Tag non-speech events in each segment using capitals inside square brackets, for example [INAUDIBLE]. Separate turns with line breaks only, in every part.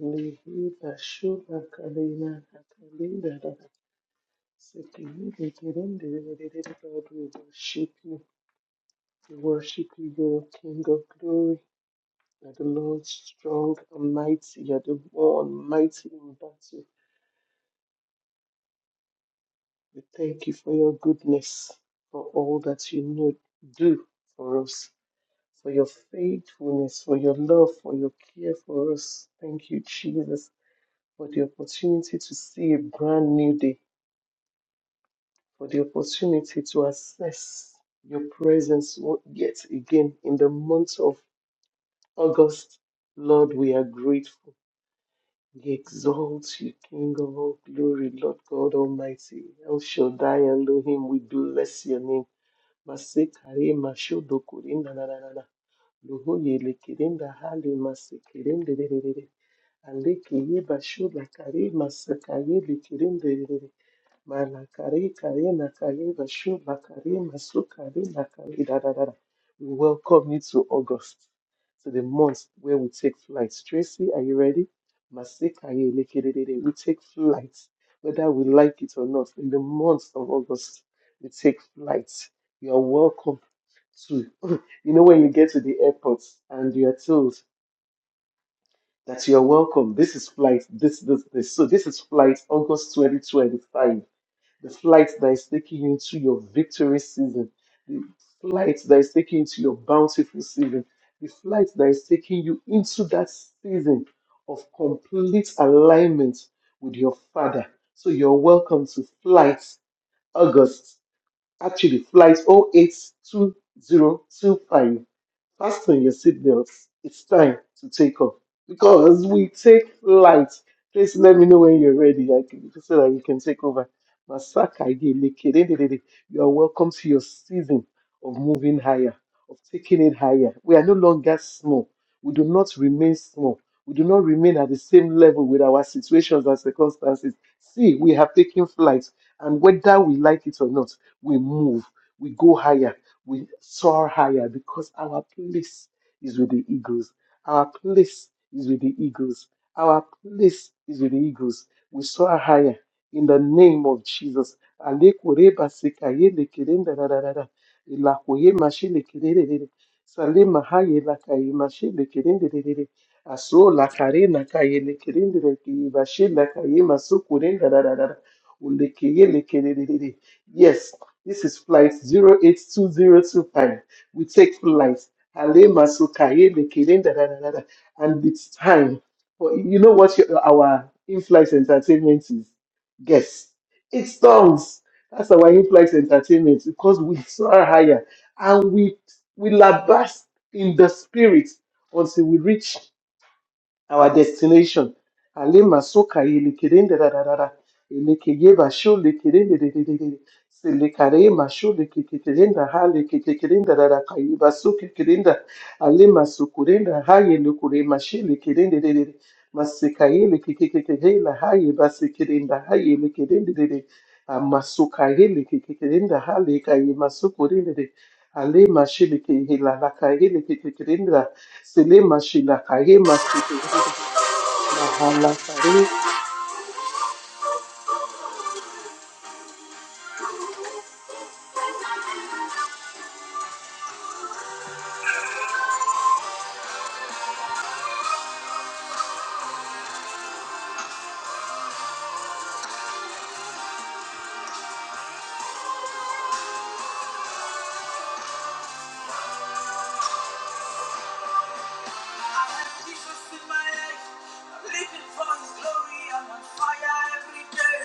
Lihida shuba kalina kakalida dada. Sekiridi kirindi ridididi, Lord, we worship you. We worship you, you're the King of glory. You're the Lord strong and mighty. You're the one mighty in battle. We thank you for your goodness, for all that you know, do for us, for your faithfulness, for your love, for your care for us. Thank you, Jesus, for the opportunity to see a brand new day. for the opportunity to assess your presence o- yet again in the month of August. Lord, we are grateful. We exalt you, King of all glory, Lord God Almighty. El Shaddai Elohim, we bless your name. Masekare mashodokorenda na na na na. Lohoye lekerenda hale masekerende re re re re. Aleke ye masakaye lekerende re re re. Malakari, kari, nakari, bashu, bakari, masu, nakari, da, da, da, da. We welcome you to August, to the month where we take flights. Tracy, are you ready? Masekaye, lekedede. We take flights, whether we like it or not. In the month of August, we take flights. You are welcome to, [CLEARS THROAT] [LAUGHS] you know, when you get to the airport and you are told that you are welcome, this is flight, this, this, this. So this is flight August 2025 the flight that is taking you into your victory season, the flight that is taking you into your bountiful season, the flight that is taking you into that season of complete alignment with your Father. So you're welcome to Flight August. Actually, flight 082025. Fasten your seatbelts. It's time to take off because we take flight. Please let me know when you're ready I can, so that you can take over. Masaka Adeleke, you are welcome to your season of moving higher, of taking it higher. We are no longer small. We do not remain small. We do not remain at the same level with our situations and circumstances. See, we have taken flight, and whether we like it or not, we move, we go higher, we soar higher because our place is with the eagles. Our place is with the eagles. Our place is with the eagles. We soar higher in the name of Jesus. Alekureba sekayele kerenda da da da da. Elakoye mashele kerere rere. Sale mahaye lakaye mashele kerende rere rere. Aso lakare nakaye lekerende rere keye bashe lakaye maso kurenda da da da da. Ulekeye lekere rere rere. Yes, this is flight zero eight two zero two five. We take flight. Ale masuka, ye da, da, da, da, da. And it's time. for you know what your, our in flight entertainment is? Guess. It's songs. That's our in flight entertainment because we soar higher and we, we labast in the spirit until we reach our destination. Alema soka yelekerende rararara. Elekeye basho lekerende rererere. Selekare masho lekekerenda ha lekekerenda rarakaye baso kekerenda. Alema sokurenda ha yelekure mashe lekerende rerere. Masekaye lekekerenda ha yebasekerenda ha yelekerende rerere. Amasoka yelekekerenda ha lekaye masokurende rerere. Ale mashe lekehela lakaye lekekerenda Selema Shila Kayema Seke- Mahala Kare.
I have Jesus in my life. I'm living for His glory. I'm on fire every day.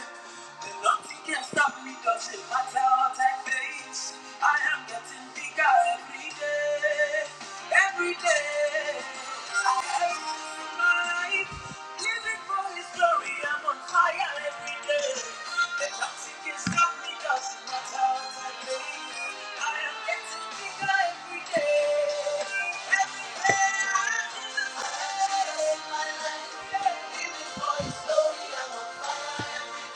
And nothing can stop me. Doesn't matter what I face. I am getting bigger every day. Every day. I have Jesus in my life. Living for His glory, I'm on fire every day. The toxic is not me, doesn't matter what I play. I am getting bigger every day. Every day, Jesus, my life. Living for His glory, I'm on fire.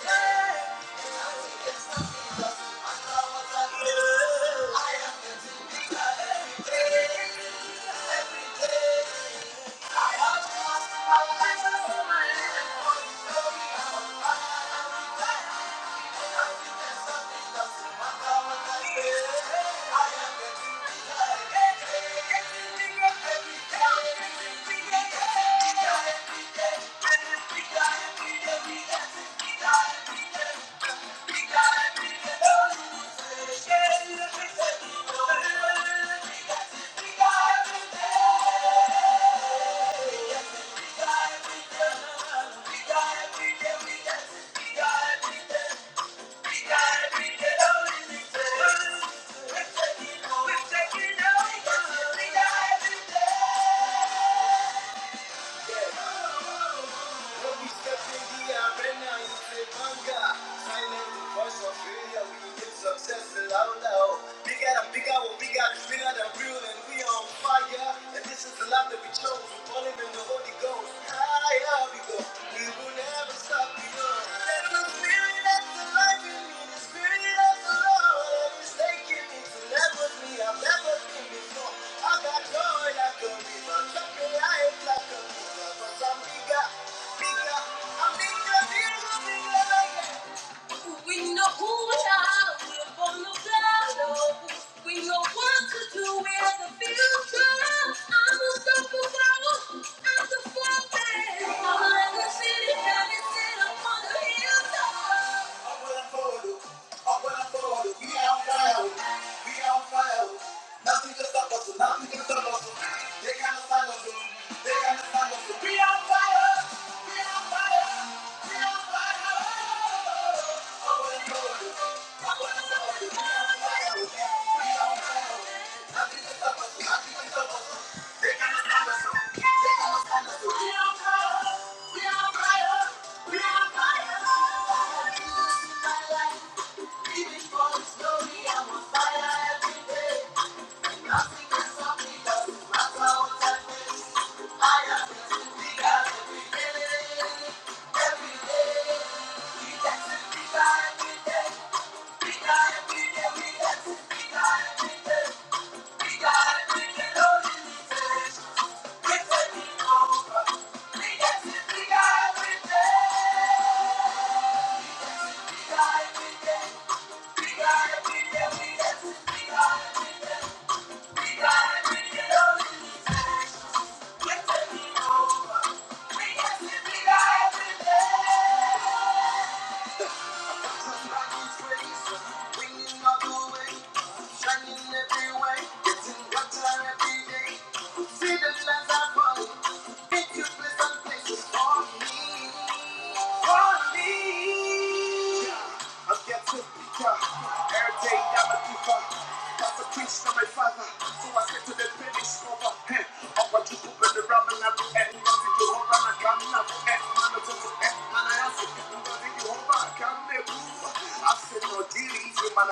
Every day, what I do, I am bigger every day. Every day, I have to ask my life for my living for His glory. I'm on fire. Yeah. Love that we chose, we're falling in the Holy Ghost. Higher we go, we will never stop. I've I'm Bigger, bigger, I'm bigger, bigger, bigger. We know who we are, we're from the battle. We know what to do, we're the future. I'm unstoppable, I'm the fortress. I'm like the city that is set up on the hilltop. Up when I'm forward, up when I'm forward, we on fire, we on fire. Nothing can stop us, nothing can stop us. They can't stand us, they can't stand us. We on fire, we on fire, we on fire. I I'm on Fire every day. We We We got got got to to to be be be there. there. there. Shining every way for me. I'm yet to be done. Every day I'm a giver. That's a preach to my father. So I said to the finish over. Hey, I want you to put the ram and I do You want to do over and I come now. Hey, man, I don't do it. Man, I ask you. You want to do over. I come now. I said no. Not by power,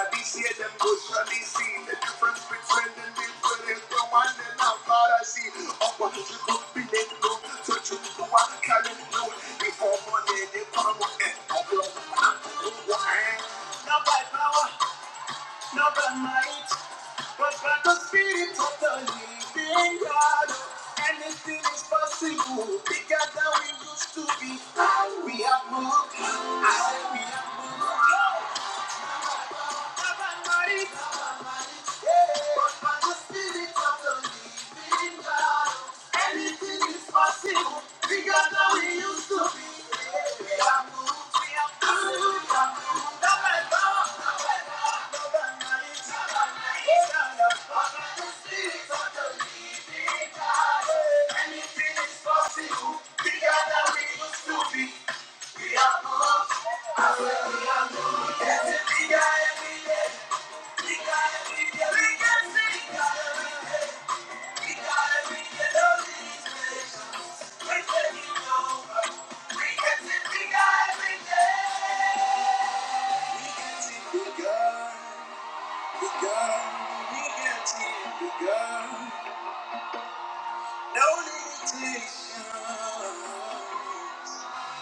not by might, but by the Spirit of the living God. Anything is possible. Bigger we used to be. We have moved. I said we have moved. Anything is possible. We got that we used to be.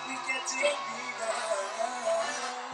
We get it bigger.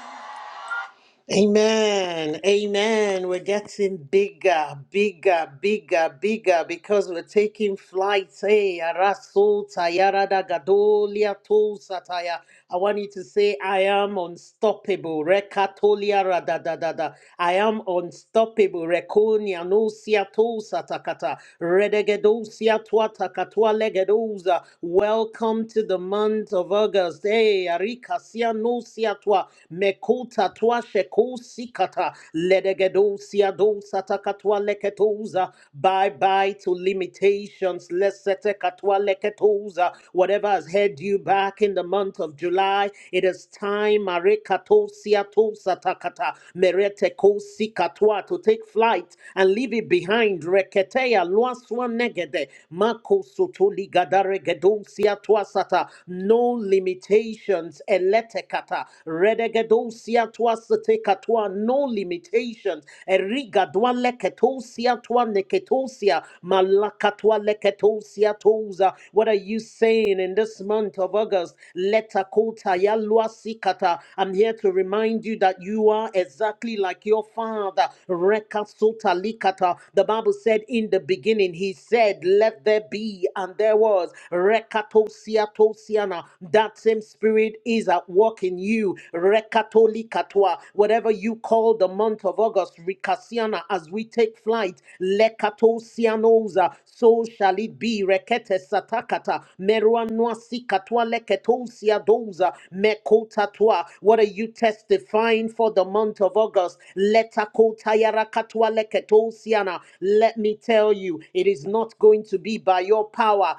Amen. Amen. We're getting bigger, bigger, bigger, bigger because we're taking flight. Hey, Araso Tayara da Gadolia to Sataya. I want you to say, I am unstoppable. Rekatolia ra da da da da. I am unstoppable. Rekonia no sia to satakata. Redegedosia tuata katua legedosa. Welcome to the month of August. Hey, Arika sia no sia tua mekuta twa shekusikata ledegedosia dosata katwa leketoza bye bye to limitations lesete katwa leketoza whatever has held you back in the month of July it is time marekatosia tosata kata merete kosikatwa to take flight and leave it behind reketea luaswa negede mako sotoli gadare gedosia sata. no limitations eletekata redegedosia tuasateka tua no limitations erigadwa leketosia tua neketosia malakatwa leketosia toza what are you saying in this month of August letakota yaluasikata I'm here to remind you that you are exactly like your father rekasota likata the Bible said in the beginning he said let there be and there was rekatosia Diana, that same spirit is at work in you. Rekatoli katwa. Whatever you call the month of August, Rikasiana, as we take flight, Lekato sianoza, so shall it be. Rekete satakata, meruanwa sikatwa, leketo siadoza, mekotatwa. What are you testifying for the month of August? Letakotayara katwa, leketo siana. Let me tell you, it is not going to be by your power.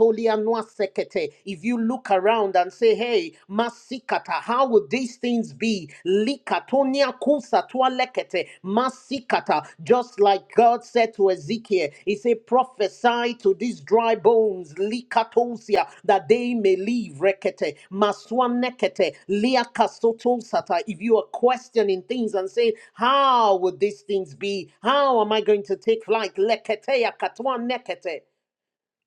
Katolia Noasekete. If you look around and say, hey, Masikata, how would these things be? Likatonia Kusatwa Lekete, Masikata. Just like God said to Ezekiel, He said, prophesy to these dry bones, Likatosia, that they may live. Rekete, Maswanekete, Liakasotosata. If you are questioning things and saying, how would these things be? How am I going to take flight? Leketea Katwa Nekete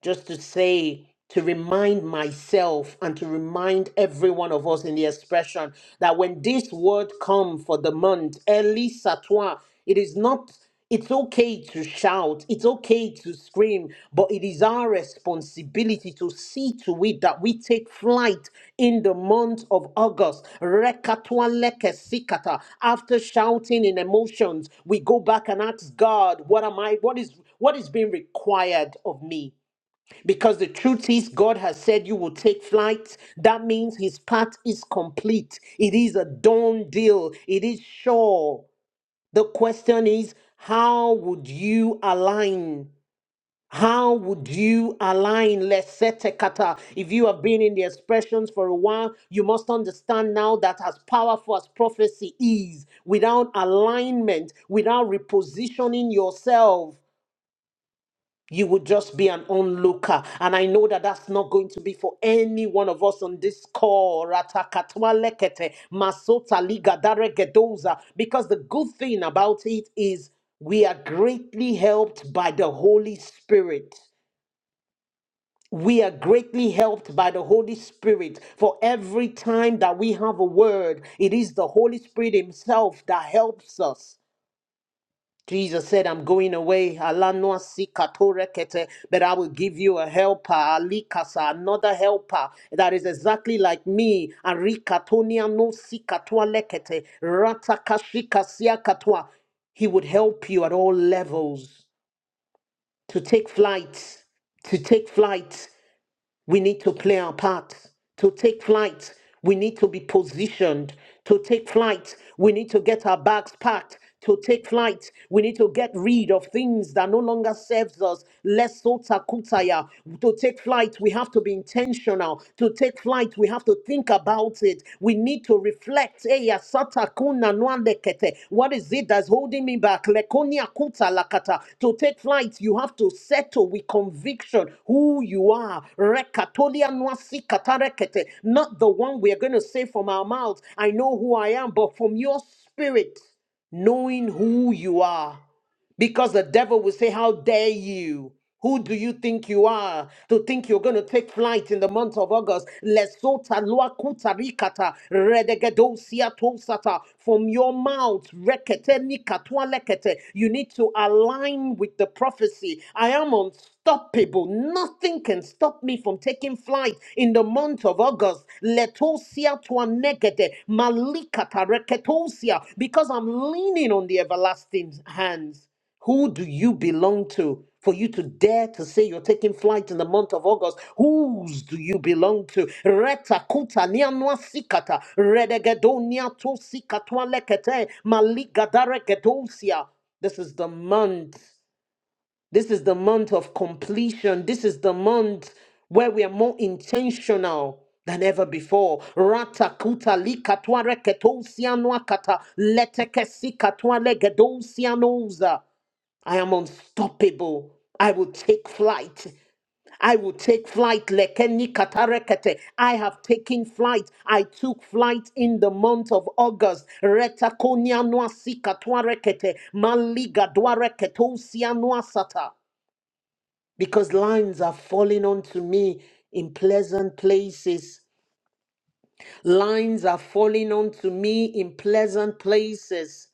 just to say, to remind myself and to remind every one of us in the expression that when this word come for the month, early toi, it is not, it's okay to shout, it's okay to scream, but it is our responsibility to see to it that we take flight in the month of August. Rekatwa leke sikata. After shouting in emotions, we go back and ask God, what am I, what is what is being required of me? Because the truth is, God has said you will take flight. That means his part is complete. It is a done deal. It is sure. The question is, how would you align? How would you align lesetekata? If you have been in the expressions for a while, you must understand now that as powerful as prophecy is, without alignment, without repositioning yourself, you would just be an onlooker. And I know that that's not going to be for any one of us on this call. Ratakatwa lekete, masota liga daregedoza. Because the good thing about it is we are greatly helped by the Holy Spirit. We are greatly helped by the Holy Spirit. For every time that we have a word, it is the Holy Spirit Himself that helps us. Jesus said, I'm going away. Alanoa sikatorekete, But I will give you a helper, alikasa, another helper that is exactly like me. Arikatonia no sikatoa lekete, ratakashikasia katoa. He would help you at all levels to take flight, to take flight. We need to play our part. To take flight, we need to be positioned. To take flight, we need to get our bags packed. To take flight, we need to get rid of things that no longer serves us. Less sota kutaya. To take flight, we have to be intentional. To take flight, we have to think about it. We need to reflect. Eya sata kuna nwande kete. What is it that's holding me back? Lekonia kuta lakata. To take flight, you have to settle with conviction who you are. Rekatolia nwasi katarekete. Not the one we are going to say from our mouths, I know who I am, but from your spirit, knowing who you are. Because the devil will say, How dare you? Who do you think you are to think you're going to take flight in the month of August? Lesota luakuta rikata redegedosia tosata from your mouth rekete nikatwa lekete. You need to align with the prophecy. I am unstoppable. Nothing can stop me from taking flight in the month of August. Letosia twa negede malikata reketosia because I'm leaning on the everlasting hands. Who do you belong to for you to dare to say you're taking flight in the month of August? Whose do you belong to? Reta kuta nianwa sikata, redegedonia to sikatwa lekete, maligadare gedosia. This is the month. This is the month of completion. This is the month where we are more intentional than ever before. Rata kuta likatwa reketosia nwakata, leteke sikatwa legedosianoza. I am unstoppable. I will take flight. I will take flight. Lekeni katarekete. I have taken flight. I took flight in the month of August. Retakonia noasi katwarekete. Maliga dwareketo usia noasata. Because lines are falling onto me in pleasant places. Lines are falling onto me in pleasant places.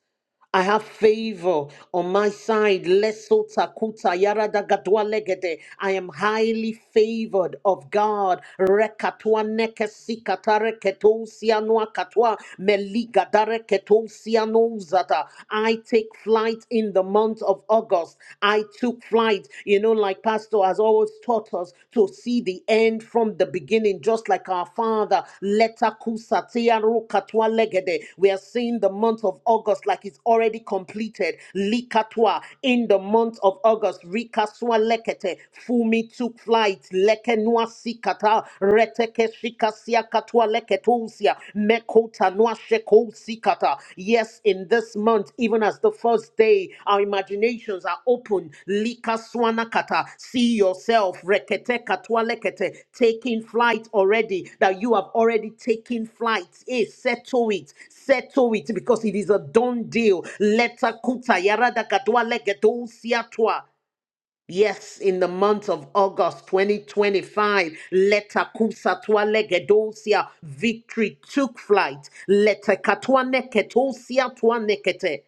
I have favor on my side. Leso takuta yarada gadwa legede. I am highly favored of God. Rekatwa nekesi katare ketosia noa katwa meliga dare ketosia nouzata. I take flight in the month of August. I took flight. You know, like Pastor has always taught help us to see the end from the beginning, just like our Father. Leta kusatia rukatwa legede. We are seeing the month of August like it's already completed. Likatwa in the month of August. Rikaswa lekete. Fumi took flight. Lekenwa sikata. Reteke shikasia katwa leketusia. Mekota Sikata. Yes, in this month, even as the first day, our imaginations are open. Lika Swanakata. See yourself, Rekete Katwalekete, taking flight already, that you have already taken flight. Eh, settle it, settle it, because it is a done deal. Leta Kuta Yarada Katwalegeto siatwa. Yes, in the month of August 2025, Letakusatwa legedosia, victory took flight. Letekatwa neketosia twa nekete.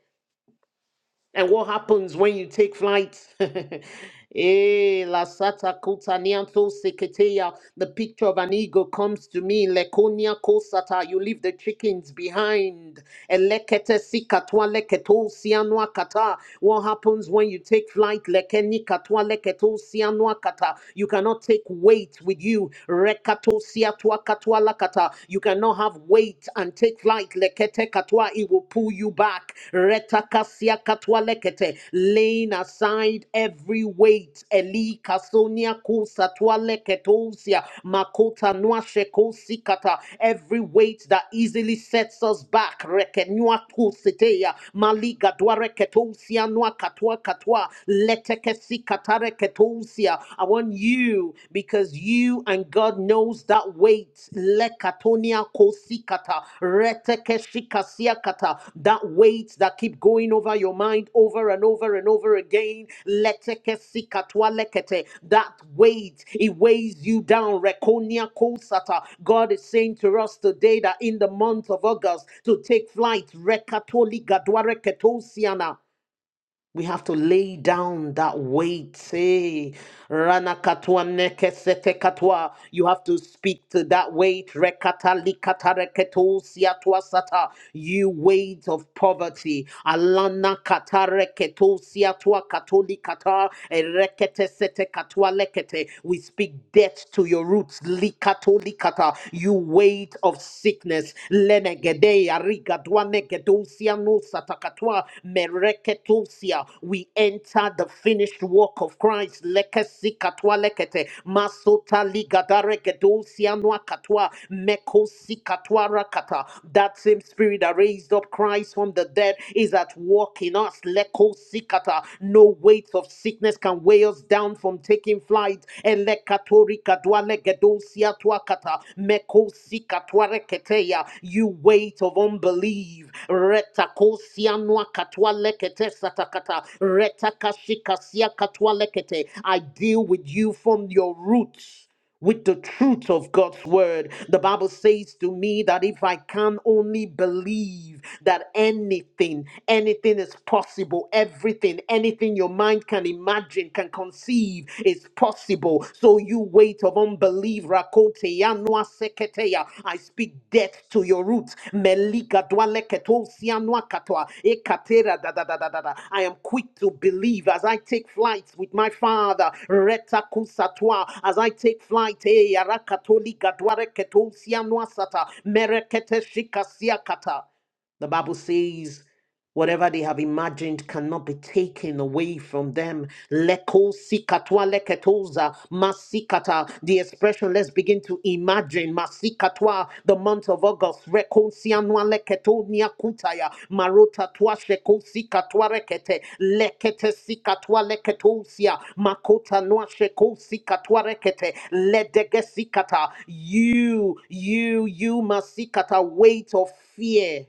And what happens when you take flight? [LAUGHS] Eh, la sata kuta nianto seketeya. The picture of an eagle comes to me. Lekonia kosata. You leave the chickens behind. Elekete sikatwa leketo sianwa kata. What happens when you take flight? Lekeni katwa leketo sianwa kata. You cannot take weight with you. Rekato siatwa katwa lakata. You cannot have weight wait and take flight. Lekete katwa, it will pull you back. Retakasia katwa lekete, laying aside every weight. Eli kasonia kusatwa leketosia, makota nuashe kosikata, every weight that easily sets us back. Rekenua kusitea, maliga dwareketosia nua katwa katwa, letekesi katareketosia. I want you you because you and God knows that weight. Lekatonia kosikata, retekeshikasiakata, That weight that keep going over your mind over and over and over again. Letekesikatwa lekete, That weight, it weighs you down. Rekonia kosata. God is saying to us today that in the month of August to take flight. Rekatoli gadware we have to lay down that weight. Hey, Rana katwa neke sete katwa. You have to speak to that weight. Rekata likata reketo siatwa sata. You weight of poverty. Alana kata reketo siatwa katoli kata. Rekete sete katwa lekete. We speak death to your roots. Likato likata. You weight of sickness. Lenege Regedea rigadua negedosia nusa takatwa mereketusia. We enter the finished work of Christ. Lekesi katwa lekete masota ligadare gedosia nua katwa mekosi katwa rakata. That same spirit that raised up Christ from the dead is at work in us. Lekosi kata. No weight of sickness can weigh us down from taking flight. Elekatori legedosia tuakata mekosika tuareketeya. You weight of unbelief. Retakosia nuakatwa lekete satakata. Retakashikasia katwa lekete. I deal with you from your roots with the truth of God's word. The Bible says to me that if I can only believe that anything, anything is possible, everything, anything everything your mind can imagine, can conceive is possible. So you weight of unbelief, rakoteya noa seketeya. I speak death to your roots. Meliga dwaleketo sianwa katoa. Ekatera da da da da da da. I am quick to believe as I take flight with my father. Reta kusatwa. As I take flight, eh, arakatolika dwareketo sianwa sata. Merekete shikasia kata. The Bible says. Whatever they have imagined cannot be taken away from them. Leko sikatwa leketoza masikata. The expression, let's begin to imagine. Masikatwa, the month of August. Reko sianwa leketo niakutaya. Marota twa sheko sikatwa rekete. Lekete sikatwa leketosia. Makota noa sheko sikatwa rekete. Ledege sikata. You, you, you masikata. Weight of fear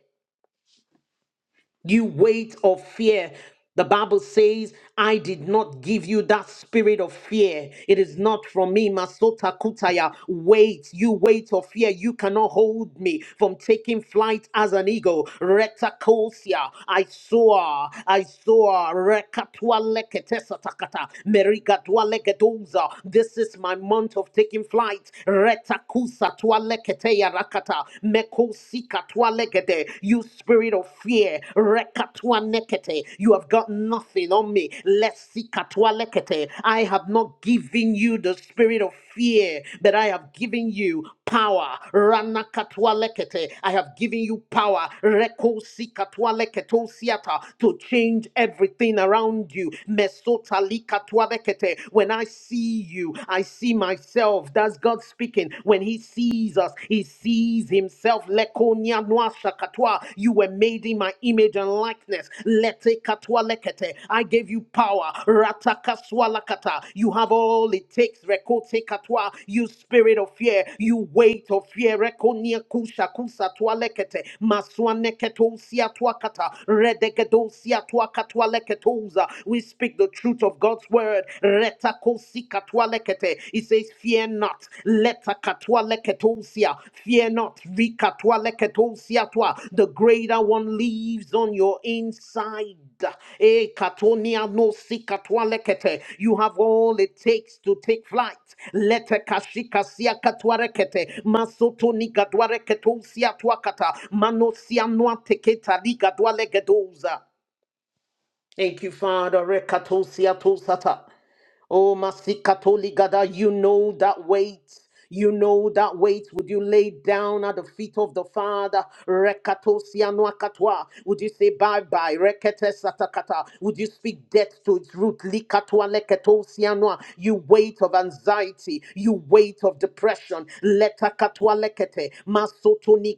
you weight of fear. The Bible says, I did not give you that spirit of fear. It is not from me. Masota Kutaya. Wait, you weight of fear. You cannot hold me from taking flight as an eagle. Retakosia. I soar. I soar. Rekatua leketesa takata. Merigatua legedoza. This is my month of taking flight. Retakusa tua leketeya rakata. Meko sikatwa lekete. You spirit of fear, rekatwa nekete. You have got nothing on me. Lesikatwa lekete. I have not given you the spirit of fear, but I have given you power. Ranakatwa lekete. I have given you power. Reko sikatwa leketo siata to change everything around you. Mesota likatwa lekete. When I see you, I see myself. That's God speaking. When He sees us, He sees Himself. Lekonia noa shakatwa. You were made in my image and likeness. Lete katwa lekete. I gave you power. Ratakaswa lakata. You have all it takes. Rekote katwa. You spirit of fear. You weight of fear. Rekonia kusha kusa twa lekete. Maswane ketosia twa kata. Redegedosia twa katwa leketoza. We speak the truth of God's word word. Retakosikatwalekete. It says, Fear not. Letakatwaleketosia. Fear not. Rikatwaleketosia twa. The greater one lives on your inside. Eh, katonia no sikatwalekete. You have all it takes to take flight. Lete kashika Letekashikasia katwarekete. Masotoni gadwareketosia twakata. Manosia noateketa ligadwalegedoza. Thank you, Father. Rekatosia tosata. Oh, Masikatoli Gada, you know that weight. You know that weight. Would you lay down at the feet of the Father? Rekatosia noakatwa. Would you say bye bye? Rekete satakata. Would you speak death to its root? Likatwa leketosia noa. You weight of anxiety. You weight of depression. Letakatwa lekete. I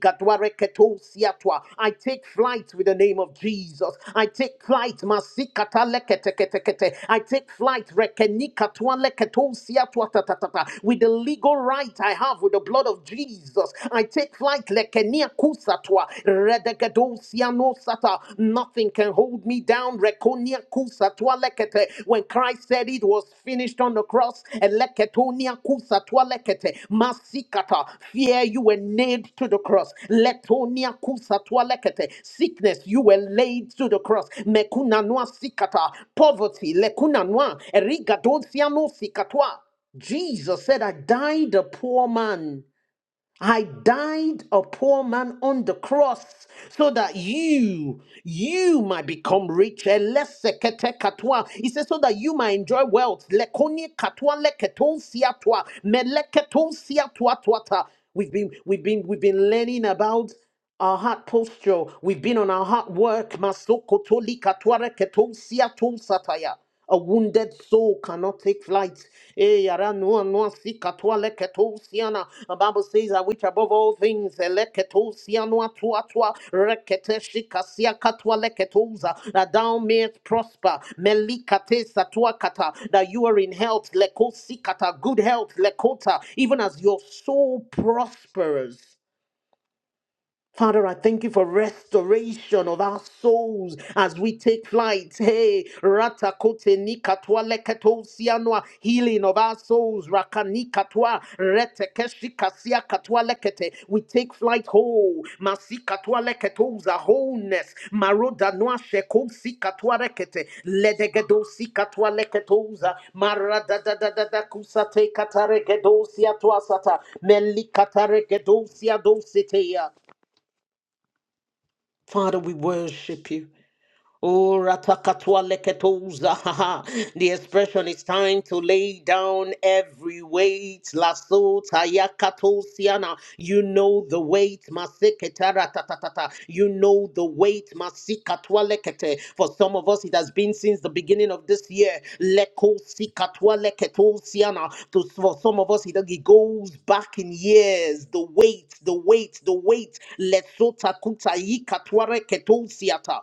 take flight with the name of Jesus. I take flight. masikata leketeketekete. I take flight. rekenikatwa leketosiatwa tatatata. With the legal right I have with the blood of Jesus. I take flight. lekeniakusatwa, redegedosianosata. Nothing can hold me down. Rekoniakusatwa tua lekete. When Christ said it was finished on the cross, eleketonia kusa tua lekete. masikata, fear you were nailed to the cross. Letonia kusa tua lekete. Sickness, you were laid to the cross. Mekuna noa sikata, poverty, lekuna noa, eriga dosia no sikatoa. Jesus said, I died a poor man. I died a poor man on the cross so that you, you might become rich. Elesekete katwa. He says, so that you might enjoy wealth. Lekonie katwa leketon siatwa. Meleketon siatwa twata. We've been, we've been, we've been learning about our heart posture. We've been on our heart work. Masoko toli katware keton sia ton sataya. A wounded soul cannot take flight. Eh, yara noa noa si katwa le keton siana. The Bible says that which above all things eh, le keton sianoa tua tua, rekete shika sia katwa le ketonza, that thou mayest prosper. Melikate satua kata, that you are in health, lekosi kata, good health, lekota, even as your soul prospers. Father, I thank you for restoration of our souls as we take flight. Hey, ratakote nikatwa leketo sianwa, healing of our souls. Rakanikatwa retekeshi kasia katwa lekete. We take flight whole. Masikatwa leketoza wholeness. Maroda noa sheko sikatwa rekete. Ledegedo sikatwa leketoza. Marada da da da da kusate kataregedo siatwa sata. Melikataregedo siadosetea. Father, we worship you. Oh, ratakatwa leketuza. ha, ha. [LAUGHS] The expression is time to lay down every weight. Lasso tayakatosiana. You know the weight. maseketara ta You know the weight. masikatwa lekete. For some of us, it has been since the beginning of this year. Leko Lekosikatwa leketosiana. To- For some of us, it it goes back in years. The weight, the weight, the weight. Lesota kutayikatware ketosiata.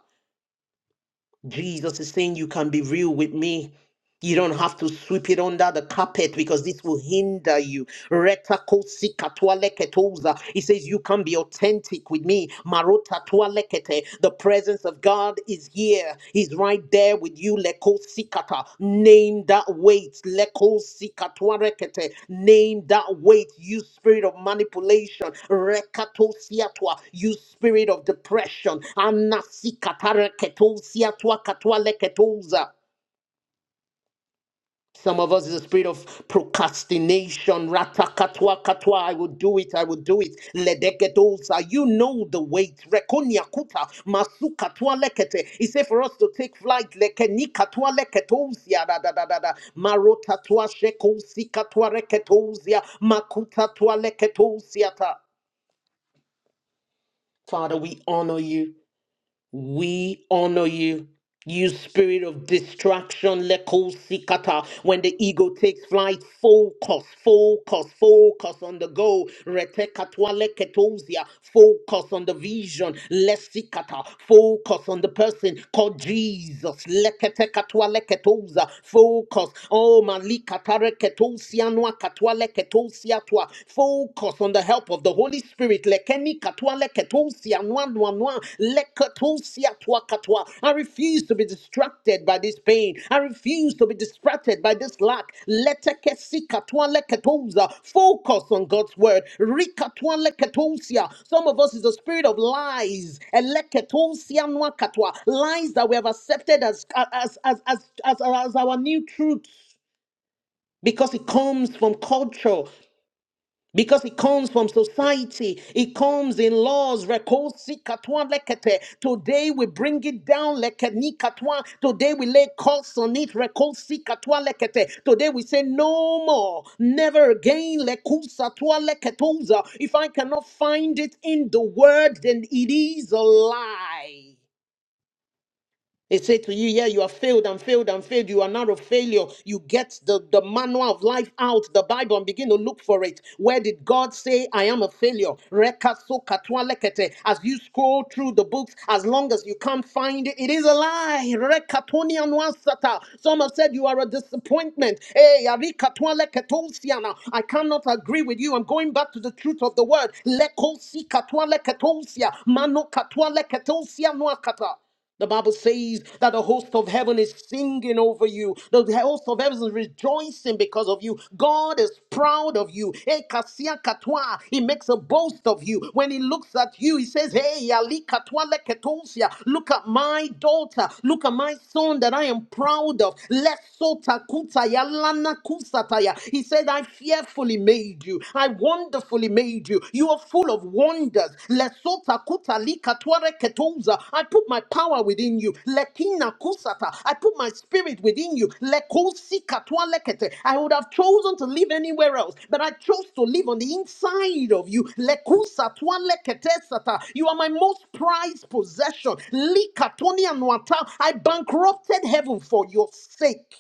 Jesus is saying, You can be real with me. You don't have to sweep it under the carpet because this will hinder you. Reta kosi katua leketoza. He says, You can be authentic with me. Marota tua lekete. The presence of God is here. He's right there with you. Lekosi kata. Name that weight. Lekosi katua rekete. Name that weight. You spirit of manipulation. Rekatosiatua. You spirit of depression. Anasi kata reketosiatua katua leketoza. Some of us is a spirit of procrastination. Ratakatwa katwa. I will do it. I will do it. Ledeketolsa. You know the weight. Rekonyakuta. Masukatwa lekete. He said for us to take flight. Lekenikatwa leketolsia. Da da da da da. Marotatwa shekosi katwa reketolsia. Makutatwa leketolsia. ta. Father, we honor you. We honor you. You spirit of distraction, leko sikata. When the ego takes flight, focus, focus, focus on the goal. Retekatwa leketosia. Focus on the vision, lesikata. Focus on the person called Jesus. Leketekatwa leketosa. Focus. Oh, malikata reketosia noa katwa leketosia twa. Focus on the help of the Holy Spirit, lekeni katwa leketosia noa noa noa leketosia twa katwa. I refuse to be distracted by this pain. I refuse to be distracted by this lack. Letekesi katwa leketosa. Focus on God's word. Rikatwa leketosia. Some of us is a spirit of lies. Eleketosia noa katwa. Lies that we have accepted as as as as as, as our new truths because it comes from culture. Because it comes from society, it comes in laws. rekosi katwa lekete. Today we bring it down. lekeni katwa. Today we lay calls on it. rekosi katwa lekete. Today we say no more, never again. lekusa twa leketoza. If I cannot find it in the word, then it is a lie. They say to you, Yeah, you have failed and failed and failed. You are not a failure. You get the, the manual of life out, the Bible, and begin to look for it. Where did God say, I am a failure? Rekaso As you scroll through the books, as long as you can't find it, it is a lie. Rekatoni Some have said you are a disappointment. Hey, arikatwa I cannot agree with you. I'm going back to the truth of the word. Lekosi katwa leketosia. Mano katwa the Bible says that the host of heaven is singing over you. The host of heaven is rejoicing because of you. God is proud of you. Eh, kasia katwa. He makes a boast of you. When he looks at you, he says, Hey, Ali katwa leketosia. look at my daughter. Look at my son that I am proud of. Lesota kutaya lana kusataya. He said, I fearfully made you. I wonderfully wonderfully made you. You are full of wonders. Lesota kuta lika tware ketouza. I put my power within you. Lekina kusata. I put my spirit within you. Lekosi katwa lekete. I would have chosen to live anywhere else, but I chose to live on the inside of you. Lekusa twa lekete sata. You are my most prized possession. Lika toni anwata. I bankrupted heaven for your sake.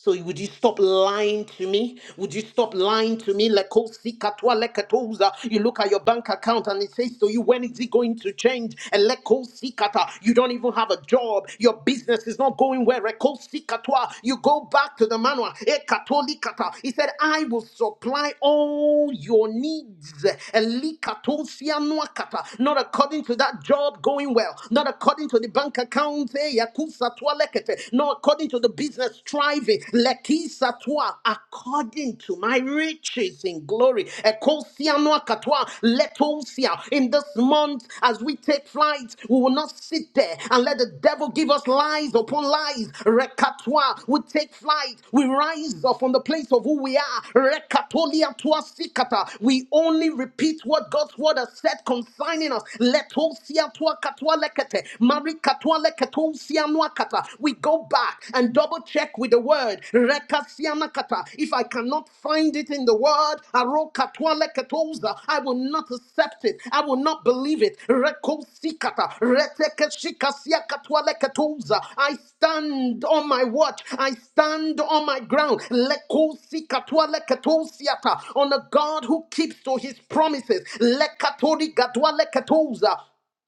So would you stop lying to me? Would you stop lying to me? Lekosi katwa leketoza. You look at your bank account and it says to you, when is it going to change? And lekosi kata. You don't even have a job. Your business is not going well. Lekosi katwa. You go back to the manual. E katoli kata. He said, I will supply all your needs. Eli katosia nwa kata. Not according according to that job going well, not according to the bank account, eh, yakusa twa lekete, not according to the business thriving, lekisa twa, according to my riches in glory. Ekosia noa katwa, letosia. In this month, as we take flight, we will not sit there and let the devil give us lies upon lies. Rekatwa, we take flight, we rise up from the place place of who we are. Rekatolia tua sikata. We only repeat what God's word has said concerning us. Letosia tua katua lekete. Mari katua leketosia nua kata. We go back and double check with the word. Rekasiana kata. If I cannot find it in the word, aro katua leketosa, I will not accept it. I will not believe it. Rekosikata. Keshikasia katwale ketuza. I stand on my watch. I stand on my ground. Lekusi katwale ketusiata. On a God who keeps to his promises. Lekatori gadwale ketuza.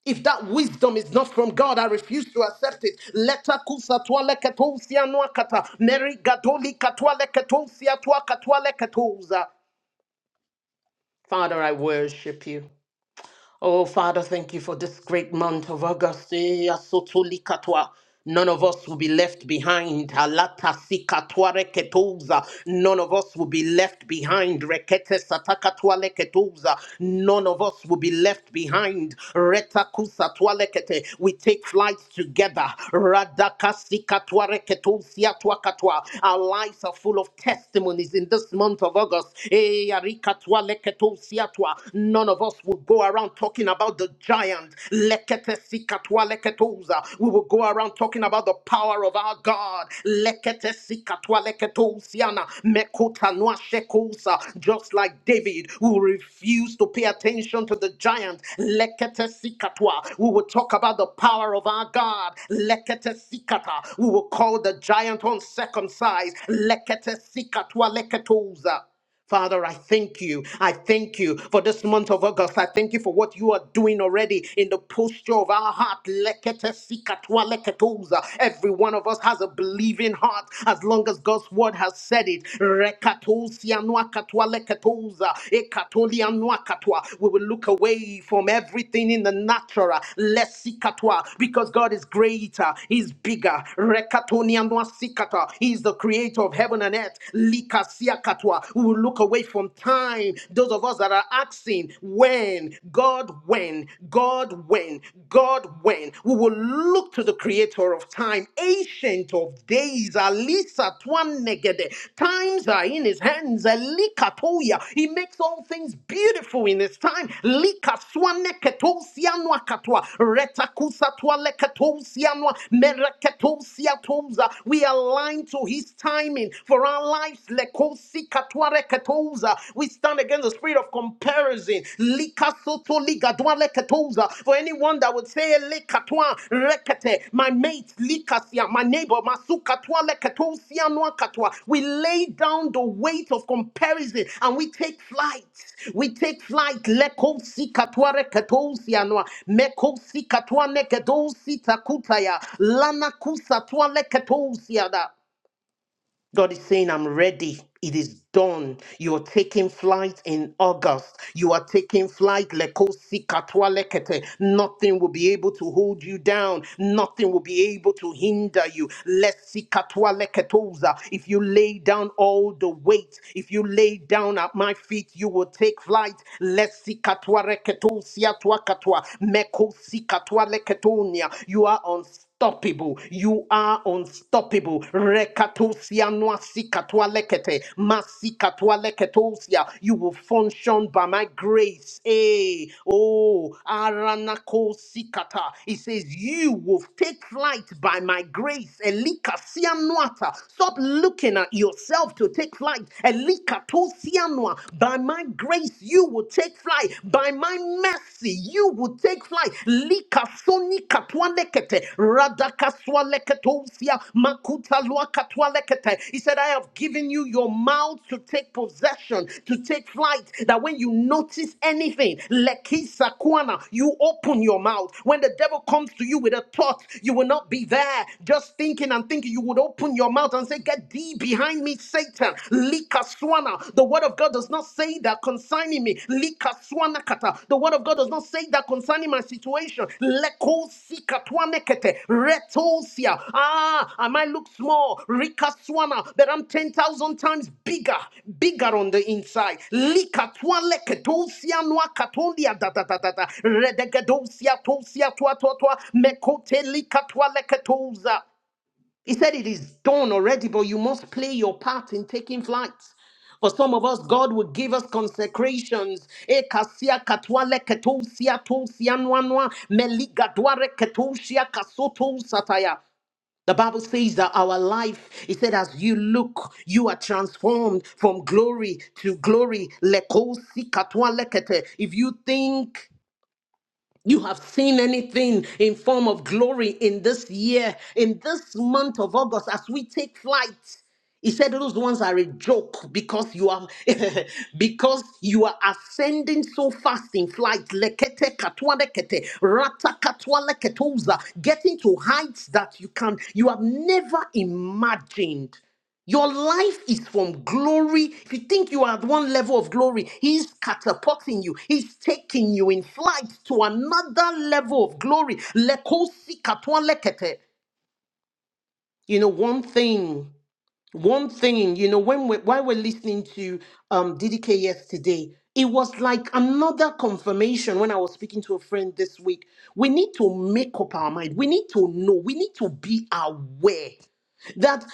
If that wisdom is not from God, I refuse to accept it. Leta kusa twale ketusia nuakata. Neri gadoli katwale ketusia tua katwale ketuza. Father, I worship you. Oh, Father, thank you for this great month of August. Eh, asotolikatwa. None of us will be left behind. Alata sikatwa reketoza. None of us will be left behind. Rekete satakatwa leketoza. None of us will be left behind. Retakusatwa lekete. We take flights together. Radakasikatwa reketosiatwa katwa. Our lives are full of testimonies in this month of August. Eh, arikatwa leketosiatwa. None of us will go around talking about the giant. Lekete sikatwa leketoza. We will go around talking about the power of our God. Lekete sikatwa leketosiana. Mekota noa shekosa. Just like David, we will refuse to pay attention to the giant. Lekete sikatwa. We will talk about the power of our God. Lekete sikata. We will call the giant uncircumcised. Lekete sikatwa leketoza. Father, I thank you. I thank you for this month of August. I thank you for what you are doing already in the posture of our heart. Lekete sikatwa leketoza. Every one of us has a believing heart as long as God's word has said it. Rekatosia nwa katwa leketoza. Ekatolia nwa katwa. We will look away from everything in the natural. Lesikatwa, Because God is greater, He's bigger. Rekatonia nwa sikata. He's the creator of heaven and earth. Kasia Katwa. We will look away from time. Those of us that are asking, when? God, when? God, when? God, when? We will look to the creator of time, ancient of days, Alisa Twan Negede. Times are in his hands, Elikatoya. He makes all things beautiful in his time. Lika Swane Ketosianwa Katwa. Retakusa Twale Ketosianwa. Mereketosiatoza. We align to his timing pain, for our lives. Lekosi katware ketoza. We stand against the spirit of comparison. Likasoto ligadwa leketoza. For anyone that would say, le Lekatwa rekete, my mate, likasia, my neighbor, masu katwa le leketosia noa katwa. We lay down the weight of comparison and we take flight. We take flight. Lekosi katwa reketosia noa. Mekosi katwa nekedosi takutaya. Lana kusa twa leketosia da. God is saying, I'm ready. It is done. You are taking flight in August. You are taking flight. Lekosi katwa lekete. Nothing will be able to hold you down. Nothing will be able to hinder you. Lesi katwa leketoza. If you lay down all the weight, if you lay down at my feet, you will take flight. Lesi katwa reketo siatwa katwa. Mekosi katwa leketonia. You are on unstoppable. You are unstoppable. Rekatosia noasikatwa lekete. Masikatwa leketosia. You will function by my grace. eh? oh, aranakosikata. It says, You will take flight by my grace. Elikasia noata. Stop looking at yourself to take flight. Elikatosia noa. By my grace, you will take flight. By my thy mercy, you will take flight. Likasoni makuta radakaswaleketosia, makutalua katwalekete. He said, I have given you your mouth to take possession, to take flight, that when you notice anything, lekisakwana, you open your mouth. When the devil comes to you with a thought, you will not be there just thinking and thinking. You would open your mouth and say, Get thee behind me, Satan. Likaswana. The word of God does not say that concerning me. Likaswana kata. The word of God does not say that concerning my situation. Lekosikatwanekete. Retosia. Ah, I might look small. Rikaswana. But I'm 10,000 times bigger. Bigger on the inside. Likatwaleketosia nwakatolia da da da da da. Redegedosia tosia twa twa twa. Mekote likatwaleketosa. He said it is done already, but you must play your part in taking flight. For some of us, God will give us consecrations. E kasia katwale ketosia tosia nwanwa, meliga ketosia kasoto sataya. The Bible says that our life, it said, as you look, you are transformed from glory to glory. Lekosi katwale If you think you have seen anything in form of glory in this year, in this month of August, as we take flight. He said those ones are a joke because you are [LAUGHS] because you are ascending so fast in flight. Lekete katwalekete, rata katwaleketuza, getting to heights that you can you have never imagined. Your life is from glory. If you think you are at one level of glory, He's catapulting you. He's taking you in flight to another level of glory. Lekosi katwa lekete. You know, one thing, one thing, you know, when we, while we're listening to um, DDK yesterday, it was like another confirmation when I was speaking to a friend this week. We need to make up our mind. We need to know. We need to be aware that.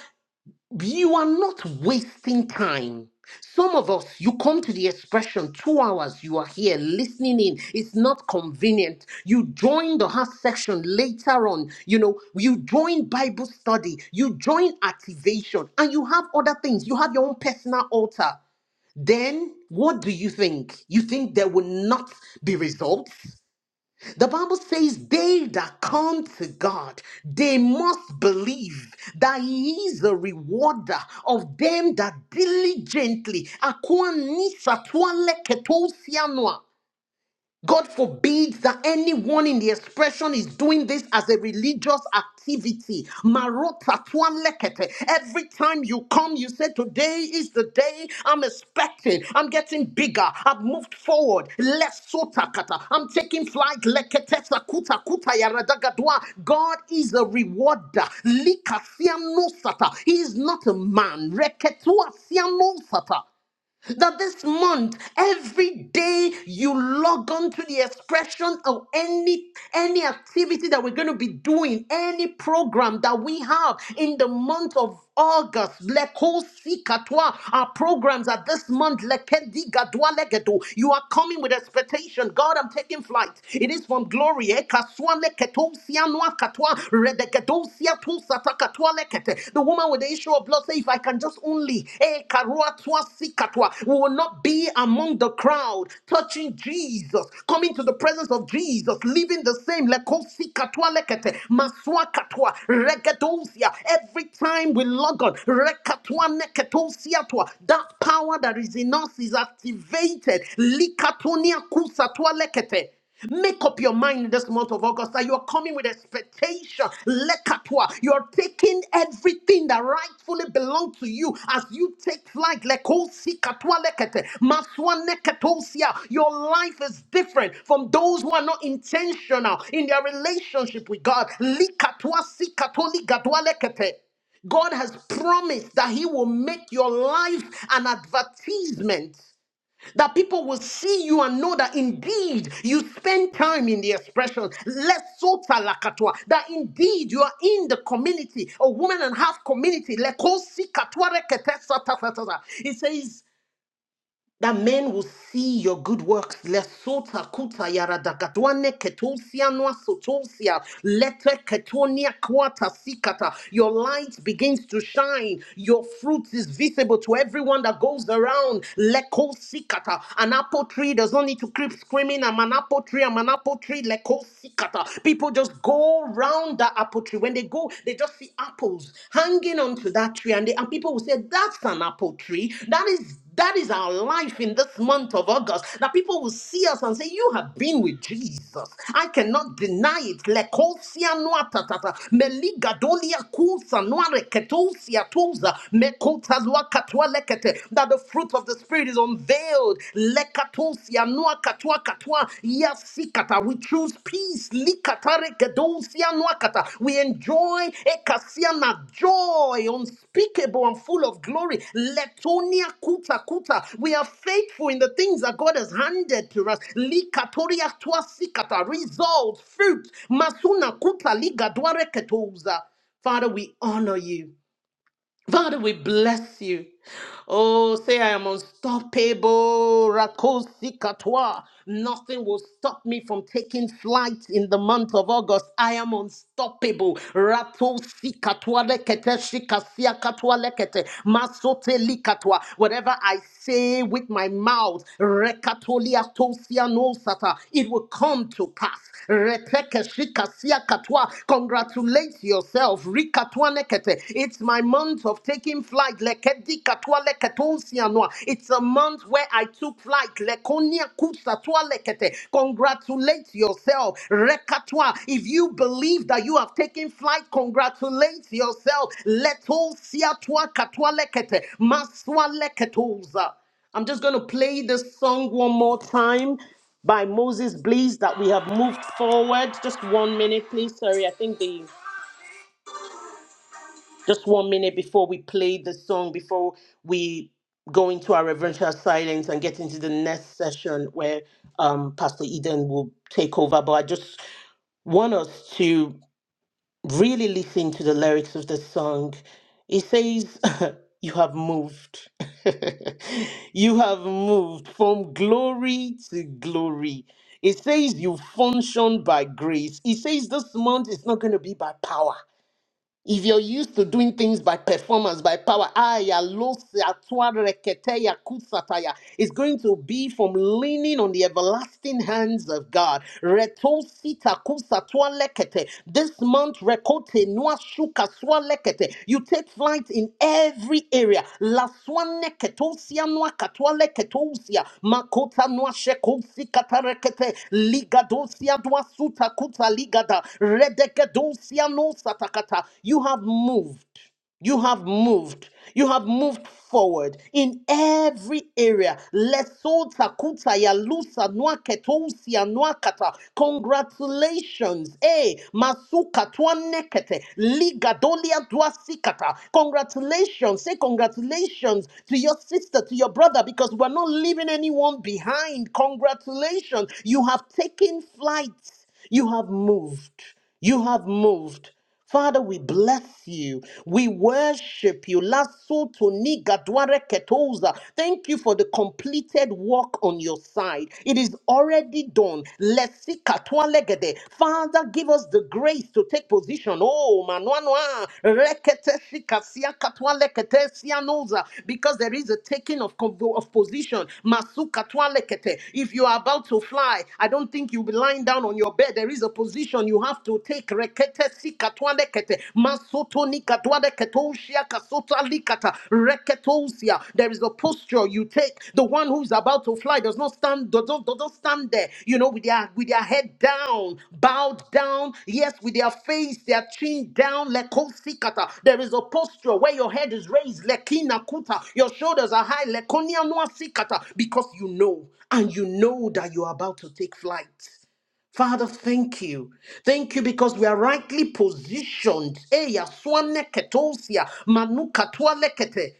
You are not wasting time. Some of us, you come to the expression two hours, you are here listening in. It's not convenient. You join the heart section later on. You know, you join Bible study, you join activation, and you have other things. You have your own personal altar. Then what do you think? You think there will not be results? The Bible says, They that come to God, they must believe that He is a rewarder of them that diligently. Akwa nisa tuale ketosia noa. God forbid that anyone in the expression is doing this as a religious activity. Marota twa lekete. Every time you come, you say, Today is the day I'm expecting. I'm getting bigger. I've moved forward. Less sotakata. I'm taking flight. Lekete sakuta kuta yaradagadwa. God is a rewarder. Likasianosata. He is not a man. Reketuasianosata that this month every day you log on to the expression of any any activity that we're going to be doing any program that we have in the month of August, Lekosi Katwa, our programs are this month. Lekedi Gadwa Legedo. You are coming with expectation. God, I'm taking flight. It is from glory. eh? Kaswa Leketo Sianwa Katwa, Redegedo Siatu Sata Katwa naked. The woman with the issue of blood said, If I can just only, eh, karua twa si we will not be among the crowd, touching Jesus, coming to the presence of Jesus, living the same. leko si lekete, maswa katwa, regedosia. Every time we log on, rekatwa neketosia that power that is in us is activated. Likatonia kusatwa lekete. Make up your mind in this month of August that you're coming with expectation. Lekatwa. You're taking everything that rightfully belongs to you as you take flight. Lekosi katwa lekete. Maswa neketosia. Your life is different from those who are not intentional in their relationship with God. Likatwa si katoli gadwa lekete. God has promised that He will make your life an advertisement that people will see you and know that indeed you spend time in the expression, less sota lakatwa, that indeed you are in the community, a woman and half community. lekosi katwa rekete sata sata sata. It says that men will see your good works. Lesota kuta yara dagadwane ketosia noa sotosia lete ketonia kwata sikata. Your light begins to shine. Your fruit is visible to everyone that goes around. Leko sikata. An apple tree does not need to keep screaming. I'm an apple tree. I'm an apple tree. Leko sikata. People just go round that apple tree. When they go, they just see apples hanging onto that tree, and, they, and people will say, "That's an apple tree. That is that is our life in this month of August. That people will see us and say, You have been with Jesus. I cannot deny it. Lekosia noa tatata. Meligadolia kusa noa reketosia tuza. Mekotazwa katua lekete. That the fruit of the Spirit is unveiled. Lekatosia noa katua katua. Yes, choose peace. Likatare kedousia nuakata. We enjoy ekasiana joy, unspeakable and full of glory. Letonia kuta kuta. We are faithful in the things that God has handed to us. Likatoria tuasikata. Results, fruit. Masuna kuta ligadware ketouza. Father, we honor you. Father, we bless you. Oh, say I am unstoppable. Rakosi katwa. Nothing will stop me from taking flight in the month of August. I am unstoppable. Ratosi katwa. lekete, shikasiakatwa lekete, masote likatwa. Whatever I say with my mouth, rekatoliatosianosata, it will come to pass. Reteke shikasia katwa. Congratulate yourself katwa lekete. It's my month of taking flight. Lekedi katwa leketonsi anwa. It's a month where I took flight. Lekonia kusatwa lekete. Congratulate yourself. Rekatwa. If you believe that you have taken flight, congratulate yourself. Leto siatwa katwa lekete. Maswa leketoza. I'm just going to play this song one more time by Moses Blees that we have moved forward. Just one minute, please. Sorry, I think the just one minute before we play the song, before we go into our reverential silence and get into the next session where um, Pastor Eden will take over. But I just want us to really listen to the lyrics of the song. It says, [LAUGHS] You have moved. [LAUGHS] you have moved from glory to glory. It says you function by grace. It says this month is not going to be by power. If you're used to doing things by performance, by power, aya, losia, tua, reketeya, kusataya, it's going to be from leaning on the everlasting hands of God. Reto sita kusa lekete. This month, rekote, nua lekete. You take flight in every area. Laswane ketosia noa katwale ketosia. Makota noa shekosi katarekete. Ligadosia dwa suta kuta ligada. Redegedosia no satakata. You have moved. You have moved. You have moved forward in every area. Leso takuta lusa nwa ketousi nwa kata. Congratulations. Eh, masuka twa nekete. Liga dolia dwa sikata. Congratulations. Say congratulations to your sister, to your brother, because we're not leaving anyone behind. Congratulations. You have taken flight. You have moved. You have moved. Father, we bless you. We worship you. Lasuto ni gadware ketoza. Thank you for the completed work on your side. It is already done. Lesi katwa legede. Father, give us the grace to take position. Oh, manwanwa. Rekete shikasia katwa lekete sianoza. Because there is a taking of, convo- of position. Masu katwa lekete. If you are about to fly, I don't think you'll be lying down on your bed. There is a position action you have to take rekete sikatwande kete masoto nikatwande ketoshia kasota likata reketosia there is a posture you take the one who's about to fly does not stand does not, does not stand there you know with their with their head down bowed down yes with their face their chin down lekosikata there is a posture where your head is raised lekina kuta your shoulders are high lekonia noa sikata because you know and you know that you are about to take flight Father, thank you. Thank you because we are rightly positioned. Eya swane ketosia, manuka tualekete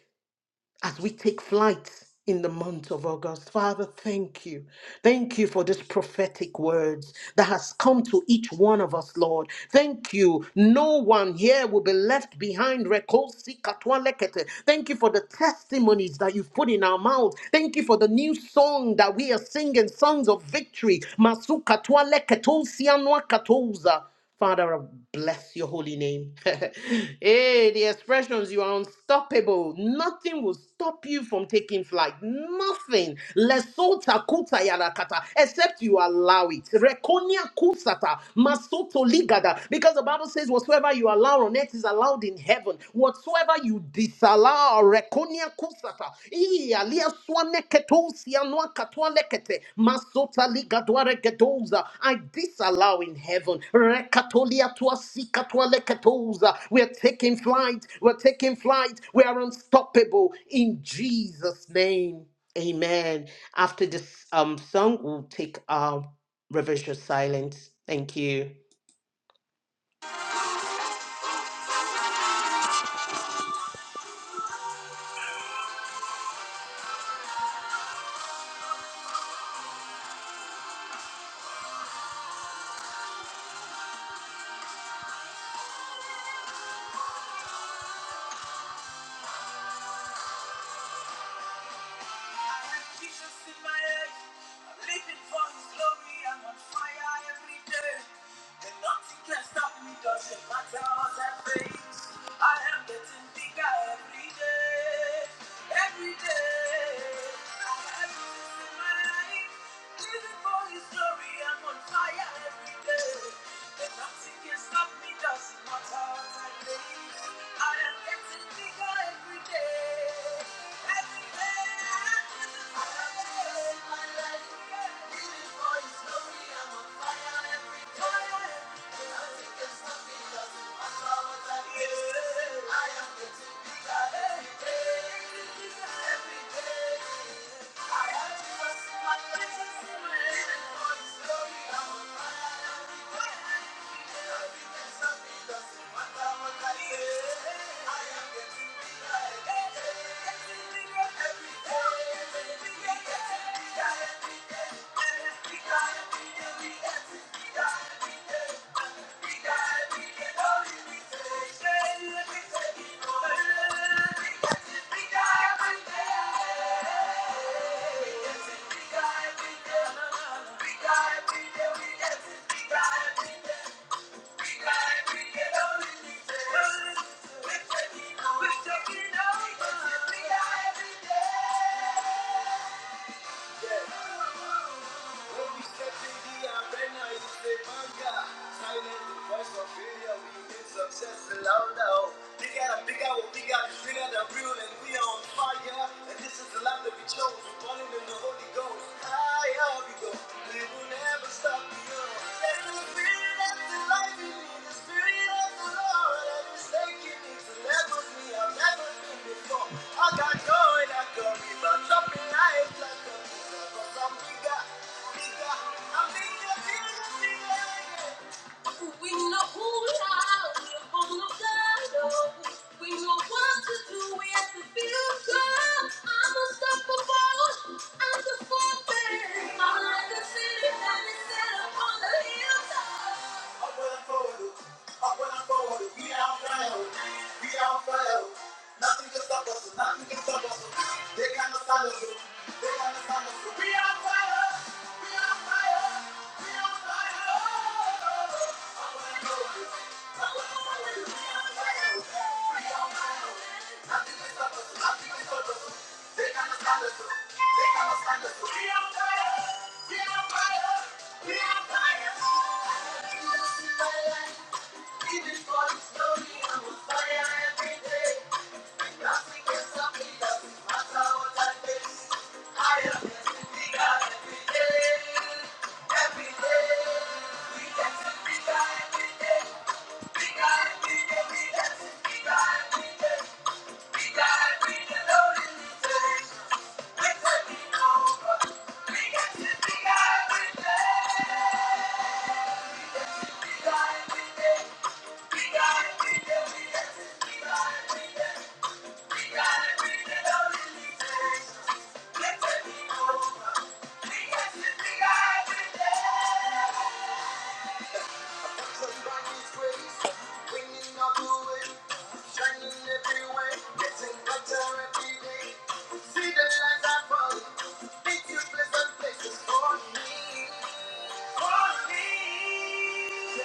as we take flight in the month of August. Father, thank you. Thank you for this prophetic words that has come to each one of us, Lord. Thank you. No one here will be left behind. Rekosi katwa lekete. Thank you for the testimonies that you've put in our mouths. Thank you for the new song that we are singing, songs of victory. Masu katwa leketo sianwa katoza. Father, I bless your holy name. [LAUGHS] hey, the expressions, you are unstoppable. Nothing will stop you from taking flight. Nothing. Lesota kuta yarakata, except you allow it. Rekonia kusata, masoto ligada. Because the Bible says, whatsoever you allow on earth is allowed in heaven. Whatsoever you disallow, rekonia kusata. Iya, lia suane ketosia noa katoa lekete. Masota liga dware gedoza. I disallow in heaven. Rekatolia tua si katoa leketoza. We are taking flight. We're taking flight. We are unstoppable in Jesus' name. Amen. After this um song, we'll take our reverential silence. Thank you. I have Jesus in my head. I'm living for His glory. I'm on fire every day. And nothing can stop me. Doesn't matter what I face. I am getting bigger every day. Every day. I have Jesus in my life. Living for His glory. I'm on fire every day. And nothing can stop me. Doesn't matter what I face. I am getting bigger every day. Thank you. Bigger, bigger, bigger, bigger, bigger, bigger. Success louder. Bigger and bigger, we're bigger, bigger than real, and we are on fire. And this is the life that we chose. We're falling in the Holy Ghost. Higher we go. We will never stop. Bigger, bigger, I'm bigger, bigger, bigger, bigger. We know who we are, we are born of God. We know what to do, we have the future. I'm unstoppable, I'm the fortress. I'm like a city that is set upon the hilltop. I'm forward, I'm forward. We on fire, we on fire. Nothing can stop us, nothing can stop us. They cannot stand us, they cannot stand us. We are fire, we are fire. Even for the story, I'm on fire every day. We We We We got it, We got got got it, we got Thank you. Places for me, for me.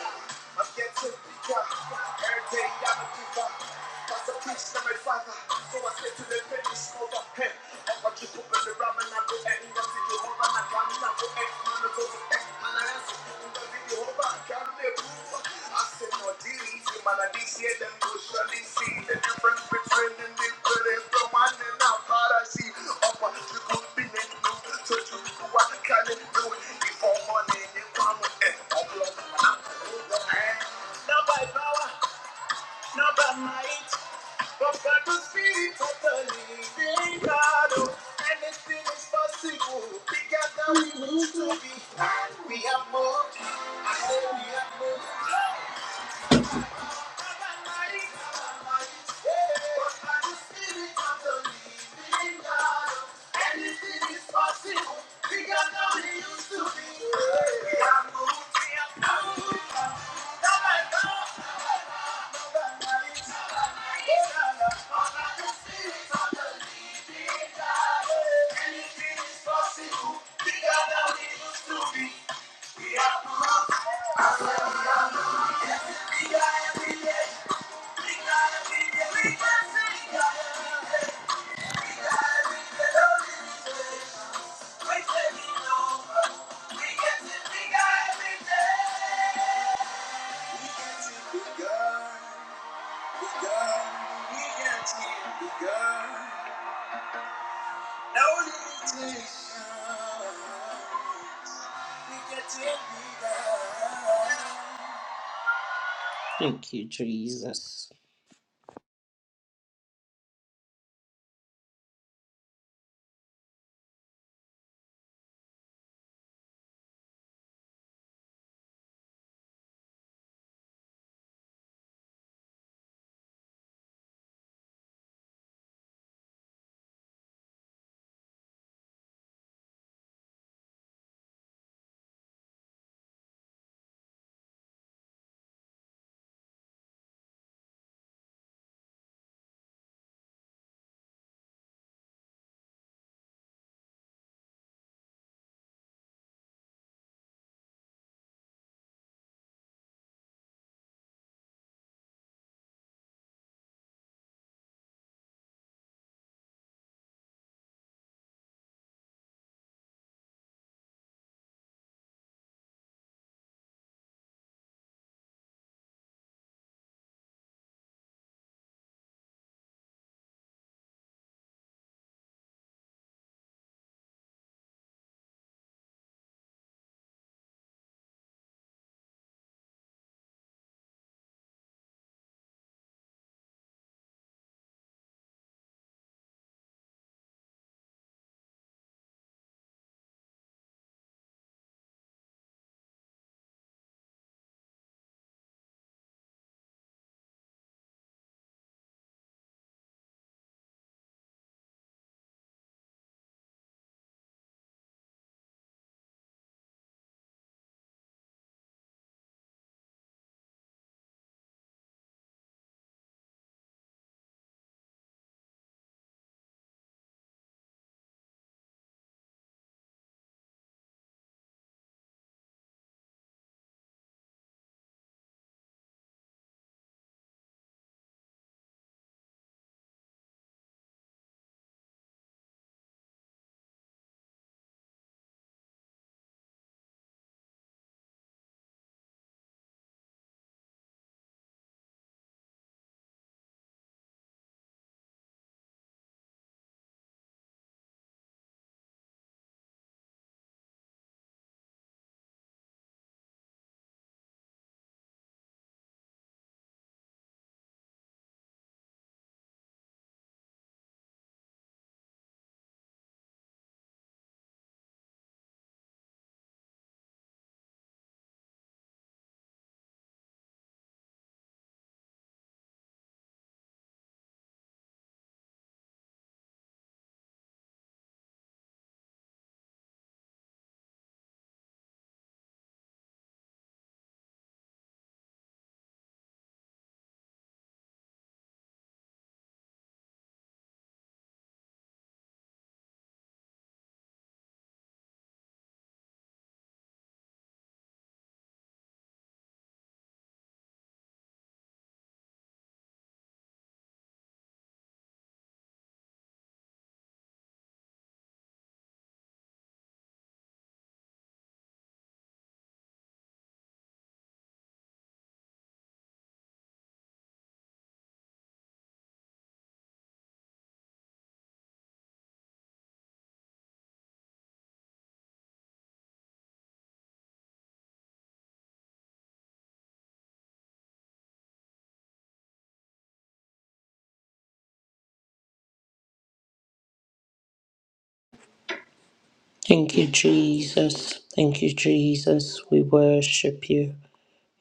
my father. So I said to the babies over him. I'm a chip up in the ram and I go ahead and run to put the home and I got me now go ahead and I'm not the egg. Man, I go to X and I answer to the video home I got me a roof. I said no these you man I did see them go surely see the difference between the different from one and now part I see. Up on the good be in the new so you do what I can do before morning you come with it. I'm blocked and I'm not going to do that. Now by power. Not by power. We got it, we got it, we got it, we got it, we got it. No limitation. We get to be loved. Thank you, Jesus. Thank you, Jesus. Thank you, Jesus. We worship you.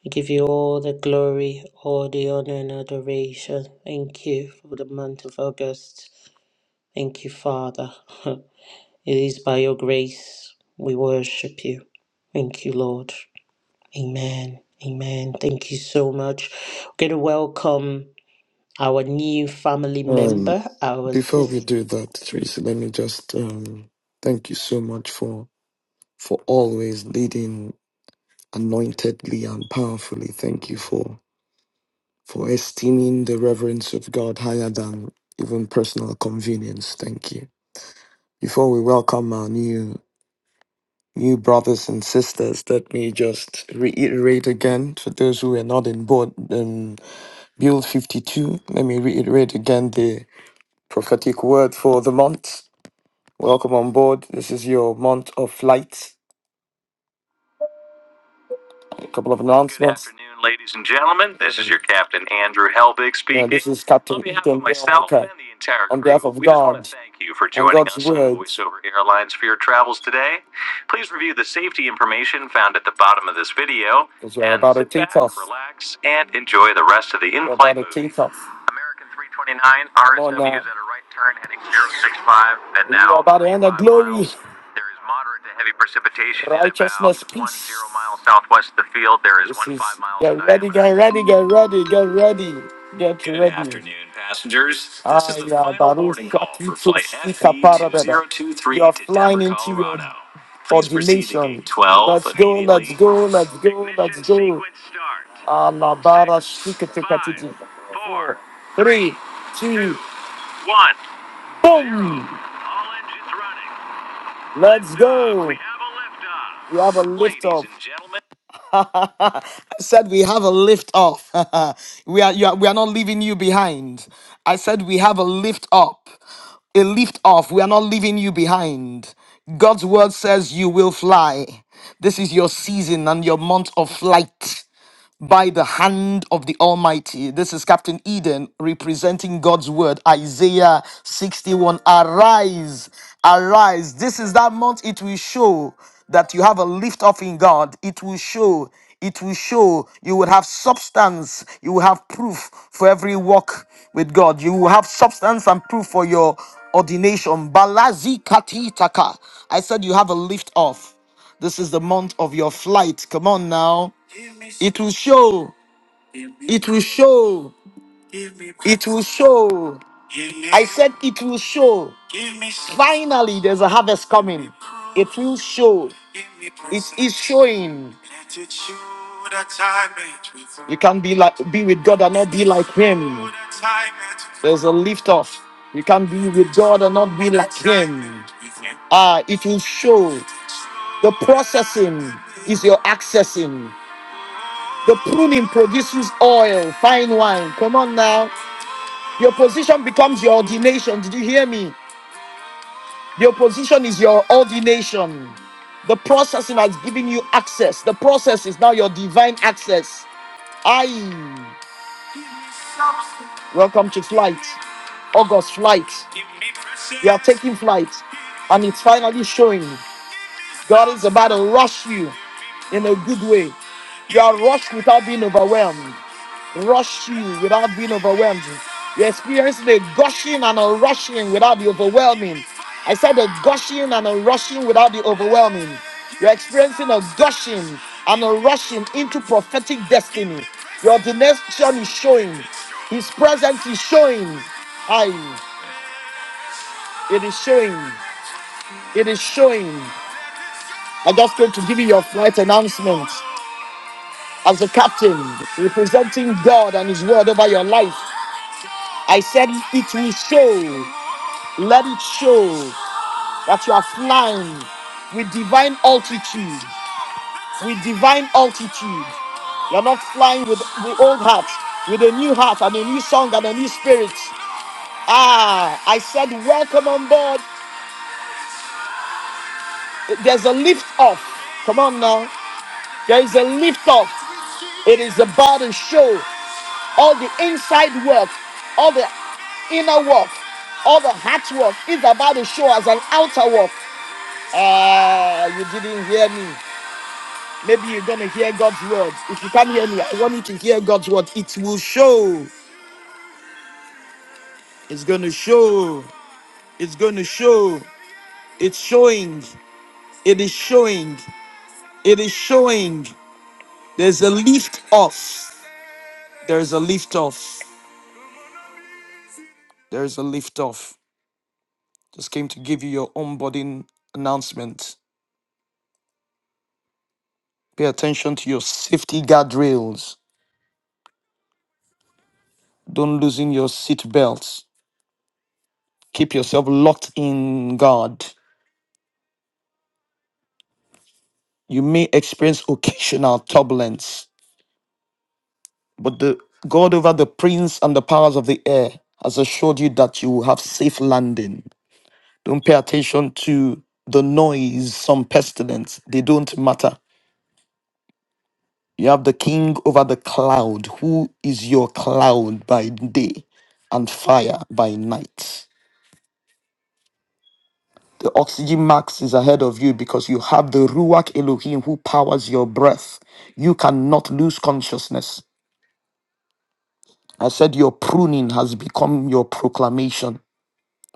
We give you all the glory, all the honor, and adoration. Thank you for the month of August. Thank you, Father. [LAUGHS] It is by your grace we worship you. Thank you, Lord. Amen. Amen. Thank you so much. We're going to welcome. our new family
Um,
member, our
before we
sister.
do that, Teresa, let me just um, thank you so much for for always leading anointedly and powerfully. Thank you for for esteeming the reverence of God higher than even personal convenience. Thank you. Before we welcome our new new brothers and sisters, let me just reiterate again for those who are not in board um, Build 52. Let me reiterate again the prophetic word for the month. Welcome on board. This is your month of flight. A couple of announcements. Good afternoon, ladies and gentlemen. This is your captain Andrew Helbig speaking. And this is Captain On behalf Ethan of myself Walker. and the entire crew, On behalf of we just God, want to God thank you for joining God's us on word. VoiceOver Airlines for your travels today. Please review the safety information found at the bottom of this video. Because we're and about to sit take back, off. Relax and enjoy the rest of the in-flight. We're about to movie. take off. American 329, RSW is at a right turn heading 065 now. We are about to end the glory. There is moderate to heavy precipitation righteousness, at about peace. 20 miles southwest of the field. There is This one is 5 miles get ready, get ready, get ready, get ready, get Good ready. afternoon, passengers. This is Ay, the ya, final baru boarding call for flight sika parabeda. You are flying Denver, into Colorado. your Colorado. Please the proceed to ordination. gate 12 Let's go, let's immediately. go, let's go, let's Ignition go. sequence start. Alabara Six, shika tika five, tiki. four, Three, two, one, boom! All engines running. Let's go. We have a lift off. We have a lift Ladies and gentlemen. [LAUGHS] I said we have a lift off. [LAUGHS] we are, you are we are not leaving you behind. I said we have a lift up. A lift off. We are not leaving you behind. God's word says you will fly. This is your season and your month of flight by the hand of the Almighty. This is Captain Eden representing God's word, Isaiah 61. Arise, arise. This is that month it will show that you have a lift off in God. It will show, it will show you will have substance, you will have proof for every walk with God. You will have substance and proof for your ordination. Balazi katitaka. I said you have a lift off. This is the month of your flight. Come on now. It will show. It will show. It will show. I said it will show. Finally, there's a harvest coming. It will show. It is showing. You can be like be with God and not be like him. There's a lift off. You can be with God and not be like him. Ah, it will show. The processing is your accessing. The pruning produces oil, fine wine. Come on now. Your position becomes your ordination. Did you hear me? Your position is your ordination. The processing has given you access. The process is now your divine access. Aye. welcome to flight. August flight. You are taking flight. And it's finally showing. God is about to rush you in a good way. You are rushed without being overwhelmed. rush you without being overwhelmed. You're experiencing a gushing and a rushing without the overwhelming. I said a gushing and a rushing without the overwhelming. You're experiencing a gushing and a rushing into prophetic destiny. Your destination is showing. His presence is showing. I, it is showing. It is showing. I am just going to give you your flight announcement as a captain representing God and His word over your life. I said it will show. Let it show that you are flying with divine altitude, with divine altitude. You're not flying with the old heart, with a new heart and a new song and a new spirit. Ah, I said, welcome on board. There's a lift off. Come on now. There is a lift off. It is about to show all the inside work, all the inner work, all the heart work is about to show as an outer work. Ah, you didn't hear me. Maybe you're going to hear God's words. If you can't hear me, I want you to hear God's word. It will show. It's going to show. It's going to show. It's showing. It is showing. It is showing. There's a lift off. There's a lift off. There's a lift off. Just came to give you your onboarding announcement. Pay attention to your safety guardrails. Don't loosen your seat belts. Keep yourself locked in God. You may experience occasional turbulence. But the God over the prince and the powers of the air has assured you that you will have safe landing. Don't pay attention to the noise, some pestilence. They don't matter. You have the king over the cloud, who is your cloud by day and fire by night. The oxygen max is ahead of you because you have the Ruach Elohim who powers your breath. You cannot lose consciousness. I said your pruning has become your proclamation.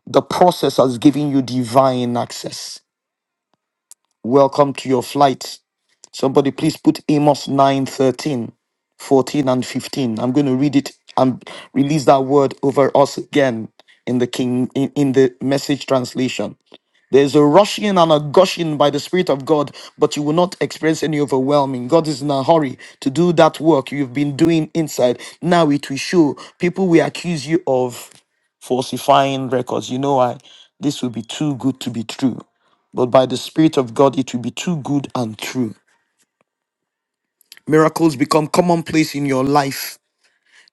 The process has given you divine access. Welcome to your flight. Somebody please put Amos 9, 13, 14, and 15. I'm going to read it and release that word over us again in the king in, in the message translation. There's a rushing and a gushing by the Spirit of God, but you will not experience any overwhelming. God is in a hurry to do that work you've been doing inside. Now it will show. People will accuse you of falsifying records. You know why? This will be too good to be true. But by the Spirit of God, it will be too good and true. Miracles become commonplace in your life.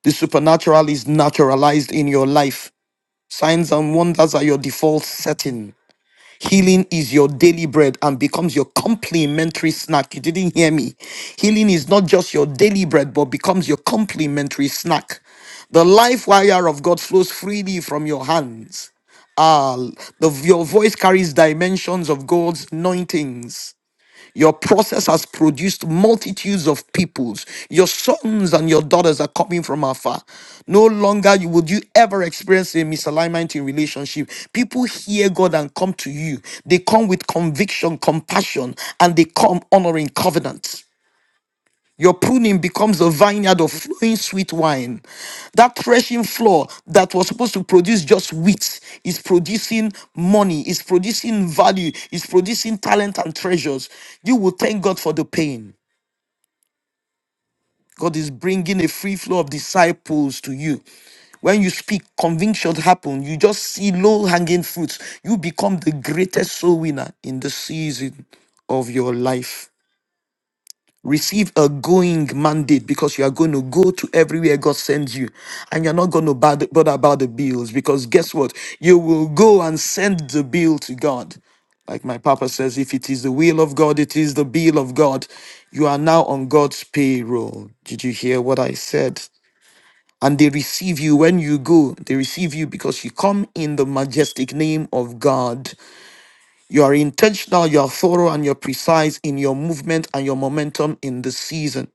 The supernatural is naturalized in your life. Signs and wonders are your default setting. Healing is your daily bread and becomes your complimentary snack. You didn't hear me. Healing is not just your daily bread, but becomes your complimentary snack. The life wire of God flows freely from your hands. Ah, the, your voice carries dimensions of God's anointings. Your process has produced multitudes of peoples. Your sons and your daughters are coming from afar. No longer you- would you ever experience a misalignment in relationship. People hear God and come to you. They come with conviction, compassion, and they come honoring covenant. Your pruning becomes a vineyard of flowing sweet wine. That threshing floor that was supposed to produce just wheat is producing money, is producing value, is producing talent and treasures. You will thank God for the pain. God is bringing a free flow of disciples to you. When you speak, conviction happen. You just see low hanging fruits. You become the greatest soul winner in the season of your life. Receive a going mandate because you are going to go to everywhere God sends you, and you're not going to bother bother about the bills because guess what? You will go and send the bill to God. Like my papa says, if it is the will of God, it is the bill of God. You are now on God's payroll. Did you hear what I said? And they receive you when you go. They receive you because you come in the majestic name of God. You are intentional, you are thorough, and you're precise in your movement and your momentum in this season.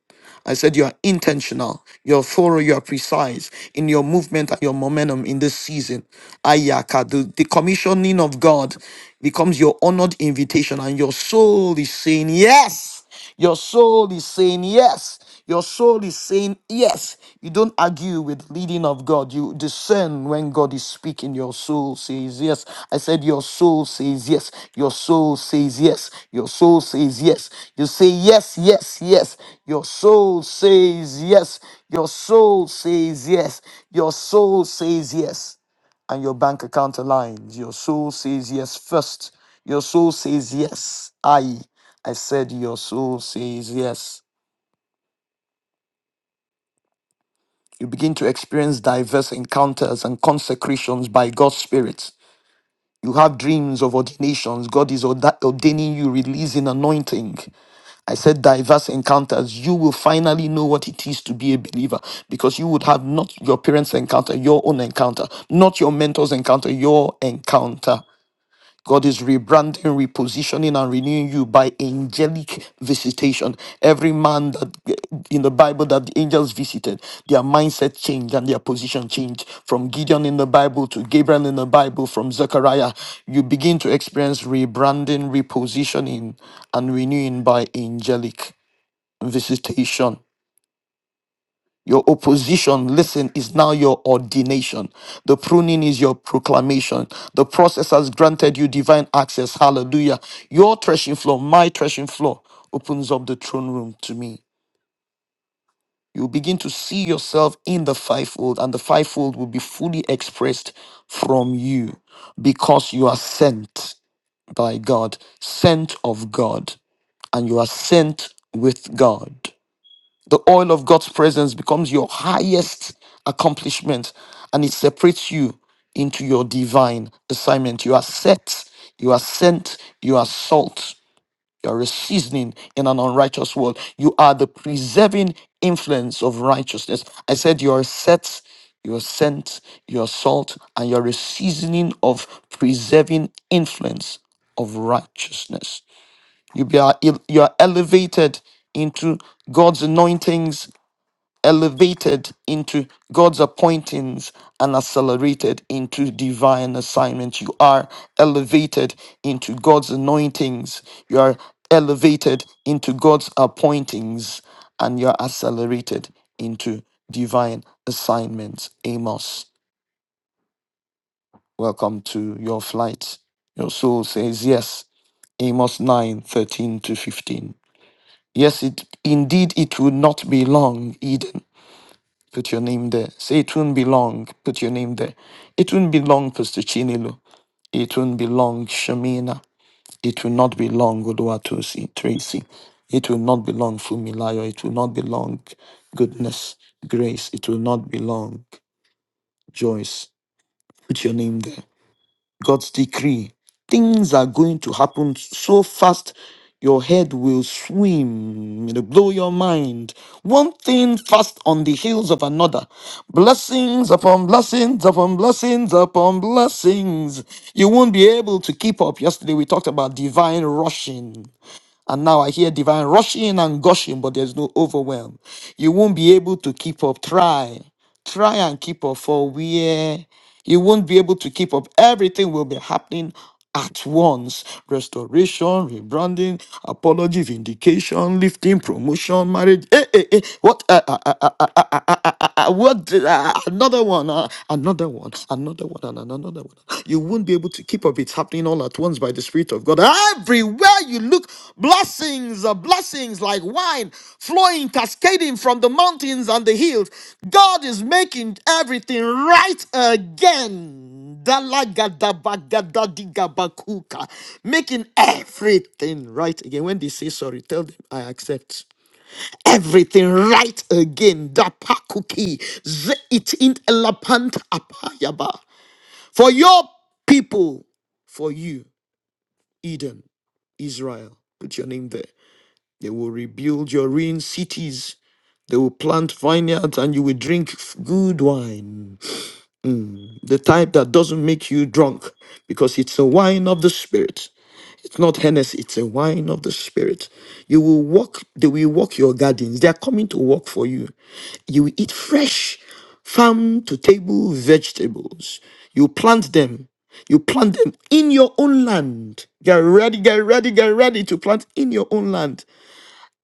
I said you are intentional, you're thorough, you are precise in your movement and your momentum in this season. Ayaka, the, the commissioning of God becomes your honored invitation, and your soul is saying yes. Your soul is saying yes. Your soul is saying yes. You don't argue argue with leading of God. You discern when God is speaking. Your soul says yes. I said your soul says yes. Your soul says yes. Your soul says yes. You say yes, yes, yes. Your soul says yes. Your soul says yes. Your soul says yes and your bank account aligns. Your soul says yes first. Your soul says yes. I, I said your soul says yes. You begin to experience diverse encounters and consecrations by God's Spirit. You have dreams of ordinations. God is orda- ordaining you, releasing anointing. I said diverse encounters. You will finally know what it is to be a believer because you would have not your parents' encounter, your own encounter, not your mentor's encounter, your encounter. God is rebranding, repositioning, and renewing you by angelic visitation. Every man that in the Bible that the angels visited, their mindset changed and their position changed. From Gideon in the Bible to Gabriel in the Bible, from Zechariah, you begin to experience rebranding, repositioning, and renewing by angelic visitation. Your opposition, listen, is now your ordination. The pruning is your proclamation. The process has granted you divine access. Hallelujah. Your threshing floor, my threshing floor, opens up the throne room to me. You'll begin to see yourself in the fivefold, and the fivefold will be fully expressed from you because you are sent by God, sent of God, and you are sent with God. The oil of God's presence becomes your highest accomplishment and it separates you into your divine assignment. You are set, you are sent, you are salt, you are a seasoning in an unrighteous world. You are the preserving influence of righteousness. I said you are set, you are sent, you are salt, and you are a seasoning of preserving influence of righteousness. You be are you are elevated into God's anointings elevated into God's appointings and accelerated into divine assignment. You are elevated into God's anointings. You are elevated into God's appointings and you're accelerated into divine assignments. Amos, welcome to your flight. Your soul says yes. Amos 9 13 to 15. Yes, it, indeed, it will not be long, Eden. Put your name there. Say it won't be long. Put your name there. It won't be long, Pastor Chinilo. It won't be long, Shamina. It will not be long, Oduatusi, Tracy. It will not be long, Fumilayo. It will not be long, Goodness, Grace. It will not be long, Joyce. Put your name there. God's decree. Things are going to happen so fast, your head will swim. It'll blow your mind. One thing fast on the heels of another. Blessings upon blessings upon blessings upon blessings. You won't be able to keep up. Yesterday we talked about divine rushing. And now I hear divine rushing and gushing, but there's no overwhelm. You won't be able to keep up. Try. Try and keep up for where you won't be able to keep up. Everything will be happening at once. Restoration, rebranding, apology, vindication, lifting, promotion, marriage. Eh, eh, eh. What? Uh, uh, uh, uh, uh, uh, uh, uh, uh, uh, what? Uh, another one. Uh, another one. Another one. And another one. You won't be able to keep up. It's happening all at once by the Spirit of God. Everywhere you look, blessings are blessings like wine flowing, cascading from the mountains and the hills. God is making everything right again. Dalagadabagadadigabakooka. Making everything right again. When they say sorry, tell them I accept everything right again. Dapakuki zeitint elapant apayaba. For your people, for you. Eden, Israel. Put your name there. They will rebuild your ruined cities. They will plant vineyards and you will drink f- good wine. Mm, The type that doesn't make you drunk because it's a wine of the spirit. It's not Hennessy, it's a wine of the spirit. You will walk, they will walk your gardens. They are coming to walk for you. You will eat fresh farm to table vegetables. You plant them. You plant them in your own land. Get ready, get ready, get ready to plant in your own land.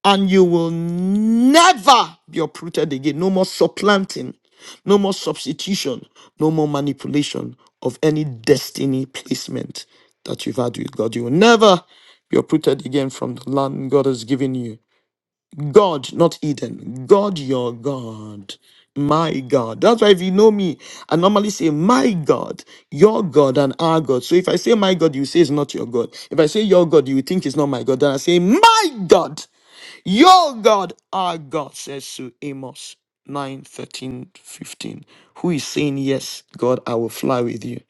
And you will never be uprooted again. No more supplanting, no more substitution, no more manipulation of any destiny placement that you've had with God. You will never be uprooted again from the land God has given you. God, not Eden. God, your God. My God. That's why if you know me, I normally say, My God, your God, and our God. So if I say my God, you say it's not your God. If I say your God, you think it's not my God. Then I say, My God, your God, our God, says to Amos nine thirteen fifteen. Who is saying, Yes, God, I will fly with you.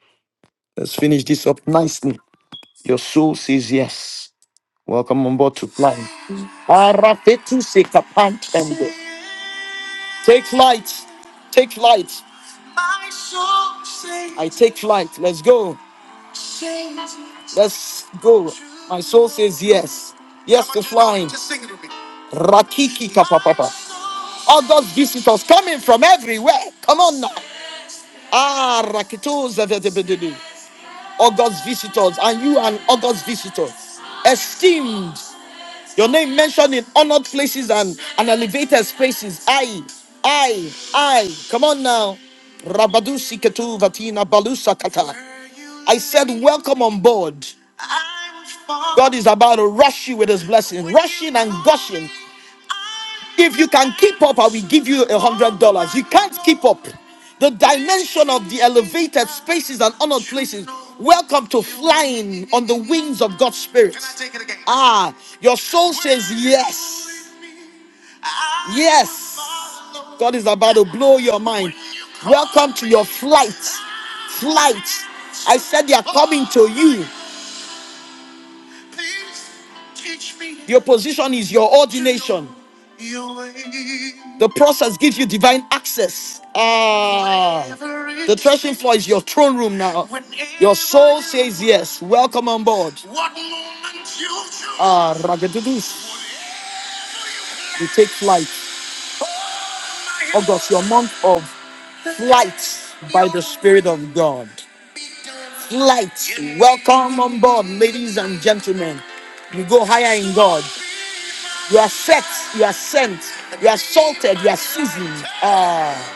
Let's finish this up nicely. Your soul says yes. Welcome on board to flying. Arafetu se Take flight. Take flight. I take flight. Let's go. Let's go. My soul says yes. Yes to flying. Rakiki kapapapa. All those visitors coming from everywhere. Come on now. Ah, rakitos. August visitors. And you and August visitors. Esteemed. Your name mentioned in honored places and, and elevated spaces. I, I, I. Come on now. Rabadusi ketu Vatina Balusa Kata. I said, Welcome on board. God is about to rush you with his blessing, rushing and gushing. If you can keep up, I will give you a hundred dollars. You can't keep up. The dimension of the elevated spaces and honored places. Welcome to flying on the wings of God's Spirit. Ah, your soul says yes. Yes. God is about to blow your mind. Welcome to your flight. Flight. I said they are coming to you. Please teach me Your position is your ordination. your way. The process gives you divine access. Ah, the threshing floor is your throne room now. Your soul says yes. Welcome on board. what moment you Ah, choose Ah, ragadudus. We take flight. August, your month of flight by the Spirit of God. Flight. Welcome on board, ladies and gentlemen. You go higher in God. You are set, you are sent, you are salted, you are seasoned. Ah,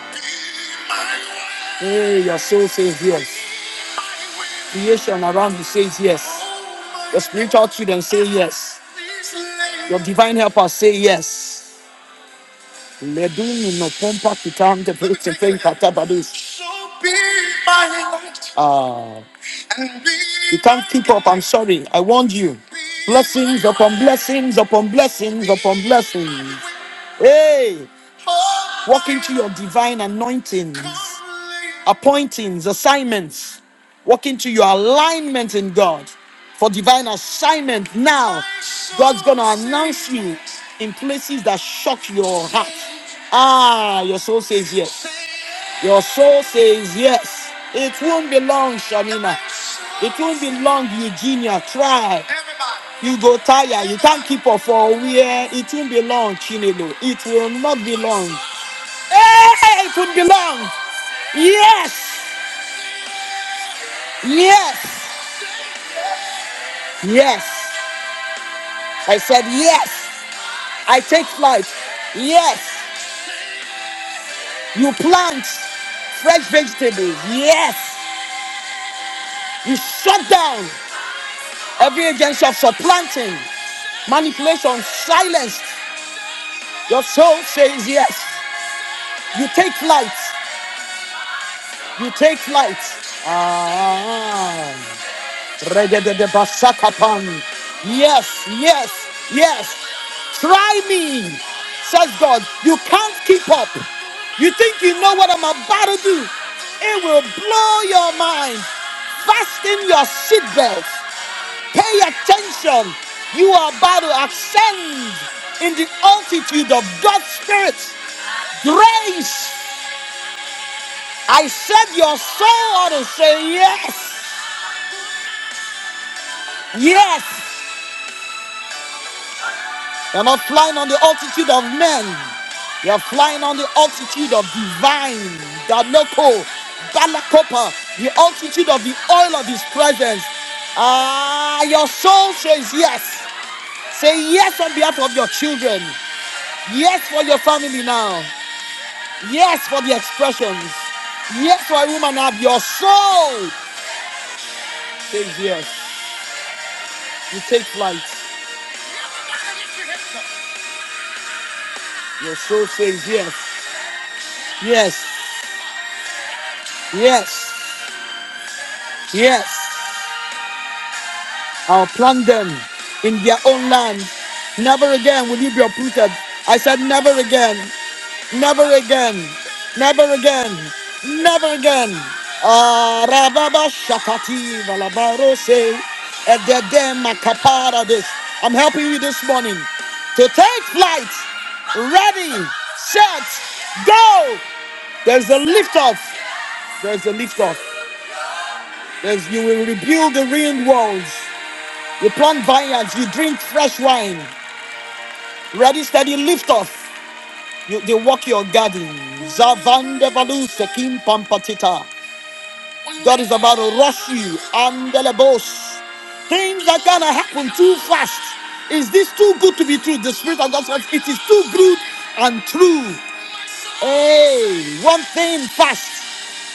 hey, your soul says yes. Creation around you says yes. Your spiritual children say yes. Your divine helpers say yes. Leduni no pompa kitante pete penkata badus. Ah, you can't keep up. I'm sorry. I warned you. Blessings upon blessings upon blessings upon blessings. Hey, walk into your divine anointings, appointings, assignments. Walk into your alignment in God for divine assignment. Now, God's going to announce you in places that shock your heart. Ah, your soul says yes. Your soul says yes. It won't be long, Shamina. It won't be long, Eugenia. Try. You go tired. You can't keep up for a year. It won't be long, Chinelo. It will not be long. Hey, it won't be long. Yes. Yes. Yes. I said yes. I take flight. Yes. You plant fresh vegetables. Yes. You shut down. Every agency of supplanting, manipulation, silence. Your soul says yes. You take flight. You take flight. Ah. Regedebasakapan. Yes, yes, yes. Try me, says God. You can't keep up. You think you know what I'm about to do? It will blow your mind. Fasten your seatbelts. Pay attention. You are about to ascend in the altitude of God's Spirit. Grace. I said your soul ought to say yes. Yes. You're not flying on the altitude of men. You're flying on the altitude of divine. Danoko, Balakopa, the altitude of the oil of his presence. Ah, your soul says yes. Say yes on behalf of your children. Yes for your family now. Yes for the expressions. Yes for a woman have your soul says yes. You take flight. Your soul says yes. Yes. Yes. Yes. I'll plant them in their own land. Never again will you be uprooted. I said, never again, never again, never again, never again. Ah, rababa shakati valabaro se, edede makapara des. I'm helping you this morning to take flight. Ready, set, go. There's a lift off. There's a lift off. There's you will rebuild the ruined walls. You plant vineyards, you drink fresh wine. Ready, steady, lift off. You, they walk your garden. Zavande valu sekim pampatita. God is about to rush you. Andelebos. Things are gonna happen too fast. Is this too good to be true? The Spirit of God says it is too good and true. Hey, one thing fast.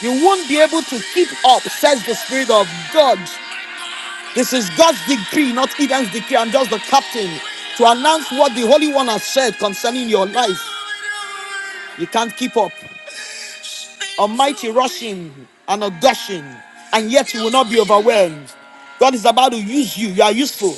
You won't be able to keep up, says the Spirit of God. This is God's decree, not Eden's decree. I'm just the captain to announce what the Holy One has said concerning your life. You can't keep up. A mighty rushing and a dashing, and yet you will not be overwhelmed. God is about to use you. You are useful.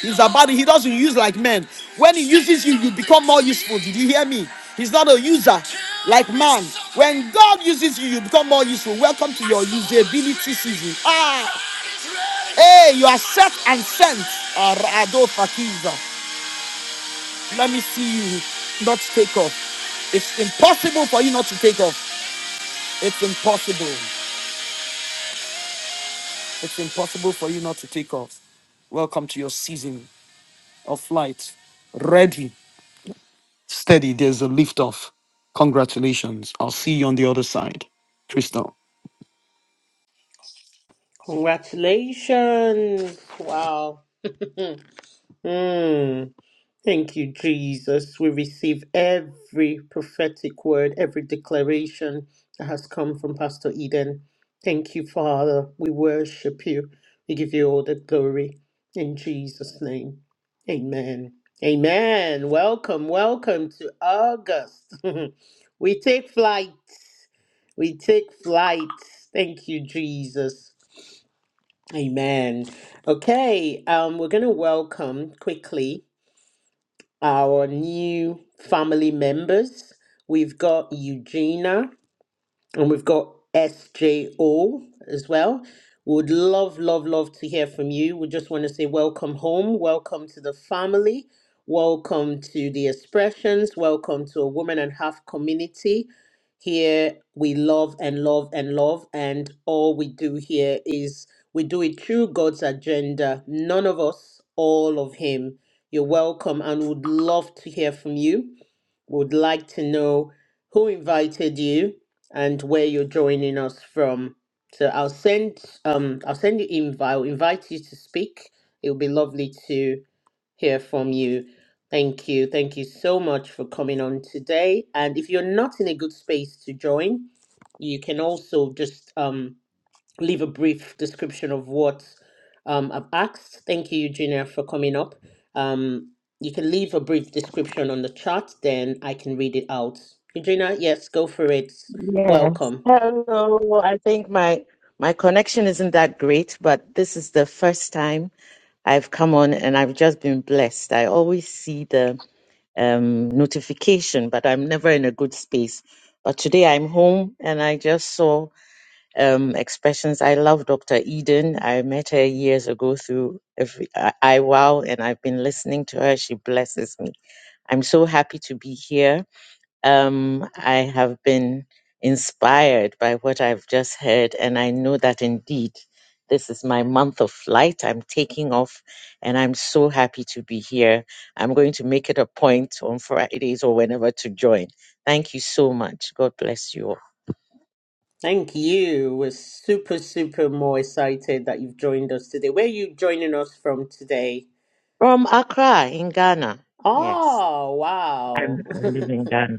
He's about to, He doesn't use like men. When He uses you, you become more useful. Did you hear me? He's not a user like man. When God uses you, you become more useful. Welcome to your usability season. Ah! Hey, you are set and sent. Arado Fakiza. Let me see you not take off. It's impossible for you not to take off. It's impossible. It's impossible for you not to take off. Welcome to your season of flight. Ready, steady. There's a lift off. Congratulations. I'll see you on the other side. Crystal.
Congratulations! Wow. [LAUGHS] Mm. Thank you, Jesus. We receive every prophetic word, every declaration that has come from Pastor Eden. Thank you, Father. We worship you. We give you all the glory in Jesus' name. Amen. Amen. Welcome, welcome to August. [LAUGHS] we take flight We take flight. Thank you, Jesus. Amen. Okay, um, we're going to welcome quickly our new family members. We've got Eugenia and we've got SJO as well. Would love, love, love to hear from you. We just want to say welcome home, welcome to the family, welcome to the expressions, welcome to a woman and half community. Here we love and love and love, and all we do here is we do it through God's agenda. None of us, all of Him. You're welcome, and would love to hear from you would like to know who invited you and where you're joining us from. So I'll send um I'll send you invite. I'll invite you to speak. It would be lovely to hear from you. Thank you. Thank you so much for coming on today. And if you're not in a good space to join, you can also just um leave a brief description of what um, I've asked. Thank you, Eugenia, for coming up. Um, you can leave a brief description on the chat, then I can read it out. Eugenia, yes, go for it.
Yes.
Welcome.
Hello. I think my my connection isn't that great, but this is the first time I've come on and I've just been blessed. I always see the um notification, but I'm never in a good space. But today I'm home and I just saw um expressions. I love Dr. Eden. I met her years ago through every, I, I wow and I've been listening to her. She blesses me. I'm so happy to be here um, I have been inspired by what I've just heard, and I know that indeed this is my month of flight. I'm taking off, and I'm so happy to be here. I'm going to make it a point on Fridays or whenever to join. Thank you so much. God bless you all.
Thank you. We're super, super more excited that you've joined us today. Where are you joining us from today?
From Accra in Ghana. Yes,
Oh,
I'm,
wow.
I live in Ghana.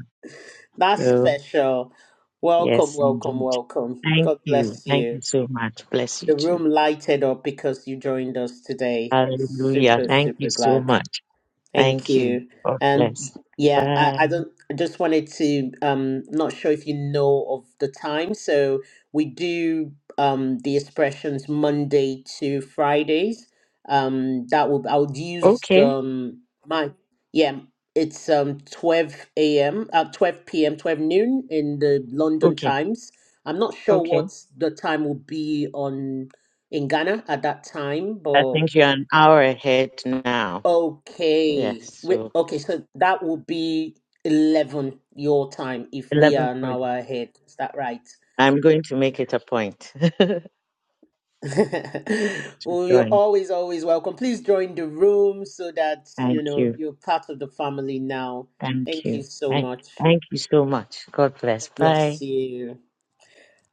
[LAUGHS] That's
So,
special. Welcome,
yes,
welcome,
indeed.
welcome.
Thank
God
you.
bless
Thank
you.
you so much. Bless you
The
too.
room lighted up because you joined us today.
Hallelujah.
Super,
Thank you
super
so
glad.
much.
Thank
Thank you.
you.
God
And
bless.
yeah, I,
Bye.
I don't I just wanted to um not sure if you know of the time. So we do um the expressions Monday to Fridays. Um that will I would use the
Okay.
um, my yeah, it's um 12 a.m. uh 12 p.m. 12 noon in the London
Okay.
times. I'm not sure
Okay.
what the time will be on in Ghana at that time,
I
but
think you're an hour ahead now. Yes.
Okay. We,
So
okay, so that will be 11 your time if we
eleven
are an
forty.
hour ahead. Is that right?
I'm going to make it a point [LAUGHS] to
[LAUGHS] well, you're
join.
always, always welcome. Please join the room so that,
Thank
you know,
you.
you're part of the family now.
Thank
Thank you
you.
so
Thank,
much.
thank you so much. God bless.
God
Bye.
Bless you.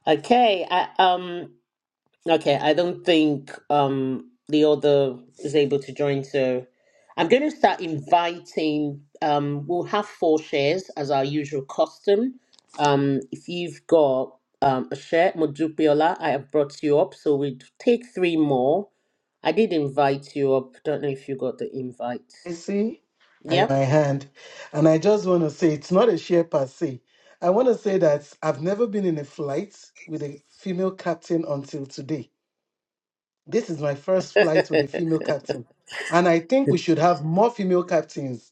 Okay, I, um, Okay, I don't think um the other is able to join, so I'm going to start inviting. Um, we'll have four shares as our usual custom. Um, if you've got um a share, Mojupiola, I have brought you up, so we would take three more. I did invite you up. Don't know if you got the invite.
I see I,
Yeah,
my hand. And I just want to say it's not a share per se. I want to say that I've never been in a flight with a female captain until today. This is my
[LAUGHS]
first flight with a female captain. And I think we should have more female captains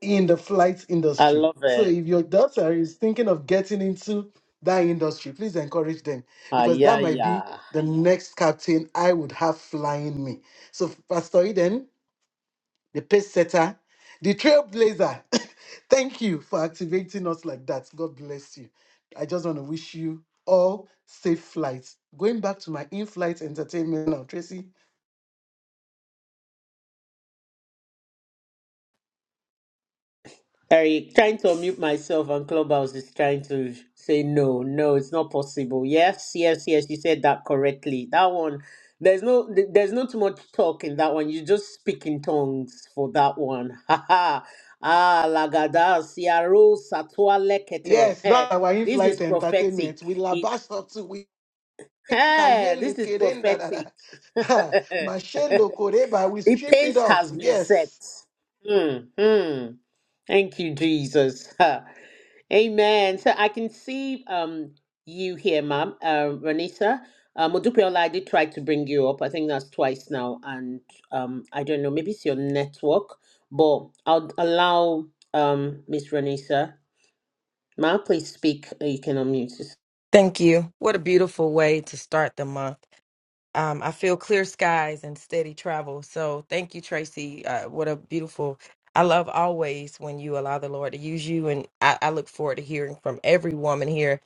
in the flight
I
industry.
love
So
it.
if your daughter is thinking of getting into that industry, please encourage them
Ah,
because
yeah,
that might be
yeah.
the next captain I would have flying me. So Pastor Eden, the pace setter, the trailblazer, [LAUGHS] [COUGHS] thank you for activating us like that. God bless you. I just want to wish you all safe flights. Going back to my in-flight entertainment now, Tracy.
Eric, trying to unmute myself and Clubhouse is trying to say no, no, it's not possible. Yes, yes, yes, you said that correctly. That one, there's no, th- there's not too much talk in that one. You just speak in tongues for that one. [LAUGHS] Ha ha. Ah, lagada siaro satwa lekete.
Yes,
Heh,
that
This is
white
prophetic.
entertainment. We
It,
labash up to we
hey, this is
[LAUGHS]
prophetic. [LAUGHS]
[LAUGHS] Ha,
the
Mashelo Koreba, we strip it
pace
off.
has been set.
Yes.
Hmm. hmm. Thank you, Jesus. [LAUGHS] Amen. So I can see um you here, ma'am, uh, Ranisa. Um, Odupiola, I did try to bring you up. I think that's twice now, and um, I don't know. Maybe it's your network, but I'll allow um Miss Ranisa. Ma'am, please speak. Uh, You can unmute yourself.
Thank you. What a beautiful way to start the month. Um, I feel clear skies and steady travel. So thank you, Tracy. Uh, what a beautiful. I love always when you allow the Lord to use you, and I, I look forward to hearing from every woman here.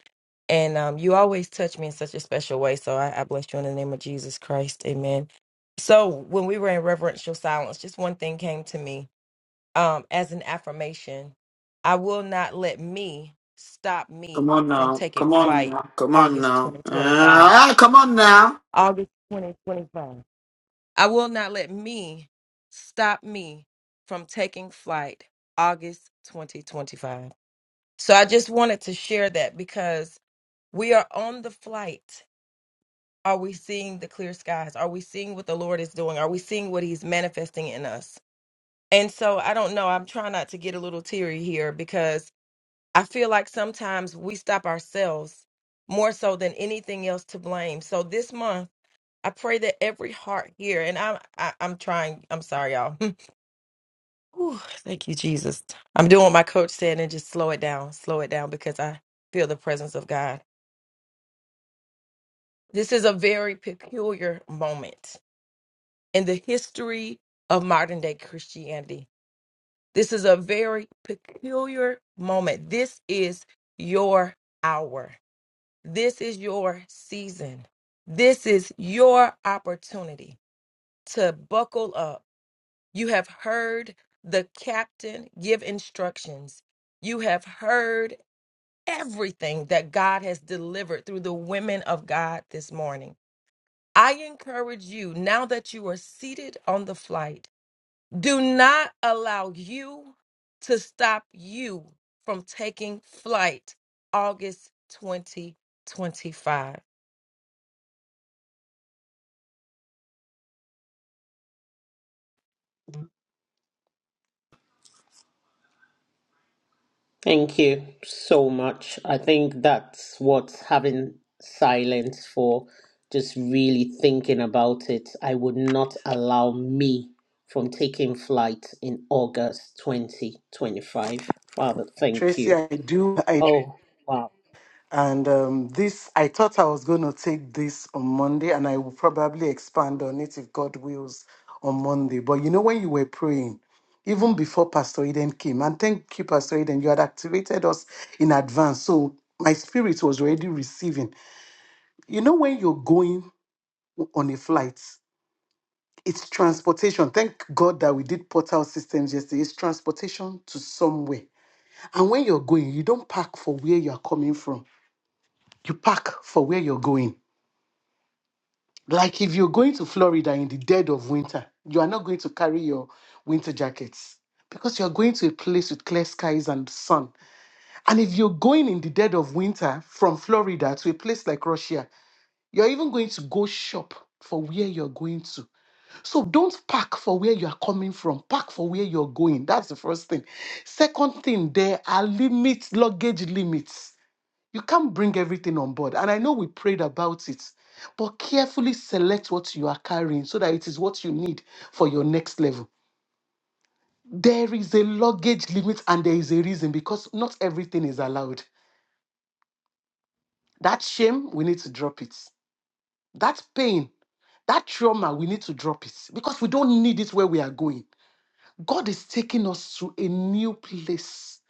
And um, you always touch me in such a special way. So I, I bless you in the name of Jesus Christ. Amen. So when we were in reverential silence, just one thing came to me um, as an affirmation. I will not let me stop
Come
me
on
from
now.
taking
Come on
flight
now. Come on
August
now.
2025.
Ah, come on now.
August 2025. I will not let me stop me from taking flight August 2025. So I just wanted to share that because we are on the flight. Are we seeing the clear skies? Are we seeing what the Lord is doing? Are we seeing what He's manifesting in us? And so I don't know. I'm trying not to get a little teary here because I feel like sometimes we stop ourselves more so than anything else to blame. So this month, I pray that every heart here, and I'm I, I'm trying. I'm sorry, y'all. [LAUGHS] Whew, thank you, Jesus. I'm doing what my coach said and just slow it down, slow it down because I feel the presence of God. This is a very peculiar moment in the history of modern day Christianity. This is a very peculiar moment. This is your hour. This is your season. This is your opportunity to buckle up. You have heard the captain give instructions. You have heard everything that God has delivered through the women of God this morning. I encourage you, now that you are seated on the flight, do not allow you to stop you from taking flight August 2025.
Thank you so much. I think that's what having silence for, just really thinking about it. I would not allow me from taking flight in August 2025. Father, thank
Tracy,
you.
I do. I
Oh, wow.
and um, this I thought I was going to take this on Monday, and I will probably expand on it if God wills on Monday. But you know, when you were praying, even before Pastor Eden came, and thank you, Pastor Eden, you had activated us in advance, so my spirit was already receiving. You know, when you're going on a flight, it's transportation. Thank God that we did portal systems yesterday. It's transportation to somewhere And when you're going, you don't pack for where you're coming from. You pack for where you're going. Like if you're going to Florida in the dead of winter, you are not going to carry your winter jackets because you're going to a place with clear skies and sun. And if you're going in the dead of winter from Florida to a place like Russia, you're even going to go shop for where you're going to. So don't pack for where you are coming from, pack for where you're going. That's the first thing. Second thing, there are limits, luggage limits You can't bring everything on board. And I know we prayed about it, but carefully select what you are carrying so that it is what you need for your next level. There is a luggage limit and there is a reason because not everything is allowed. That shame, we need to drop it. That pain, that trauma, we need to drop it because we don't need it where we are going. God is taking us to a new place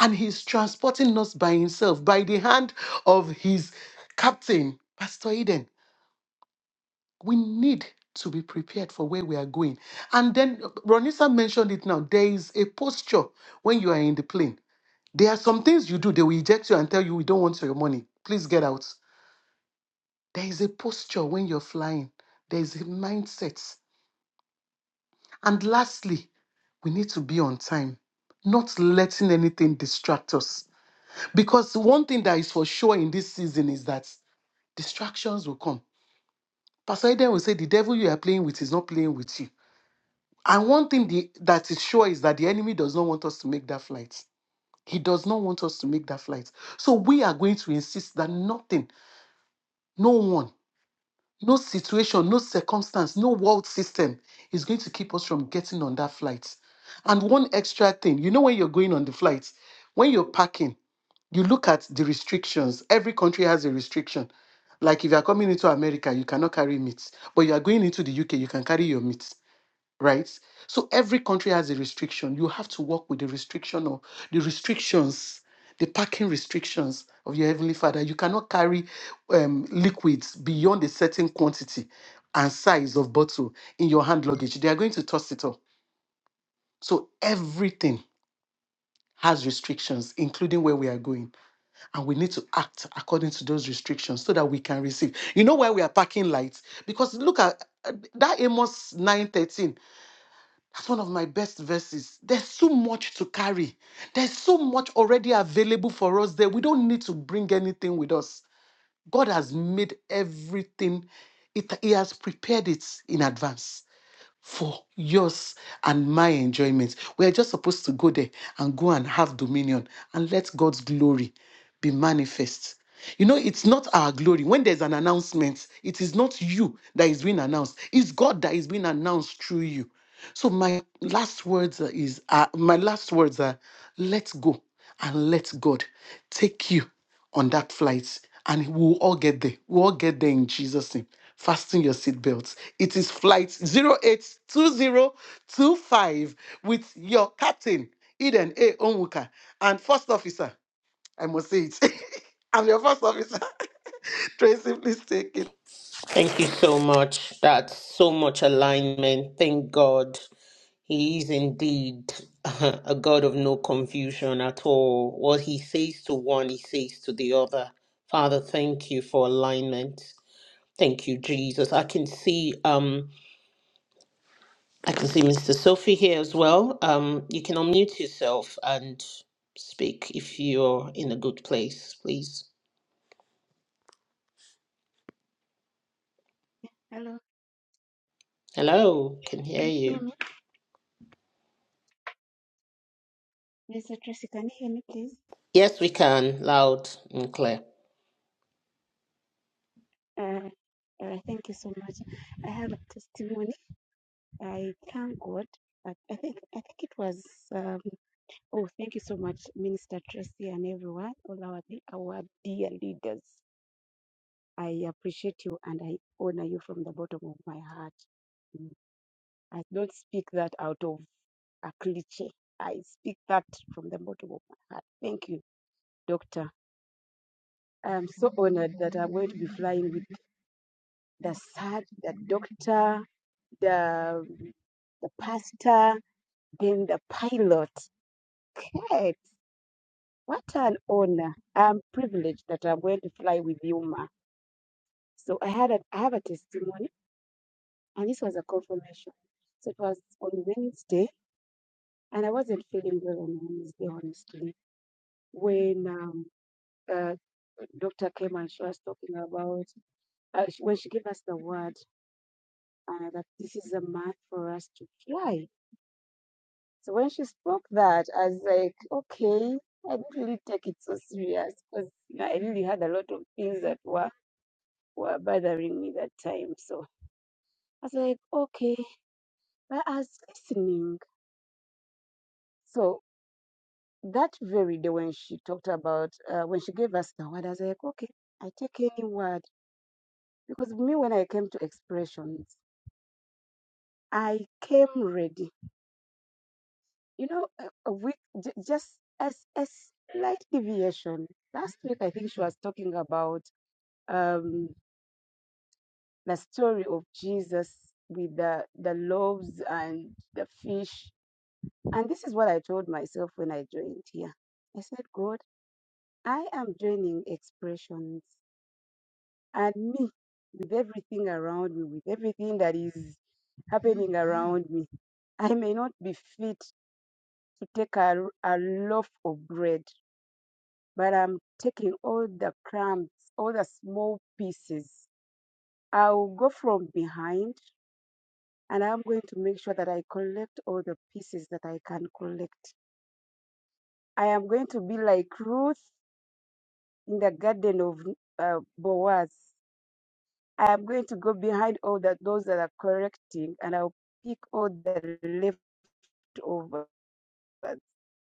and He's transporting us by Himself, by the hand of His captain, Pastor Eden. we need to be prepared for where we are going. And then uh, Ronisa mentioned it now. There is a posture when you are in the plane. There are some things you do, they will eject you and tell you, we don't want your money. Please get out. There is a posture when you're flying, there is a mindset. And lastly, we need to be on time, not letting anything distract us. Because one thing that is for sure in this season is that distractions will come. Pastor Eden will say, The devil you are playing with is not playing with you And one thing the, that is sure is that the enemy does not want us to make that flight. He does not want us to make that flight. So we are going to insist that nothing, no one, no situation, no circumstance, no world system is going to keep us from getting on that flight. And one extra thing, you know, when you're going on the flight, when you're packing, you look at the restrictions. Every country has a restriction. Like if you are coming into America, you cannot carry meat. But you are going into the UK, you can carry your meat right? So every country has a restriction. You have to work with the restriction or the restrictions, the parking restrictions of your heavenly Father. You cannot carry um, liquids beyond a certain quantity and size of bottle in your hand luggage. They are going to toss it up. So everything has restrictions, including where we are going, and we need to act according to those restrictions so that we can receive. You know why we are parking lights? Because look at uh, that Amos 9:13. That's one of my best verses. There's so much to carry. There's so much already available for us there. We don't need to bring anything with us. God has made everything, it, He has prepared it in advance for yours and my enjoyment. We are just supposed to go there and go and have dominion and let God's glory be manifest. You know, it's not our glory. When there's an announcement, it is not you that is being announced, it's God that is being announced through you. So my last words is uh, my last words are let go and let God take you on that flight and we'll all get there. We'll all get there in Jesus' name. Fasten your seatbelts it is flight zero eight two zero two five with your captain, Eden A. Onwuka, and first officer. I must say it. [LAUGHS] I'm your first officer. [LAUGHS] Tracy, please take it.
Thank you so much. That's so much alignment. Thank God. He is indeed [LAUGHS] a God of no confusion at all. What he says to one, he says to the other. Father, thank you for alignment. Thank you, Jesus. I can see um I can see Mr. Sophie here as well. Um you can unmute yourself and speak if you're in a good place, please.
Hello,
Hello, can hear
can you hear
you.
me? Mr. Tracy, can you hear me, please?
Yes, we can, loud and clear.
Uh, uh, thank you so much. I have a testimony. I thank God. I, I think I think it was. Um, oh, thank you so much, Minister Tracy, and everyone, all our our dear leaders. I appreciate you and I honor you from the bottom of my heart. Mm, I don't speak that out of a cliche. I speak that from the bottom of my heart. Thank you, Doctor. I'm so honored that I'm going to be flying with. the surgeon, the doctor, the the pastor, then the pilot. Kate, what an honor. I'm privileged that I'm going to fly with you, Ma. So I had a I have a testimony and this was a confirmation. So it was on Wednesday and I wasn't feeling well on Wednesday, honestly. When um uh, doctor came and she was talking about uh, sh- when she gave us the word uh, that this is a month for us to fly. So when she spoke that, I was like, okay, I didn't really take it so serious because you know, I really had a lot of things that were, were bothering me that time. So I was like, okay, but I was listening. So that very day when she talked about, uh, when she gave us the word, I was like, okay, I take any word. Because me, when I came to expressions, I came ready. You know, a, a week, j- just as a slight deviation. Last week, I think she was talking about um, the story of Jesus with the, the loaves and the fish. And this is what I told myself when I joined here. I said, God, I am joining expressions and me with everything around me, with everything that is happening around me. I may not be fit to take a, a loaf of bread, but I'm taking all the crumbs, all the small pieces. I'll go from behind and I'm going to make sure that I collect all the pieces that I can collect. I am going to be like Ruth in the garden of uh, Boaz. I am going to go behind all that those that are correcting, and I'll pick all the leftovers.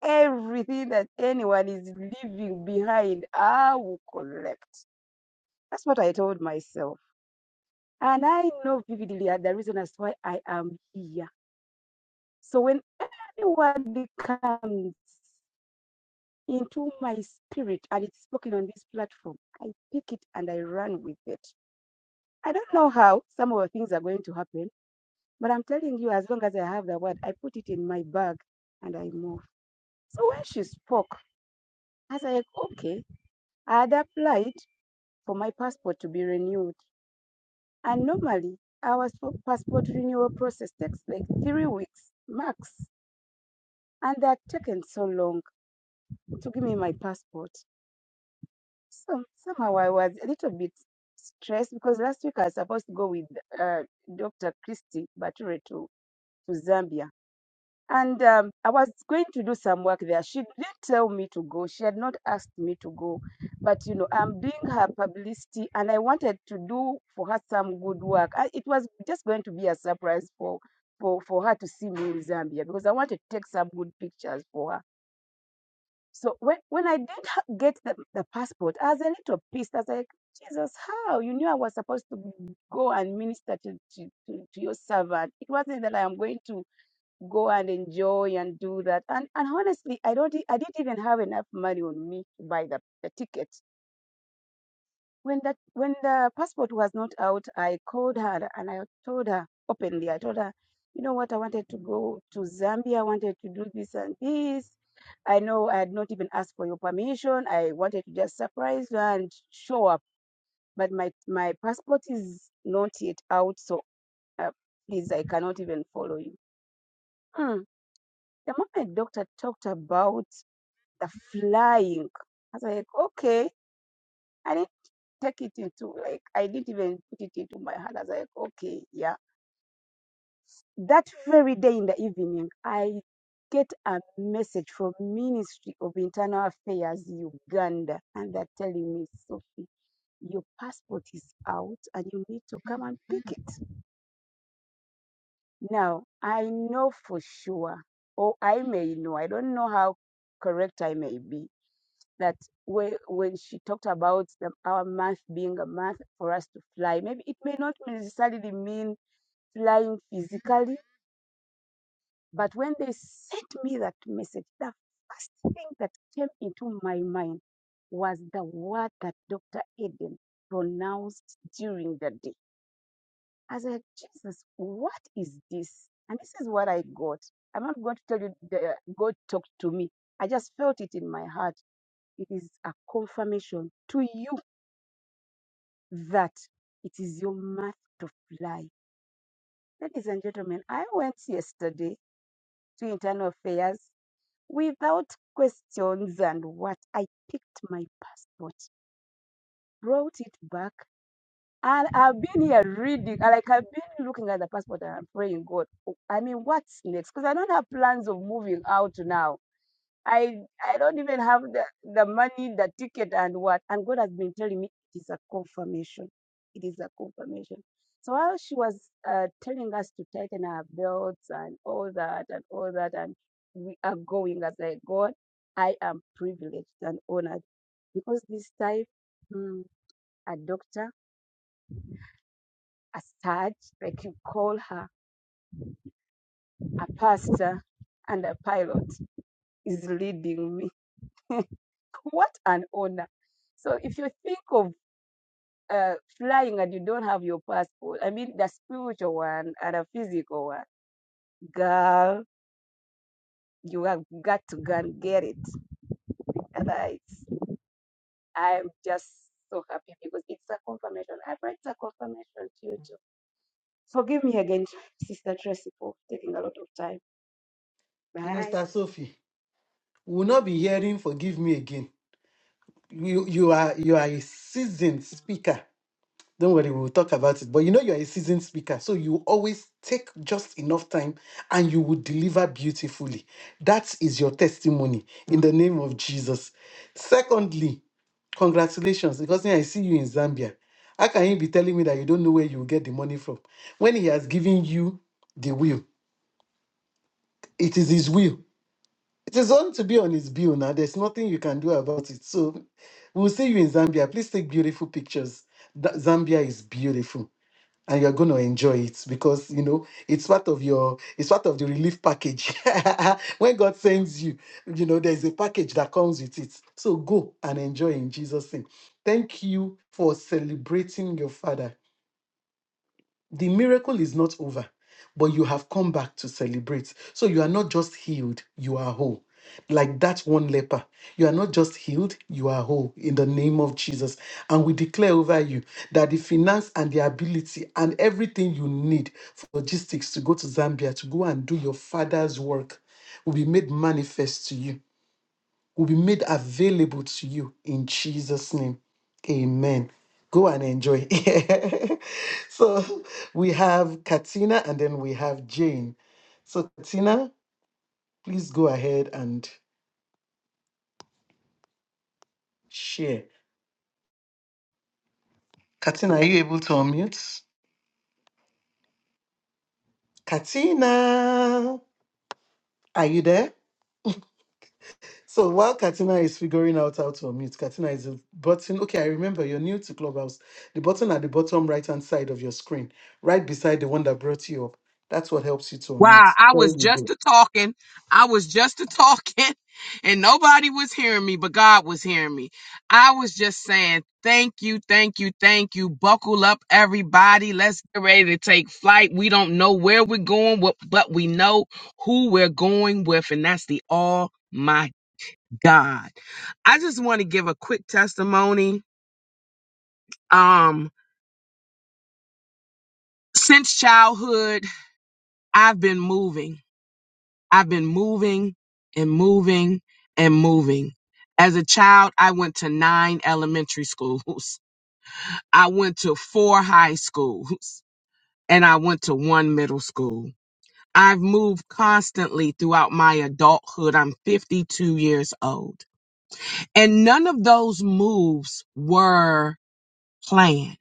Everything that anyone is leaving behind, I will collect. That's what I told myself. And I know vividly uh, the reason as why I am here. So when anyone becomes into my spirit and it's spoken on this platform. I pick it and I run with it. I don't know how some of the things are going to happen, but I'm telling you, as long as I have the word, I put it in my bag and I move. So when she spoke, I was like, okay, I had applied for my passport to be renewed. And normally, our passport renewal process takes like three weeks max. And that taken so long to give me my passport. Some somehow I was a little bit stressed because last week I was supposed to go with uh, Dr. Christy Bature to, to Zambia. And um, I was going to do some work there. She didn't tell me to go. She had not asked me to go. But, you know, I'm doing her publicity and I wanted to do for her some good work. I, it was just going to be a surprise for, for, for her to see me in Zambia because I wanted to take some good pictures for her. So when, when I did ha- get the, the passport, I was a little pissed. I was like, Jesus, how? You knew I was supposed to go and minister to, to, to, to your servant. It wasn't that I am going to go and enjoy and do that. And and honestly, I don't e- I didn't even have enough money on me to buy the, the ticket when that when the passport was not out i called her and i told her openly i told her you know what i wanted to go to zambia i wanted to do this and this i know i had not even asked for your permission i wanted to just surprise you and show up but my my passport is not yet out so uh, please i cannot even follow you Hmm. the moment doctor talked about the flying i was like okay I need take it into like I didn't even put it into my head I was like, okay, yeah. That very day in the evening, I get a message from Ministry of Internal Affairs Uganda, and they're telling me, Sophie, your passport is out, and you need to come and pick it. Now I know for sure, or I may know. I don't know how correct I may be. That when when she talked about the, our month being a month for us to fly, maybe it may not necessarily mean flying physically. But when they sent me that message, the first thing that came into my mind was the word that Dr. Eden pronounced during the day. I was like, Jesus, what is this? And this is what I got. I'm not going to tell you the God talked to me. I just felt it in my heart. It is a confirmation to you that it is your month to fly. Ladies and gentlemen, I went yesterday to internal affairs Without questions, and what? I picked my passport, brought it back, and I've been here reading, and like I've been looking at the passport and I'm praying, God, oh, I mean, what's next? Because I don't have plans of moving out now. I I don't even have the, the money, the ticket, and what. And God has been telling me it is a confirmation. It is a confirmation. So while she was uh, telling us to tighten our belts and all that and all that, and we are going, as I God, I am privileged and honored because this time mm, a doctor, a surge, I can call her, a pastor, and a pilot is leading me. [LAUGHS] what an honor! So if you think of uh, flying and you don't have your passport. I mean, the spiritual one and a physical one. Girl, you have got to go and get it. And I, I'm just so happy because it's a confirmation. I pray it's a confirmation to you too. Forgive me again, Sister Tracy, for taking a lot of time. Bye.
Minister Sophie, we will not be hearing forgive me again. You, you are you are a seasoned speaker. Don't worry, we'll talk about it. But you know, you're a seasoned speaker, so you always take just enough time and you will deliver beautifully. That is your testimony in the name of Jesus. Secondly, congratulations, because me, I see you in Zambia. How can you be telling me that you don't know where you will get the money from when he has given you the will? It is his will. It is on to be on his bill now. There's nothing you can do about it. So we'll see you in Zambia. Please take beautiful pictures. That Zambia is beautiful and you're going to enjoy it because you know it's part of your it's part of the relief package [LAUGHS] when god sends you you know there's a package that comes with it so go and enjoy in jesus name thank you for celebrating your father the miracle is not over, but you have come back to celebrate. So you are not just healed, you are whole. Like that one leper, you are not just healed, you are whole in the name of Jesus. And we declare over you that the finance and the ability and everything you need for logistics to go to Zambia to go and do your father's work will be made manifest to you will be made available to you in Jesus' name. Amen. Go and enjoy. [LAUGHS] so we have Katina and then we have Jane. So, Katina, please go ahead and share. Katina, are you able to unmute? Katina, are you there? So while Katina is figuring out how to unmute, Katina is a button. Okay, I remember you're new to Clubhouse. The button at the bottom right hand side of your screen, right beside the one that brought you up. That's what helps you to
Wow,
unmute.
I
There
was
you
just
go.
a talking. I was just a talking, [LAUGHS] and nobody was hearing me, but God was hearing me. I was just saying, Thank you, thank you, thank you. Buckle up, everybody. Let's get ready to take flight. We don't know where we're going, what- but we know who we're going with, and that's the All My God. I just want to give a quick testimony. Um, since childhood, I've been moving. I've been moving and moving and moving. As a child, I went to nine elementary schools. [LAUGHS] I went to four high schools and I went to one middle school. I've moved constantly throughout my adulthood. I'm 52 years old. And none of those moves were planned.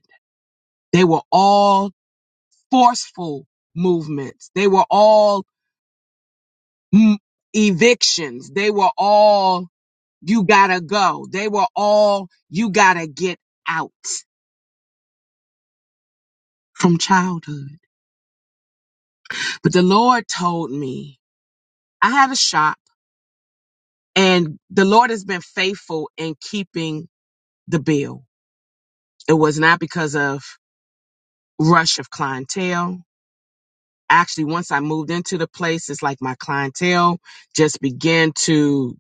They were all forceful movements. They were all mm, evictions. They were all You gotta go. They were all, you gotta get out from childhood. But the Lord told me, I had a shop and the Lord has been faithful in keeping the bill. It was not because of rush of clientele. Actually, once I moved into the place, it's like my clientele just began to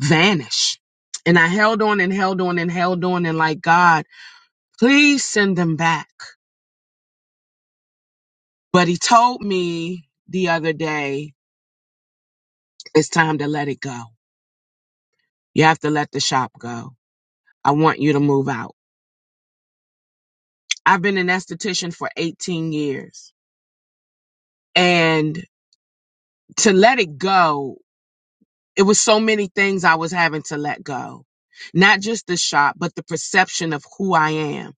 vanish. And I held on and held on and held on and like, God, please send them back. But he told me the other day It's time to let it go. You have to let the shop go. I want you to move out. I've been an esthetician for 18 years. And to let it go, it was so many things I was having to let go. Not just the shop, but the perception of who I am.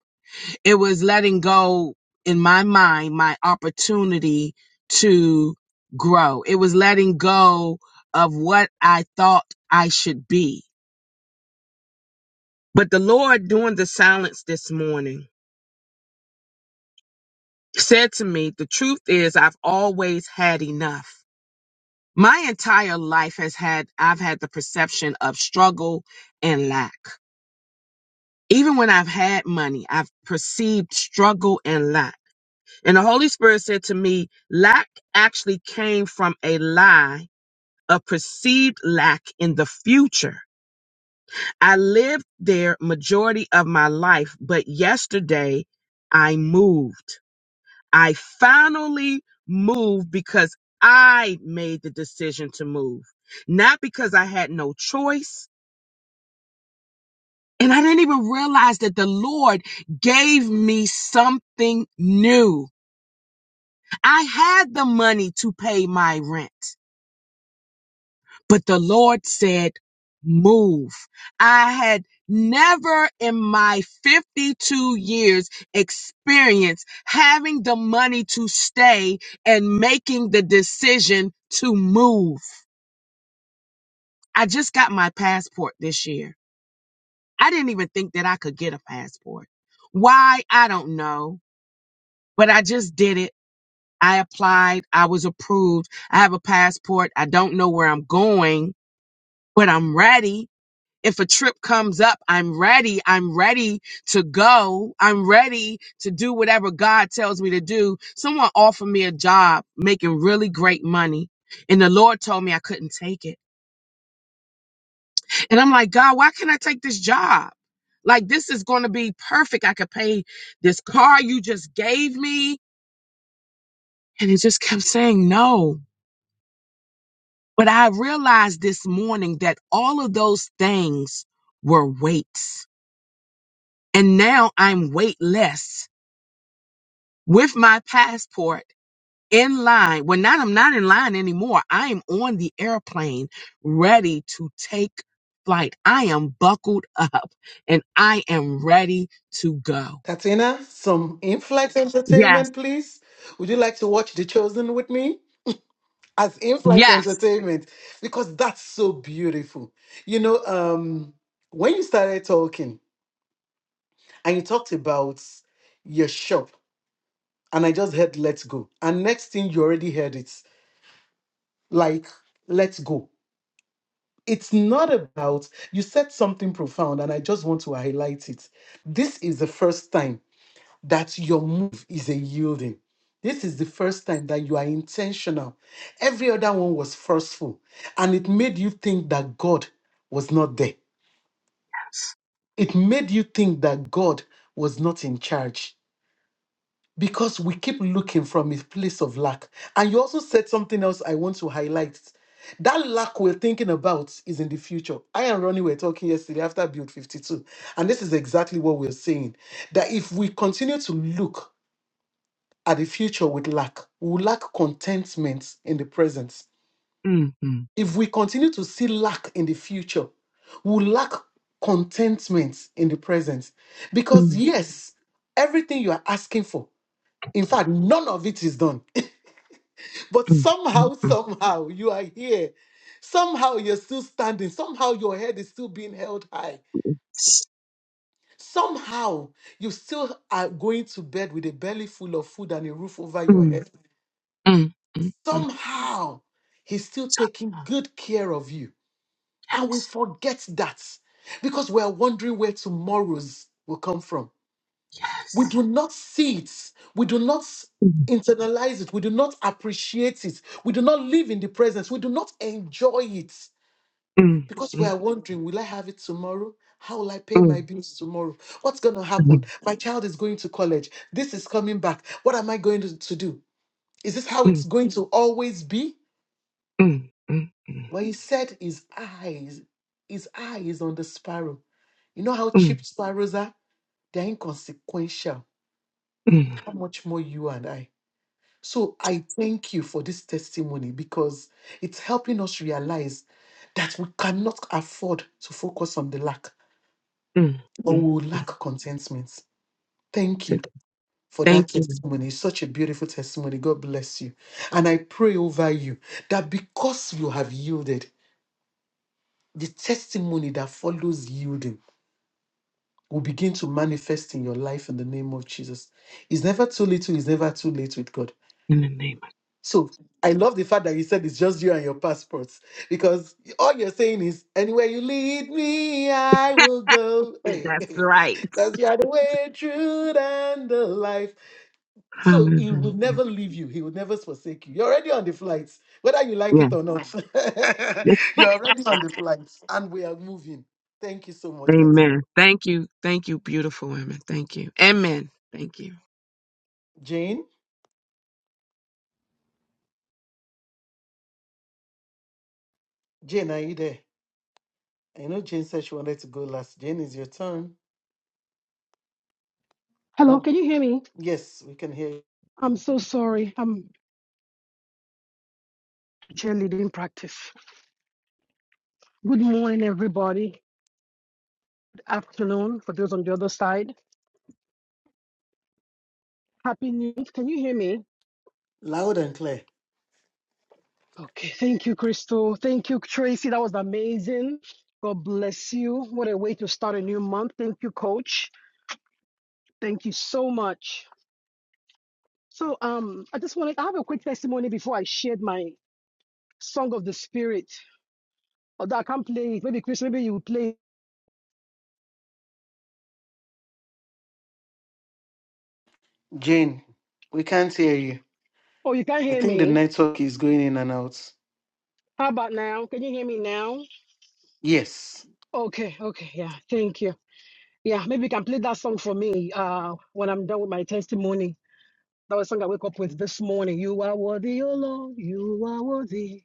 It was letting go in my mind my opportunity to grow. It was letting go of what I thought I should be. But the Lord doing the silence this morning said to me, The truth is, I've always had enough. My entire life has had, I've had the perception of struggle and lack. Even when I've had money, I've perceived struggle and lack. And the Holy Spirit said to me, Lack actually came from a lie of perceived lack in the future. I lived there majority of my life, but yesterday I moved. I finally moved because I made the decision to move, not because I had no choice. And I didn't even realize that the Lord gave me something new. I had the money to pay my rent. But the Lord said, Move. I had never in my 52 years experience having the money to stay and making the decision to move. I just got my passport this year. I didn't even think that I could get a passport. Why? I don't know, but I just did it. I applied. I was approved. I have a passport. I don't know where I'm going, but I'm ready. if a trip comes up, I'm ready. I'm ready to go. I'm ready to do whatever God tells me to do. Someone offered me a job making really great money, and the Lord told me I couldn't take it. And I'm like, God, why can't I take this job? Like, this is going to be perfect. I could pay this car you just gave me. And it just kept saying no. But I realized this morning that all of those things were weights. And now I'm weightless with my passport in line. Well, not I'm not in line anymore. I am on the airplane ready to take flight. I am buckled up and I am ready to go.
Katina, some in flight
Yes.
entertainment, please. Would you like to watch The Chosen with me? As in flight
Yes.
entertainment, because that's so beautiful. You know, um, when you started talking and you talked about your shop, and I just heard let's go. And next thing you already heard it's like let's go. It's not about you said something profound and I just want to highlight it. This is the first time that your move is a yielding. This is the first time that you are intentional. Every other one was forceful and it made you think that God was not there. It made you think that God was not in charge because we keep looking from a place of lack. And you also said something else I want to highlight. That lack we're thinking about is in the future. I and Ronnie were talking yesterday after Build 52, and this is exactly what we're saying that if we continue to look at the future with lack, we will lack contentment in the present.
mm mm
If we continue to see lack in the future, we will lack contentment in the present. Because,
mm
yes, everything you are asking for, in fact, none of it is done But
mm mm
somehow,
mm
somehow, you are here. Somehow, you're still standing. Somehow, your head is still being held high. Somehow, you still are going to bed with a belly full of food and a roof over your head.
mm mm mm mm.
Somehow, He's still taking good care of you. And we
Yes.
forget that because we are wondering where tomorrow's will come from. We
Yes.
do not see it. We do not
mm
internalize it. We do not appreciate it. We do not live in the presence. We do not enjoy it.
mm
Because we are wondering, will I have it tomorrow? How will I pay
mm
my bills tomorrow? What's going to
mm
happen?
mm
My child is going to college. This is coming back. What am I going to, to do? Is this how it's
mm
going to always be?
mm mm
Well, he said his eyes, his eye is on the sparrow. You know how cheap
mm
sparrows are? They're inconsequential.
mm
How much more you and I? So I thank you for this testimony because it's helping us realize that we cannot afford to focus on the lack
mm
but
mm.
we will lack contentment. Thank you
Today.
for that
Thank you
testimony. It's such a beautiful testimony. God bless you. And I pray over you that because you have yielded, the testimony that follows yielding will begin to manifest in your life in the name of Jesus. It's never too little, it's never too late with God.
in the name
So I love the fact that you said it's just you and your passports because all you're saying is anywhere you lead me, I will go. [LAUGHS]
of
Hey,
That's
hey.
right.
That's you are the way, truth, and the life. So he
Hallelujah.
will never leave you. He will never forsake you. You're already on the flights, whether you like
Yeah.
it or not.
[LAUGHS]
[LAUGHS] You're already on the flights, and we are moving. Thank you so much, Katina.
Amen. Thank you. Thank you, beautiful women. Thank you. Amen. Thank you.
Jane, Jane, are you there? I know Jane said she wanted to go last. Jane, is your turn.
Hello,
No.
can you hear me?
Yes, we can hear you.
I'm so sorry. I'm cheerleading practice. Good morning, everybody. Good afternoon for those on the other side. Happy New Year. Can you hear me?
Loud and clear.
Okay. Thank you, Crystal. Thank you, Tracy. That was amazing. God bless you. What a way to start a new month. Thank you, Coach. Thank you so much. So, um, I just wanted I have a quick testimony before I shared my song of the spirit. Although I can't play it. Maybe Chris, maybe you will play. it.
Jane, we can't hear you.
Oh, you can't
I
hear
think the
me.
network is going in and out.
How about now? Can you hear me now?
Yes.
Okay, okay, yeah, thank you. Yeah, maybe you can play that song for me uh, when I'm done with my testimony. That was a song I woke up with this morning. You are worthy, oh Lord, you are worthy.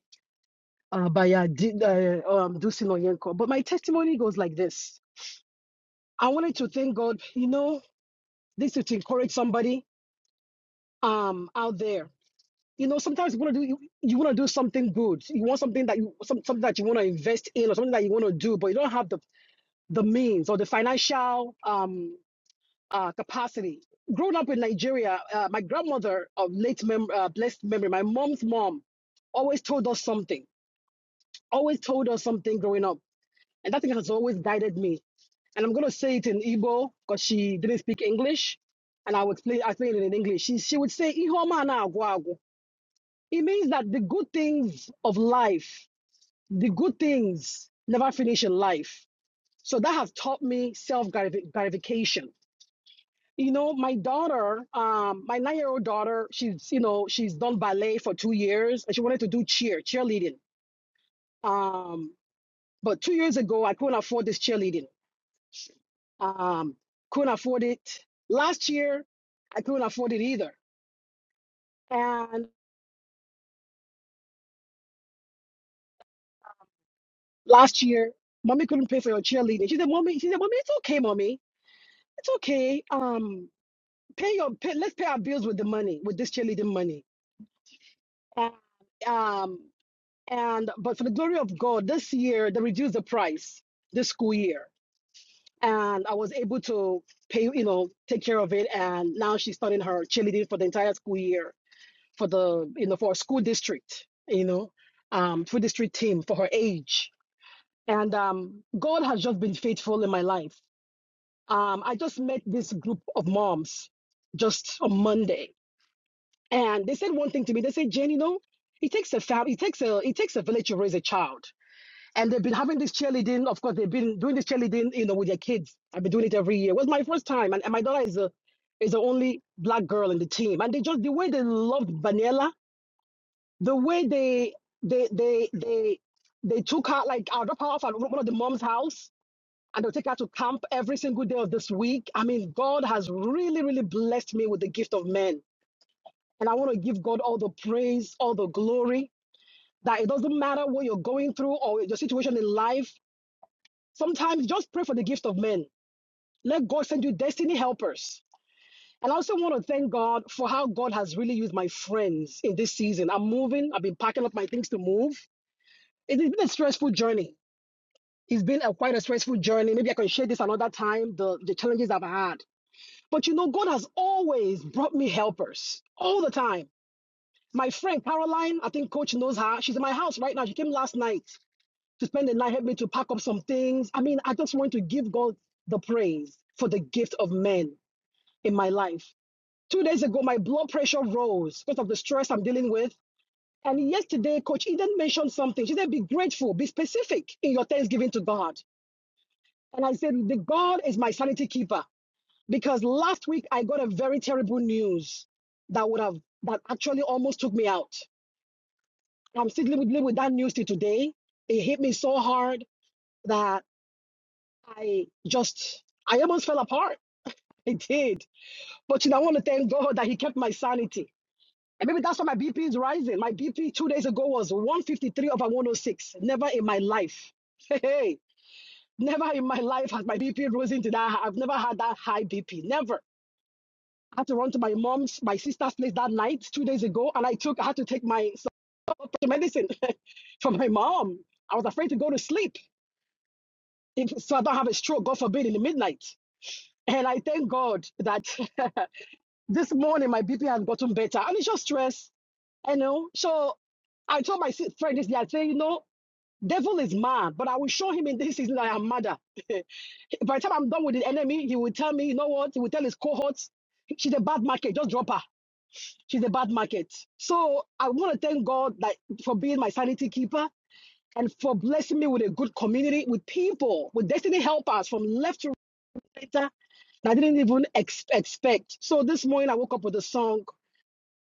Uh, by uh, D, uh, um, Dusin Oyenko. But my testimony goes like this. I wanted to thank God, you know, this is to encourage somebody um, out there. You know, sometimes you want to do you, you want to do something good. You want something that you some, something that you want to invest in or something that you want to do, but you don't have the the means or the financial um uh, capacity. Growing up in Nigeria, uh, my grandmother of late mem- uh, blessed memory, my mom's mom, always told us something, always told us something growing up. And that thing has always guided me. And I'm going to say it in Igbo because she didn't speak English. And I would explain, I explain it in English. She, she would say, "Ihoma na agwa agwa." It means that the good things of life, the good things never finish in life. So that has taught me self gratification you know my daughter um my nine year old daughter she's you know she's done ballet for two years and she wanted to do cheer cheerleading um but two years ago i couldn't afford this cheerleading um couldn't afford it last year i couldn't afford it either and last year mommy couldn't pay for your cheerleading she said mommy she said mommy it's okay mommy it's okay um pay your pay, let's pay our bills with the money with this cheerleading money And um, And but for the glory of God, this year they reduced the price this school year, and I was able to pay, you know, take care of it. And now she's starting her cheerleading for the entire school year for the, you know, for a school district, you know, um, for district team for her age. And um, God has just been faithful in my life. Um, I just met this group of moms just on Monday, and they said one thing to me. They said, Jane, you know, it takes a fam- it takes a, it takes a village to raise a child And they've been having this cheerleading. Of course, they've been doing this cheerleading, you know, with their kids. I've been doing it every year. It was my first time, and, and my daughter is a, is the only black girl in the team. And they just the way they loved Vanilla, the way they they they they they took her like I'll drop her off at one of the mom's house, and they'll take her to camp every single day of this week. I mean, God has really really blessed me with the gift of men, and I want to give God all the praise, all the glory. That it doesn't matter what you're going through or your situation in life Sometimes just pray for the gift of men. Let God send you destiny helpers. And I also want to thank God for how God has really used my friends in this season. I'm moving, I've been packing up my things to move. It's been a stressful journey. It's been a quite a stressful journey. Maybe I can share this another time, the, the challenges I've had. But you know, God has always brought me helpers all the time. My friend Caroline, I think coach knows her. She's in my house right now. She came last night. to spend the night, help me to pack up some things. I mean, I just want to give God the praise for the gift of men in my life. Two days ago, my blood pressure rose because of the stress I'm dealing with. And yesterday, Coach Eden mentioned something. She said, Be grateful, be specific in your thanksgiving to God. And I said, The God is my sanity keeper because last week I got a very terrible news that would have, that actually almost took me out. I'm still living with that news till today. It hit me so hard that." I just, I almost fell apart. I did. But you know, I want to thank God that He kept my sanity. And maybe that's why my BP is rising. My BP two days ago was 153 over 106. Never in my life. [LAUGHS] Hey, never in my life has my BP risen to that. high. I've never had that high BP. Never. I had to run to my mom's, my sister's place that night two days ago, and I took, I had to take my medicine [LAUGHS] from my mom. I was afraid to go to sleep if, so I don't have a stroke, God forbid, in the midnight. And I thank God that [LAUGHS] this morning my BP has gotten better. And it's just stress, you know. So I told my si- friend this day, I say, you know, devil is mad, but I will show him in this season that I am madder. [LAUGHS] By the time I'm done with the enemy, he will tell me, you know what? He will tell his cohorts, she's a bad market, just drop her. She's a bad market. So I want to thank God that for being my sanity keeper and for blessing me with a good community, with people, with destiny helpers from left to right I didn't even ex- expect. So this morning I woke up with a song,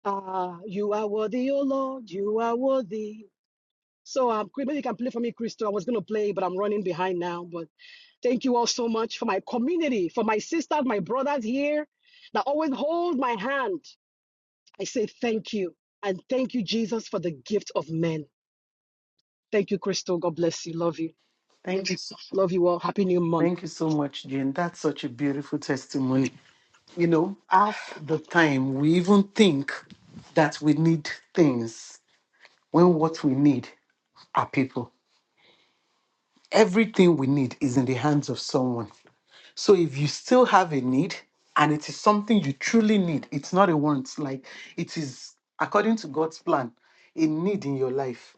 uh, You Are Worthy, O Lord, You Are Worthy. So um, Chris- maybe you can play for me, Crystal. I was going to play, but I'm running behind now. But thank you all so much for my community, for my sisters, my brothers here that always hold my hand. I say thank you. And thank you, Jesus, for the gift of men. Thank you, Crystal. God bless you. Love you.
Thank you. so-
Love you all. Happy New Month.
Thank you so much, Jane. That's such a beautiful testimony. You know, half the time we even think that we need things when what we need are people. Everything we need is in the hands of someone. So if you still have a need and it is something you truly need, it's not a want, like it is according to God's plan, a need in your life,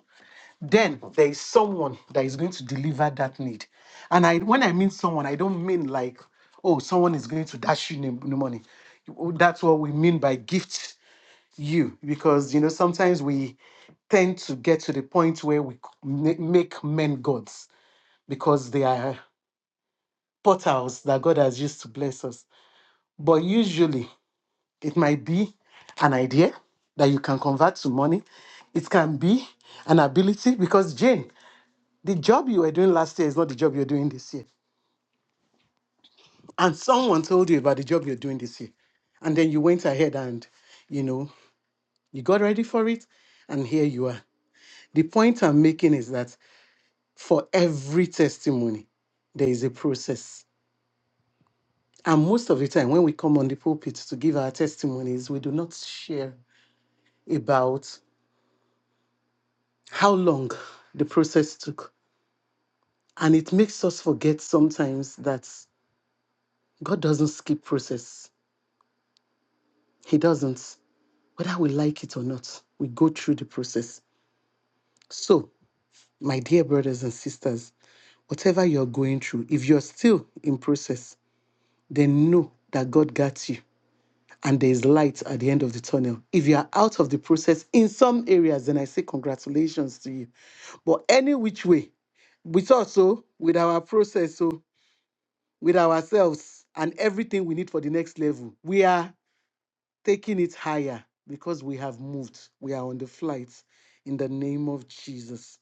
then there is someone that is going to deliver that need. And I when I mean someone, I don't mean like, oh, someone is going to dash you n- n- money. You- That's what we mean by gift you, because you know, sometimes we tend to get to the point where we c- ma- make men gods because they are portals that God has used to bless us. But usually it might be an idea that you can convert to money. It can be an ability because Jane, the job you were doing last year is not the job you're doing this year. And someone told you about the job you're doing this year. And then you went ahead and, you know, you got ready for it. And here you are. The point I'm making is that for every testimony, there is a process. And most of the time, when we come on the pulpit to give our testimonies, we do not share about how long the process took. And it makes us forget sometimes that God doesn't skip process. He doesn't. Whether we like it or not, we go through the process. So, my dear brothers and sisters, whatever you're going through, if you're still in process, then know that God got you and there is light at the end of the tunnel. If you are out of the process in some areas, then I say congratulations to you. But any which way, with us, oh, with our process, oh, with ourselves and everything we need for the next level. We are taking it higher because we have moved. We are on the flight in the name of Jesus.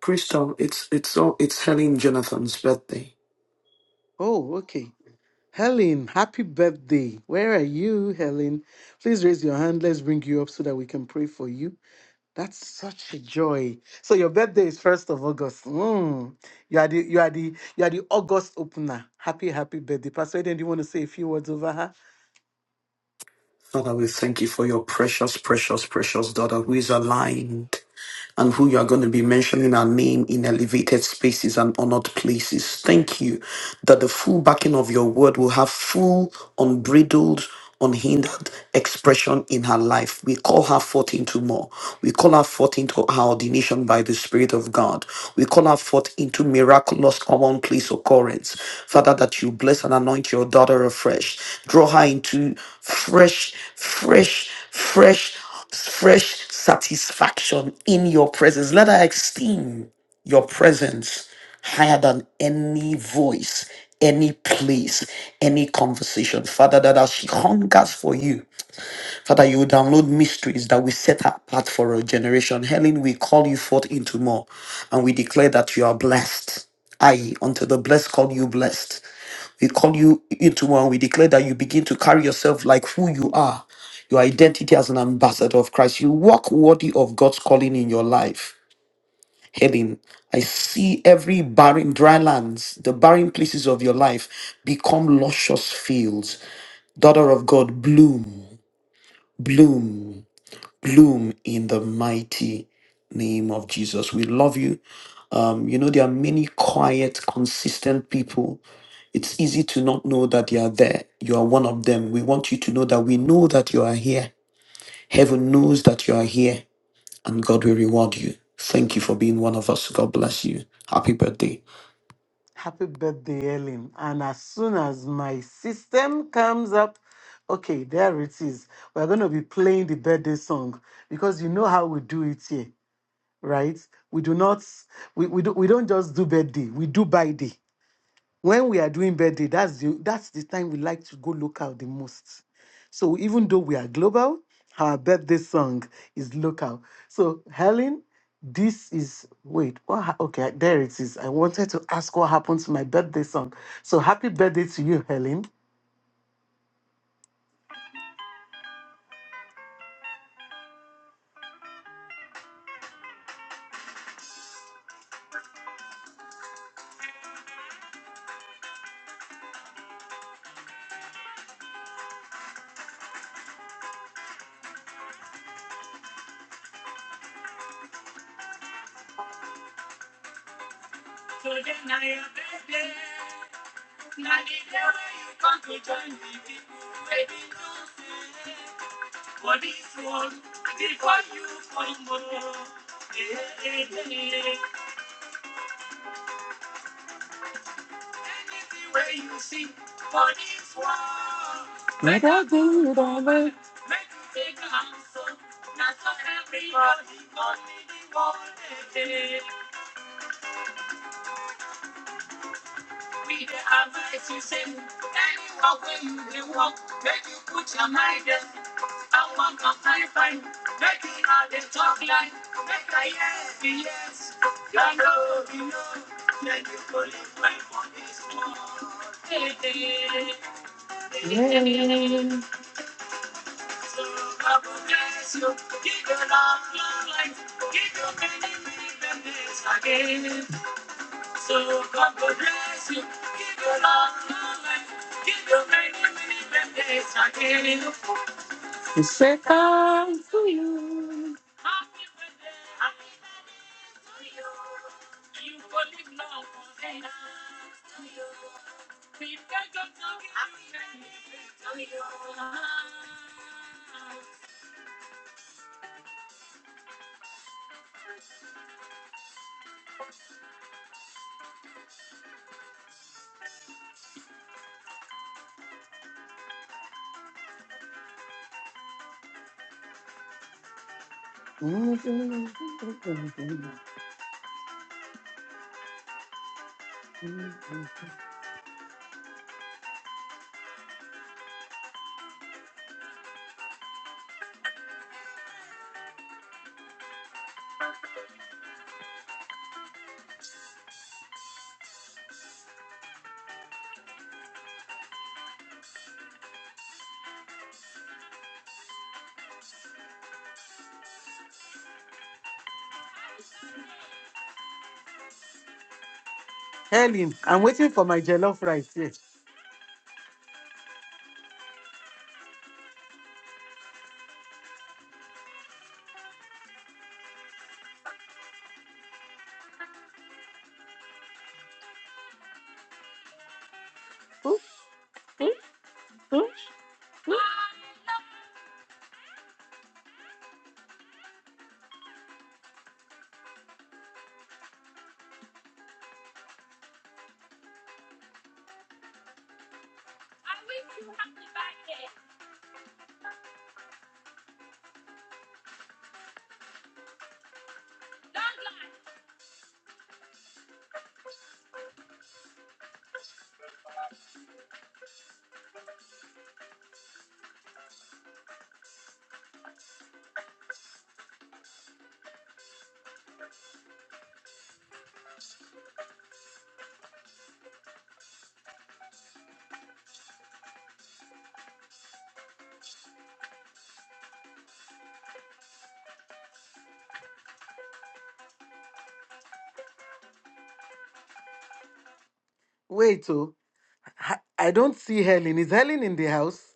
Crystal, it's it's all it's Helen Jonathan's birthday.
Oh, okay. Helen, happy birthday. Where are you, Helen? Please raise your hand. Let's bring you up so that we can pray for you. That's such a joy. So your birthday is first of August. Mm. You are the you are the you are the August opener. Happy, happy birthday. Pastor Eden, do you want to say a few words over her?
Father, we thank you for your precious, precious, precious daughter who is aligned and who you are going to be mentioning our name in elevated spaces and honored places. Thank you that the full backing of your word will have full, unbridled, unhindered expression in her life. We call her forth into more. We call her forth into her ordination by the Spirit of God. We call her forth into miraculous commonplace occurrence. Father, that you bless and anoint your daughter afresh. Draw her into fresh, fresh, fresh fresh satisfaction in your presence. Let her esteem your presence higher than any voice, any place, any conversation. Father, that as she hungers for you, Father, you will download mysteries that will set her apart for a generation. Helen, we call you forth into more, and we declare that you are blessed. Aye, unto the blessed call you blessed. We call you into one. We declare that you begin to carry yourself like who you are, your identity as an ambassador of Christ. You walk worthy of God's calling in your life. Helen, I see every barren, dry lands, the barren places of your life become luscious fields. Daughter of God, bloom, bloom, bloom in the mighty name of Jesus. We love you. Um, you know, there are many quiet, consistent people it's easy to not know that you are there. You are one of them. We want you to know that we know that you are here. Heaven knows that you are here, and God will reward you. Thank you for being one of us. God bless you. Happy birthday.
Happy birthday, Ellen. And as soon as my system comes up, okay, there it is. We're going to be playing the birthday song because you know how we do it here, right? We do not, we, we, do, we don't just do birthday, we do by day when we are doing birthday, that's the that's the time we like to go local the most. So even though we are global, our birthday song is local. So Helen, this is wait, what ha- okay, there it is. I wanted to ask what happened to my birthday song. So happy birthday to you, Helen. We say thanks to you. Helen, I'm waiting for my jollof rice here. Wait, oh, ha- I don't see Helen. Is Helen in the house?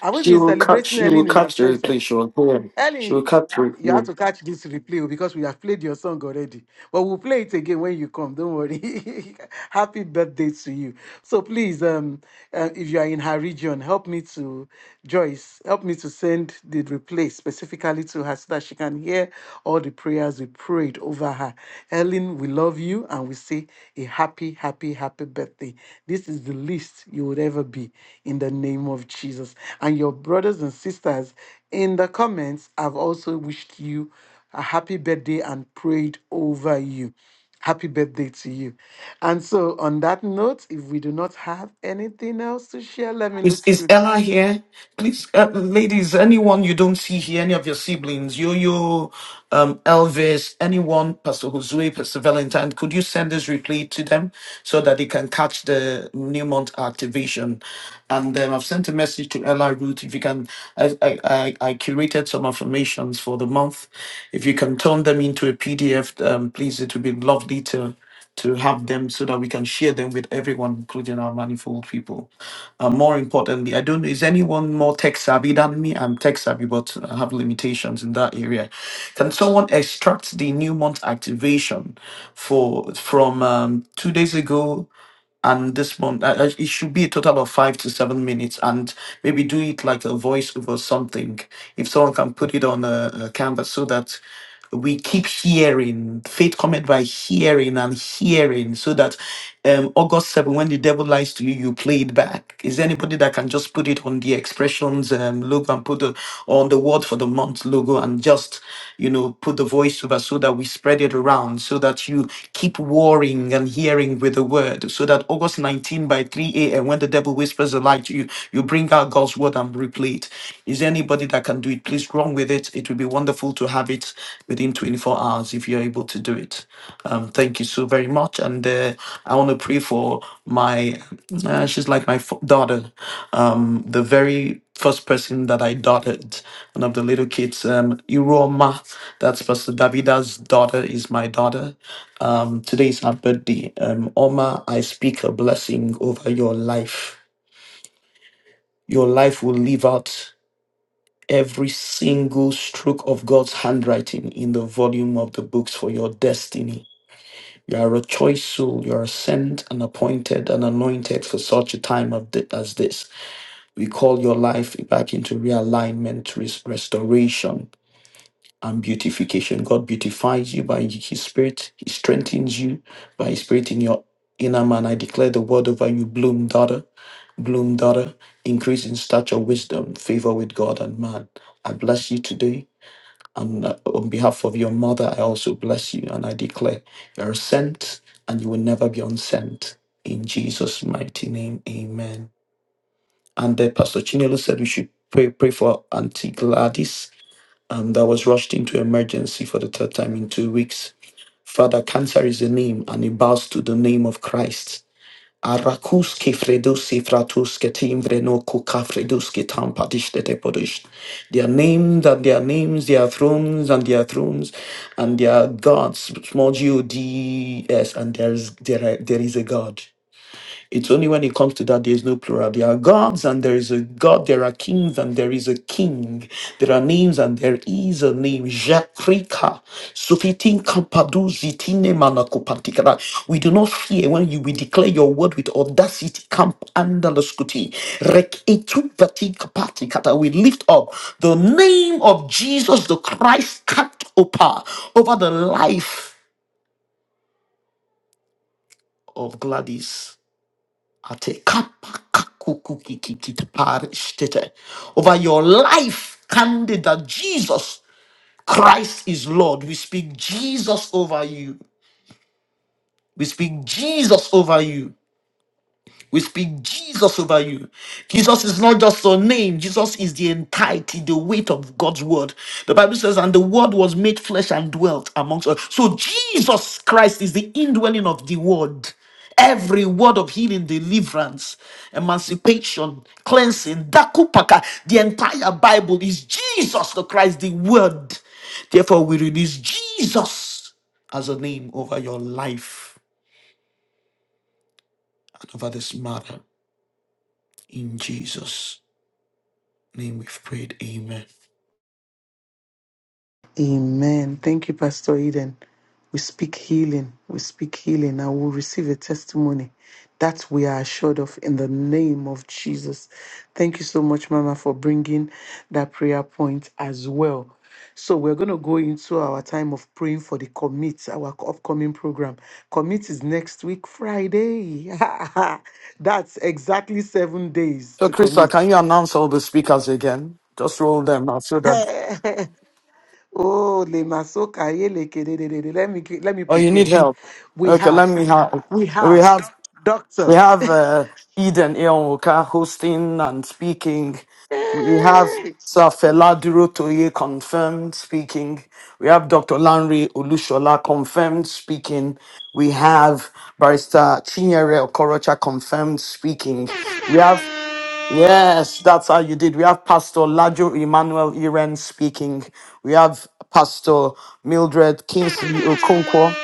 Have we
She
been
will catch.
celebrating
She will
Ellen in
catch the
absentia?
replay. She will go on. She will
Ellie,
catch the
you
replay.
have to catch this replay oh, because we have played your song already. But we'll play it again when you come. Don't worry. [LAUGHS] Happy birthday to you. So please, um, uh, if you are in her region, help me to Joyce. Help me to send the replay specifically to her so that she can hear all the prayers we prayed over her. Ellen, we love you and we say a happy, happy, happy birthday. This is the least you would ever be in the name of Jesus. And your brothers and sisters, in the comments, I've also wished you a happy birthday and prayed over you. Happy birthday to you. And so, on that note, if we do not have anything else to share, let me
Is,
look through
is Ella here? Please, uh, ladies, anyone you don't see here, any of your siblings, Yo Yo, um, Elvis, anyone, Pastor Josue, Pastor Valentine, could you send this replay to them so that they can catch the New Month activation? And um, I've sent a message to Ella Root. If you can, I, I, I I curated some affirmations for the month. If you can turn them into a PDF, um, please, it would be lovely to to have them so that we can share them with everyone, including our manifold people. Uh, more importantly, I don't know, is anyone more tech savvy than me? I'm tech savvy, but I have limitations in that area. Can someone extract the new month activation for from um, two days ago? and this one uh, uh, it should be a total of five to seven minutes and maybe do it like a voiceover or something if someone can put it on a, a canvas so that we keep hearing faith comment by hearing and hearing so that um august 7 when the devil lies to you you play it back is there anybody that can just put it on the expressions um logo and put the on the word for the month logo and just you know put the voiceover so that we spread it around so that you keep worrying seeing and hearing with the word. So that August 19 by 3 a.m., when the devil whispers a lie to you, you bring out God's word and replete. Is there anybody that can do it? Please run with it. It would be wonderful to have it within 24 hours if you're able to do it. Um, thank you so very much. And uh, I want to pray for my, uh, she's like my f- daughter, um, the very first person that I dotted, one of the little kids, um, Iroma. That's Pastor Davida's daughter, is my daughter. Um, today is her birthday. Um, Oma, I speak a blessing over your life. Your life will live out every single stroke of God's handwriting in the volume of the books for your destiny. You are a choice soul. You are sent and appointed and anointed for such a time of thi- as this. We call your life back into realignment, res- restoration, and beautification. God beautifies you by His Spirit. He strengthens you by His Spirit in your inner man. I declare the word over you, bloom, daughter, bloom, daughter, increase in stature, wisdom, favor with God and man. I bless you today. And uh, on behalf of your mother, I also bless you. And I declare you're sent and you will never be unsent. In Jesus' mighty name, amen. And then Pastor Chinelo said we should pray, pray for Auntie Gladys um, that was rushed into emergency for the third time in two weeks. Father, cancer is a name and it bows to the name of Christ. Arakus kefredos ifratus ketimvre no kukafredos ketampadish tetepodish. Their names and their names, their thrones and their thrones, and their gods, small G O D E S, and there is there, are- there is a God. It's only when it comes to that there's no plural. There are gods and there is a God. There are kings and there is a king. There are names and there is a name. Jacrika. Sufitin kampadu zitine manakopantikara. We do not fear when you we declare your word with audacity. Camp andaloskuti. Rek etu vatikapatikata. We lift up the name of Jesus the Christ cat opa over the life of Gladys. Ate kapa kaku ki ki ki te pare shtete. Over your life, candidate, Jesus Christ is Lord. We speak Jesus over you. We speak Jesus over you. We speak Jesus over you. Jesus is not just a name, Jesus is the entirety, the weight of God's word. The Bible says, and the word was made flesh and dwelt amongst us. So Jesus Christ is the indwelling of the word. Every word of healing, deliverance, emancipation, cleansing, dakupaka, the entire Bible is Jesus the Christ, the Word. Therefore, we release Jesus as a name over your life and over this matter in Jesus. name we've prayed. Amen.
Amen. Thank you, Pastor Eden. We speak healing. We speak healing. I will receive a testimony that we are assured of in the name of Jesus. Thank you so much, Mama, for bringing that prayer point as well. So we're going to go into our time of praying for the commit, our upcoming program. Commit is next week, Friday. [LAUGHS] That's exactly seven days to commit.
Council
[LAUGHS] Oh, le masoka ye le kedededede. Let me gi- let me prepare. We have, we have, doctor. Hey!
Laduro Toye confirmed speaking. We have Dr. Lanre Olushola confirmed speaking. We have Barrister Chinyere Okorocha confirmed speaking. We have, yes, that's how you did. We have Pastor Lajo Emmanuel Iren speaking. We have Pastor Mildred Kingsley Okonkwo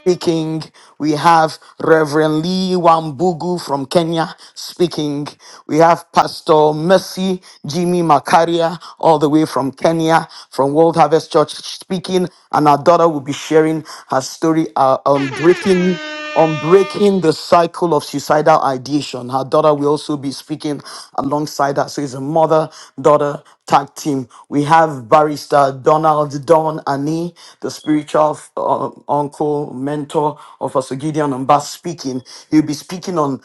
speaking. We have Reverend Lee Wambugu from Kenya. speaking. We have Pastor Mercy Jimmy Makaria, all the way from Kenya, from World Harvest Church, speaking, and our daughter will be sharing her story uh, on breaking on breaking the cycle of suicidal ideation. Her daughter will also be speaking alongside her. So it's a mother daughter tag team. We have barrister Donald Don Ani, the spiritual uh, uncle, mentor of Asogideon Mbas speaking. He'll be speaking on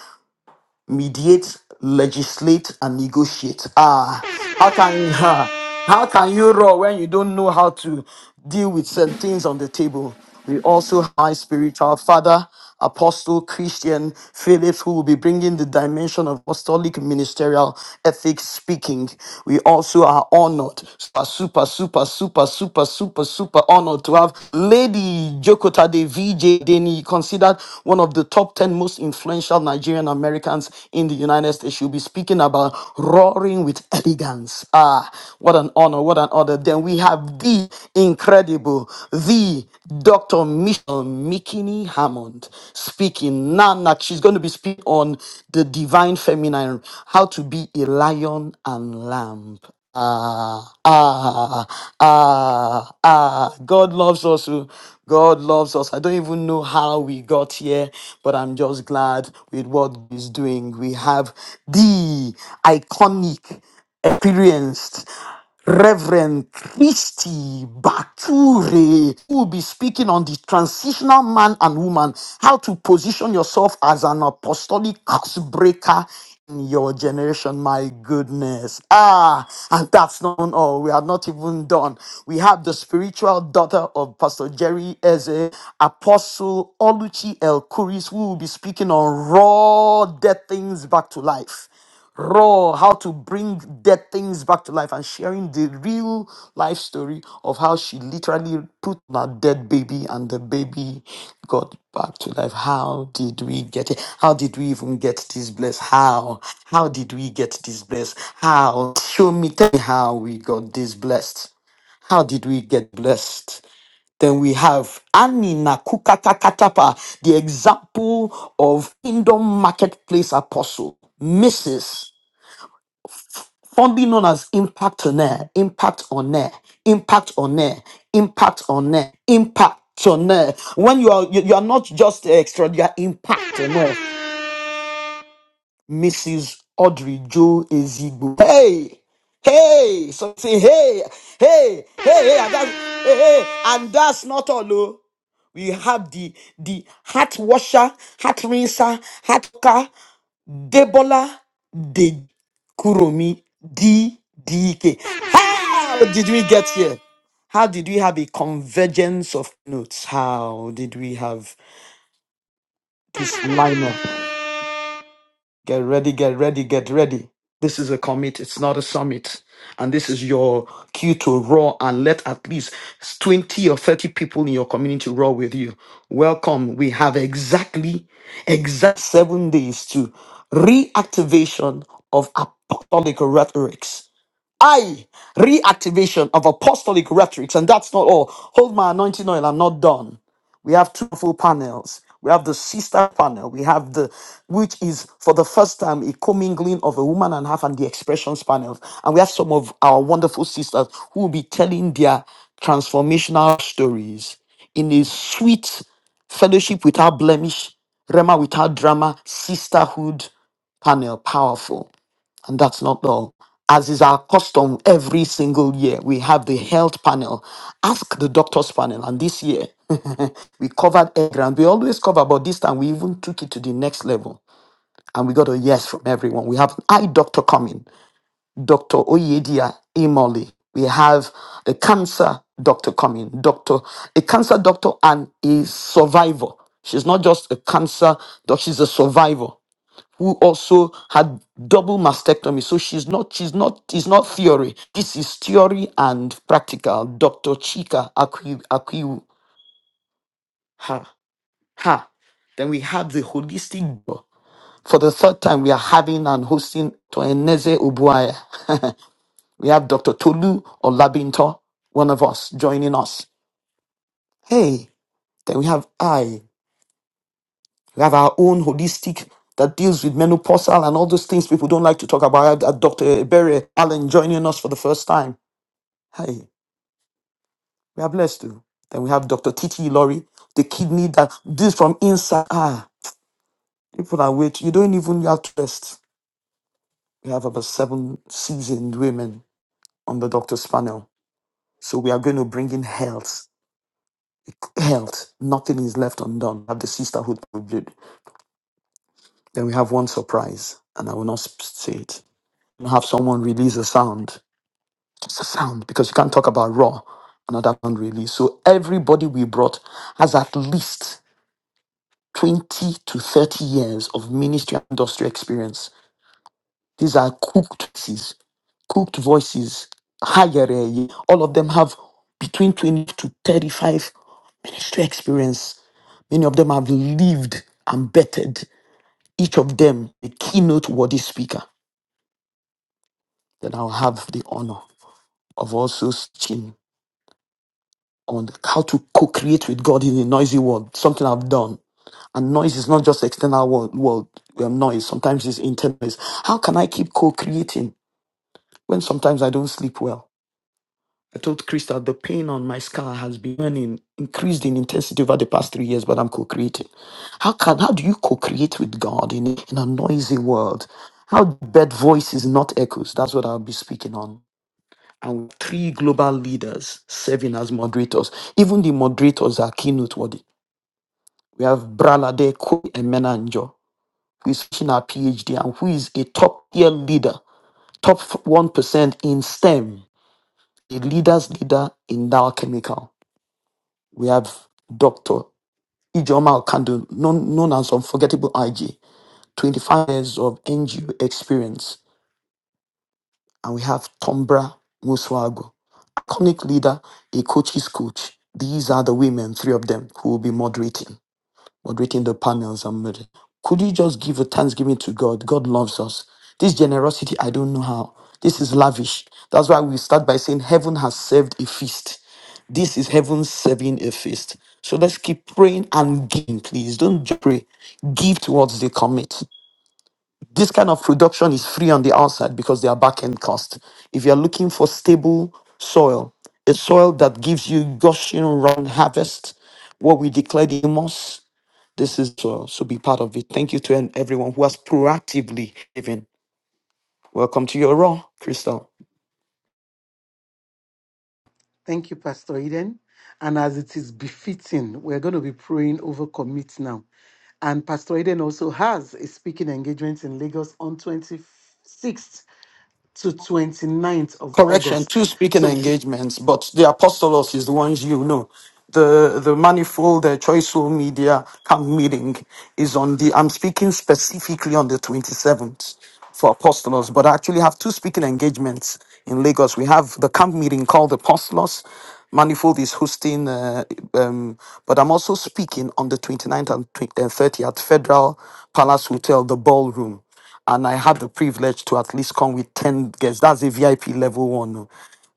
mediate, legislate, and negotiate. Ah, how can you, [LAUGHS] ah, how can you roar when you don't know how to deal with certain things on the table? We also have my spiritual father, Apostle Christian Phillips, who will be bringing the dimension of apostolic ministerial ethics speaking. We also are honored, super, super, super, super, super, super, super honor to have Lady Jokota de VJ Deni, considered one of the top 10 most influential Nigerian Americans in the United States. She'll be speaking about roaring with elegance. Ah, what an honor, what an honor. Then we have the incredible, the Dr. Michelle Mikini Hammond speaking. Nana, she's going to be speaking on the divine feminine, how to be a lion and lamb. Ah, ah, ah, ah. God loves us. oh. God loves us. I don't even know how we got here, but I'm just glad with what He's doing. We have the iconic, experienced Reverend Christy Bature, who will be speaking on the transitional man and woman, how to position yourself as an apostolic curse breaker in your generation. My goodness. Ah, and that's not all. We are not even done. We have the spiritual daughter of Pastor Jerry Eze, Apostle Oluchi El Kuris, who will be speaking on raw dead things back to life raw how to bring dead things back to life and sharing the real life story of how she literally put on a dead baby and the baby got back to life how did we get it how did we even get this blessed how how did we get this blessed how show me tell me how we got this blessed how did we get blessed then we have Anina Kukakakatapa, the example of Kingdom Marketplace Apostle, Mrs formerly known as Impact on Air, Impact on Air, Impact on Air, Impact on Air, Impact on Air. When you are you, you are not just extra, you are Impact on Air. Mrs. Audrey Joe Ezigbo. Hey, hey, so say hey, hey, hey, hey, and that, hey, hey, and that's not all. Oh. We have the the heart washer, heart rinser, heart car. Debola De Kuromi DDK. How did we get here? How did we have a convergence of notes? How did we have this lineup? Get ready, get ready, get ready. This is a commit, it's not a summit. And this is your cue to roar and let at least 20 or 30 people in your community roar with you. Welcome. We have exactly exact seven days to reactivation of apostolic rhetorics. I reactivation of apostolic rhetorics, and that's not all. Hold my anointing oil, I'm not done. We have two full panels. We have the sister panel. We have the, which is for the first time a commingling of a woman and half and the expressions panels. And we have some of our wonderful sisters who will be telling their transformational stories in a sweet fellowship without blemish, Rema without drama, sisterhood panel, powerful. And that's not all. As is our custom every single year, we have the health panel. Ask the doctors panel. And this year, [LAUGHS] we covered air ground. We always cover, but this time we even took it to the next level. And we got a yes from everyone. We have an eye doctor coming, Dr. Oyedia Imoli. We have the cancer doctor coming, doctor, a cancer doctor and a survivor. She's not just a cancer doctor, she's a survivor who also had double mastectomy. So she's not, she's not, it's not theory. This is theory and practical. Dr. Chika Akwi, Akwi, ha, ha. Then we have the holistic. For the third time, we are having and hosting Toeneze Obuaya. [LAUGHS] we have Dr. Tolu Olabinto, one of us, joining us. Hey, then we have I. We have our own holistic that deals with menopausal and all those things people don't like to talk about. I had, uh, Dr. Barry Allen joining us for the first time. Hey, we are blessed too. Then we have Dr. Titi Lori, the kidney that this from inside. Ah, people are waiting. You don't even have to rest. We have about seven seasoned women on the doctor's panel. So we are going to bring in health. Health. Nothing is left undone. We have the sisterhood. we build. Then we have one surprise, and I will not s- say it. We have someone release a sound sound because you can't talk about raw another sound release so everybody we brought has at least 20 to 30 years of ministry and industry experience these are cooked voices cooked voices higher eh, all of them have between 20 to 35 ministry experience many of them have lived and bettered each of them a keynote worthy speaker then i'll have the honor of also teaching on how to co-create with God in a noisy world, something I've done. And noise is not just external world, world um, noise. Sometimes it's internal noise. How can I keep co-creating when sometimes I don't sleep well? I told Krista the pain on my scar has been burning, increased in intensity over the past three years, but I'm co-creating. How can how do you co-create with God in, in a noisy world? How do bad voices not echoes. That's what I'll be speaking on and with three global leaders serving as moderators. Even the moderators are keynote worthy. We have Bralade Kwe Emenanjo, who is finishing her PhD and who is a top tier leader, top 1% in STEM, a leader's leader in Dow Chemical. We have Dr. Ijoma Okando, known, known as Unforgettable IG, 25 years of NGO experience. And we have Tombra Muswago, iconic leader, a coach's coach. These are the women, three of them, who will be moderating, moderating the panels and murder. Could you just give a thanksgiving to God? God loves us. This generosity, I don't know how. This is lavish. That's why we start by saying heaven has served a feast. This is heaven serving a feast. So let's keep praying and giving, please. Don't just pray. Give towards the commit. This kind of production is free on the outside because they are back end cost. If you're looking for stable soil, a soil that gives you gushing round harvest, what we declared in Amos, this is soil. So be part of it. Thank you to everyone who has proactively given. Welcome to your raw, Crystal.
Thank you, Pastor Eden. And as it is befitting, we're going to be praying over commit now. And Pastor Eden also has a speaking engagement in Lagos on 26th to 29th of
Correction,
August.
two speaking
So,
engagements, but the apostolos is the ones you know the the manifold uh, choiceful media camp meeting is on the i'm speaking specifically on the 27th apostolos, but I actually have two speaking engagements because we have the meeting called Apostolos, who's, um, but I'm also speaking on the 20 uh, at Federal Palace Hotel, the ballroom. At the pledge to at least come with 10 guests. That's a VIP level one. oh.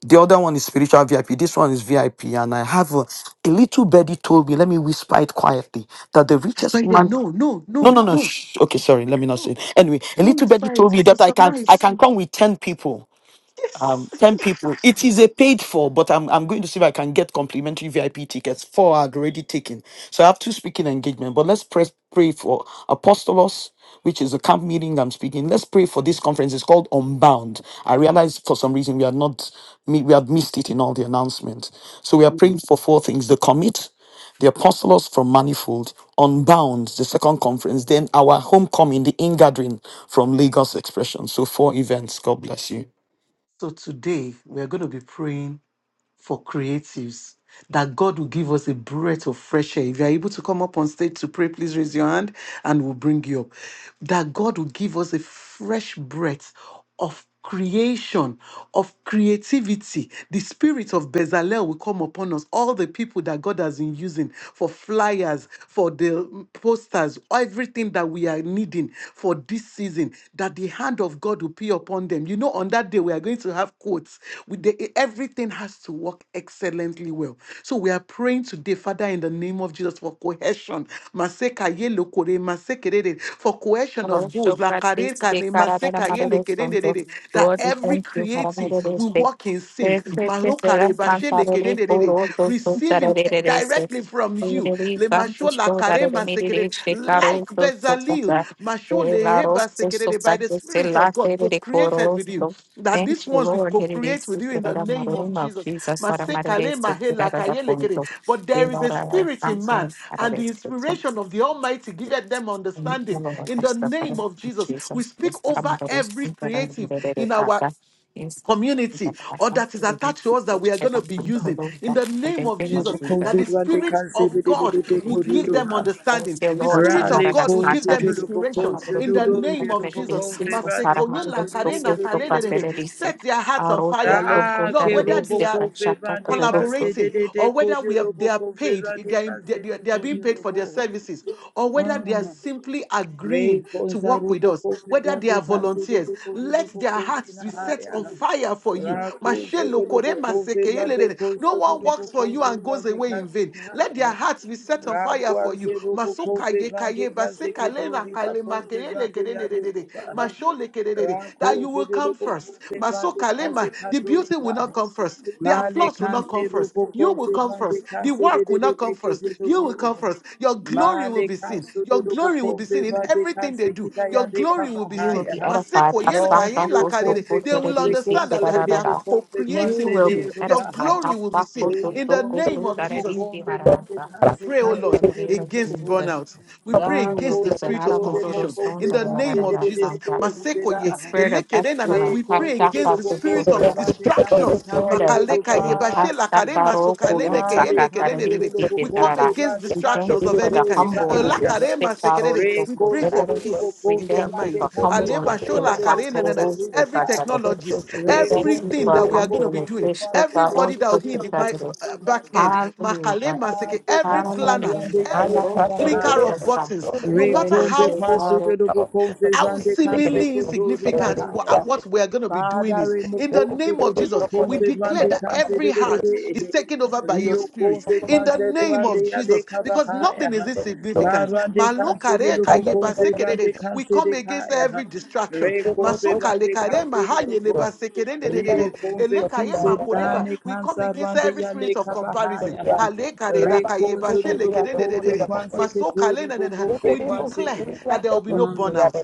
The other one is spiritual VIP. This one is VIP. And I have a, a little birdie told me, let me whisper it quietly, that the
Pastor
richest
Eden,
man
no, no,
no,
no,
no, no.
no,
Shh. Okay, sorry. Let me not say.
no,
It. Anyway, a
don't
little birdie
whisper it.
told me
It's a
that I can I
surprise.
can come with ten people.
[LAUGHS] Yes.
um, 10 people. It is a paid for, but I'm, I'm going to see if I can get complimentary VIP tickets. Four are already taken. So I have two speaking engagement, but let's press, pray for Apostolos, which is a camp meeting I'm speaking. Let's pray for this conference. It's called Unbound. I realize for some reason we are not, we we have missed it in all the announcements. So we are praying for four things. The commit, the apostolos from manifold unbound the second conference then our homecoming the ingathering from lagos expression so four events god bless you
So today we are going to be praying for creatives that God will give us a breath of fresh air. If you are able to come up on stage to pray, please raise your hand and we'll bring you up. That God will give us a fresh breath of creation, of creativity. The spirit of Bezalel will come upon us. All the people that God has been using for flyers, for the posters, everything that we are needing for this season season that the hand of God will be upon them. You know, on that day, we are going to have quotes. With the, everything has to work excellently well. So we are praying today, Father, in the name of Jesus, for cohesion. Maseka ye lokore, masekerere, For cohesion of those. lakare kane, maseka ye lekerendere, That every creative will work in sync. Marokare bashe lekerendere, Receiving direction directly from you. Le mashola karema sekerere. Like Bezalel, mashole heba sekerere, by the Spirit of God, co created with you. That these ones we co create with you in the name of Jesus. Masekale mahela kayelekere. But there is a spirit in man, and the inspiration of the Almighty giveth them understanding. In the name of Jesus, we speak over every creative in our community or that is attached to us that we are going to be using in the name of Jesus that the
Considerante
spirit of
cancele de de
God
de de
will give them
coriluba.
understanding the spirit of
Rally
God will give them
considerable
inspiration in the name
considerable
of Jesus
considerante
Masekonyo
cancele de de
lakarena
de de de
kalenedede.
de.
set their hearts on fire Lord
Ah,
Lord
que
whether
robo
they are
considerante cancele de
collaborating
de de
or whether we have they
coriluba
are paid
considerante
they are, they, they are
cancele
they are being paid for their
coriluba.
services or whether they are simply
Ray
agreeing to work with
Kozarubo
us whether
Kozira
they
de
are
Casiri
volunteers
de
let
Kozilobo
their hearts
Kozina
be set on
Haya.
fire for you
Rakozo de
Mashelo kore
Lobo Kozira de
masekeyelelele. no
Kozo de
one works
Lobo
for you and
Kozira
goes
de
away in vain
Casina
let their
Haya.
hearts be set on fire for you
Rakwaze Robo
Masoka
Kozira de
kaye baseka lena
Casiketori Bakozira de Yale Baha.
that you
Rakozo
will
de
come
Lobo
first.
Kozira de
Masokalema, the beauty
Casikatori
will not
Baha.
come first. The
Male
applause will not
kanse
come first.
rupo
You will
konse
come
mande
first. The
kanse de
work
de
will
de
not
de
come first.
kuje
You
rupo.
will come first. Your glory will
Male
be seen.
kanse de
Your
rupo
glory will be
konse
seen in
mande
everything they
kanse
do.
kita ya
Your
de
glory will be seen.
kafahaya.
Maseko
Lord,
yelkaye
we will
lakarere. They will
consequence,
understand that, that they
consequence,
are
consequence,
co-creating with you.
de
Your
rupa.
glory will be seen in the name
Reconsider
of
the
Jesus.
confidence,
We
the
pray, oh Lord,
confidence,
against burnout. We pray against the spirit of confusion. In the name of Jesus, Masekoye, Elekerenana, we pray against the spirit of distractions. Makalekaye, Bashelakare, Masokaleme, Keyendekerenedede. We come against distractions of any kind. Uh, lakare masekerere. We pray for peace in their
the
minds. Aleba shola kare na na na. Every
confidence.
technologist,
Recompe quanso
everything that
de
we are
lobo
going to be doing, everybody that will be in the mi- b- uh, back end, makale maseke, every planner, every clicker of buttons, no matter how
confe
how
grande canse
seemingly
cotori
insignificant wha-
bahaya.
uh, what we are going to be doing
Father,
is.
remove
In the
Conse
name of
de Lobo
Jesus, we
Conse
declare
Vande
that
Canse
every
de de de
heart
de eh,
is taken over
eh.
by your
Rio
spirit.
Conse
In the
Panse
name of
Ruande Ade
Jesus, because nothing is
Kavahaya
insignificant.
Marande Canse de
Malokare
Lobo
kaye
Conse Vande
basekerere. We
Canse
come
de
against
Kaya
every distraction.
Re Conse
Masokale
Vande
kare
Canse de
mahaye
Lobo
leba
Rio
sekerendededede.
Conse
Elekaye
Cuse
makoreba.
Dane
We come
Cansa
against
Rande
every
Yale
spirit of comparison.
Kavahaya
Alekare da
Re
kaye
Conse
bashe
de Lobo Conse
lekerendededede.
Quanse
Masokale
Ketori
na na
Bo
na.
Conse
We declare that there will be no
Quanse
burnout.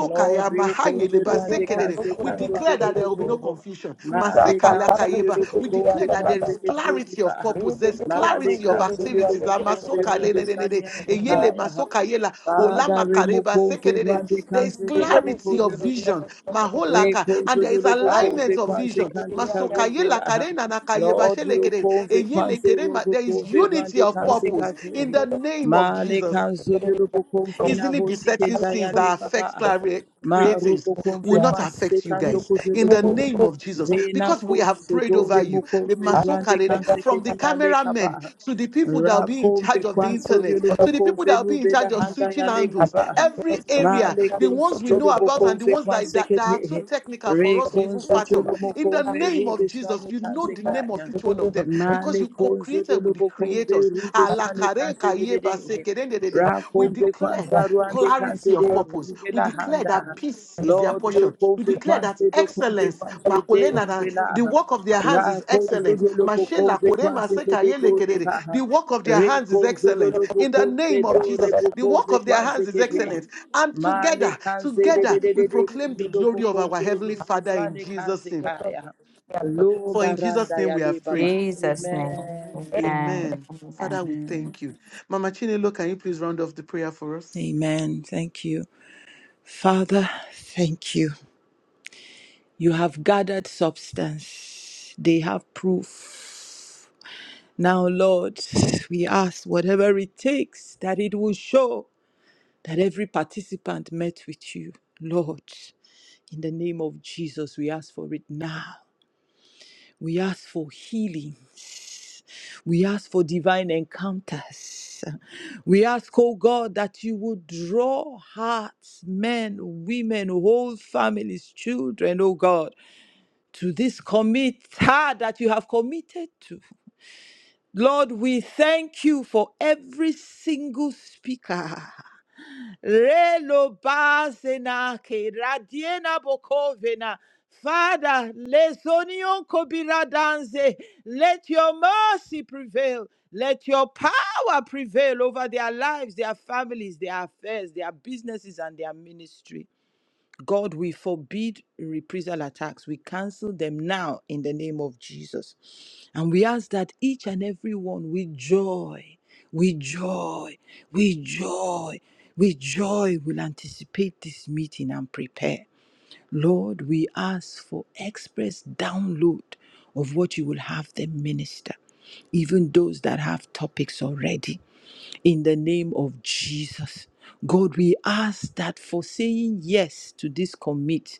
Lord, we come
mahaye
to
leba
You did
Rande
not
sekerere.
do
Kanse
We
any of
Kando
declare that there will be no
that.
Kurubu.
confusion.
He said
Maale
Maseka
that he
Kansu de
lakayeba.
Lubu
We
had
declare
Konse
done all
that there
of it.
is
Kanse
clarity of
Ketuba.
purpose.
You
There's
did
Maale
clarity of
Kansu de
activities.
Lubu
La
Konse
not
masoka le
Rubi
ne
do
ne ne ne.
Sanyan de
any of
Eyele
Kaya.
masoka yela.
Father,
Olama
remove
kareba
Konse
sekerere.
Rande
There is
Kanse de
that.
clarity of
Kurubu.
vision.
Lord,
Maholaka. And there is alignment
you
of vision. Masoka yela karena na kayeba shelekere. Eyele
consequence
kerema.
robo
There is
cove
unity
rando
of purpose in
cansecate.
the name of
Male
Jesus
canzudu robo confina
easily besetting
hosikenda
sins
yale
that affect
papa.
clar-
Ma
creatives
robo
will not
consequence
affect you
secanto
guys in the
cojulopo.
name of Jesus
Vena
because we have prayed over
consodore
you.
mo
The
cove rande
Masokarede, From the
cansecate yale
cameramen
capa.
to the people that will be in charge
Rakombe
of the
kwa sodio
internet, to the
luboko
people that
fe
will be in
nube
charge
la
of
handa
switching
ya leka
angles,
ba.
every area,
Male ke
the ones we
sodio
know about and
luboko
the
fe
ones
kwa
that, that, that are too
sekete.
technical for
Re
us to
kon
even
sodio
fathom. In the
luboko fe
name of
rube
Jesus,
swani
you know
tanze
the name of each one of them because
Male
you
konzo de
co-created with the
lobo konze
creators.
rube swale
Alakare
kanse de de de. Ra
We
konze
declare
kwanza ruande kanse
clarity of
de
purpose.
rube
We
la
declare that
handa.
peace is their
Lord, yo
portion. We
konze
declare that
kwanze do konze
excellence,
kwanze de
makolena na-
rube la.
the work of their hands
Ra
is
konzo
excellent.
de lobo
Mashela
konze
kore
kwanze de de kodi pa.
The work of their
Re
hands is
konzo de
excellent.
lobo
In the
konze
name of
do
Jesus,
rebo
the work
konze
of their
kwanze
hands is
ke de.
excellent. And
Male
together,
kanse de de
together,
de
we
de de
proclaim the
kodi lobo
glory of our
konze
Heavenly
rube
Father in
swale
Jesus'
kanse
name.
kaya. Lo
For in Jesus'
baranda
name we
yale
have prayed.
baba. Amen.
Amen. Father, we
Amen.
thank you. Mama Chinelo, can you please round off the prayer for us?
Amen. Thank you. Father, thank you. You have gathered substance, they have proof. Now, Lord, we ask whatever it takes that it will show that every participant met with you. Lord, in the name of Jesus, we ask for it now. We ask for healings. We ask for divine encounters. We ask, oh God, that you would draw hearts, men, women, whole families, children, oh God, to this commit ah, that you have committed to. Lord, we thank you for every single speaker. Relo basena ke radiena bokovena. Father, lesonion kobira danze. Let your mercy prevail. Let your power prevail over their lives, their families, their affairs, their businesses, and their ministry. God, we forbid reprisal attacks. We cancel them now in the name of Jesus. And we ask that each and every one with joy, with joy, with joy, with joy will anticipate this meeting and prepare. Lord, we ask for express download of what you will have them minister, even those that have topics already in the name of Jesus. God, we ask that for saying yes to this commit,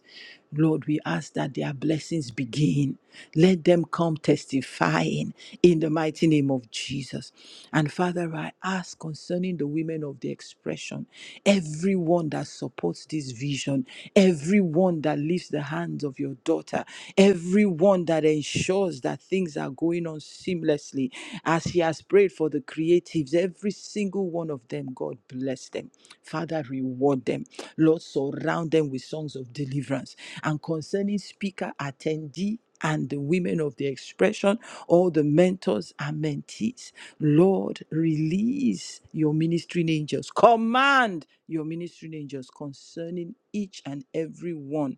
Lord, we ask that their blessings begin. Let them come testifying in the mighty name of Jesus. And Father, I ask concerning the women of the expression, everyone that supports this vision, everyone that lifts the hands of your daughter, everyone that ensures that things are going on seamlessly as she has prayed for the creatives, every single one of them, God bless them. Father, reward them. Lord, surround them with songs of deliverance. And concerning speaker, attendee, and the women of the expression, all the mentors and mentees. Lord, release your ministering angels. Command your ministering angels concerning each and every one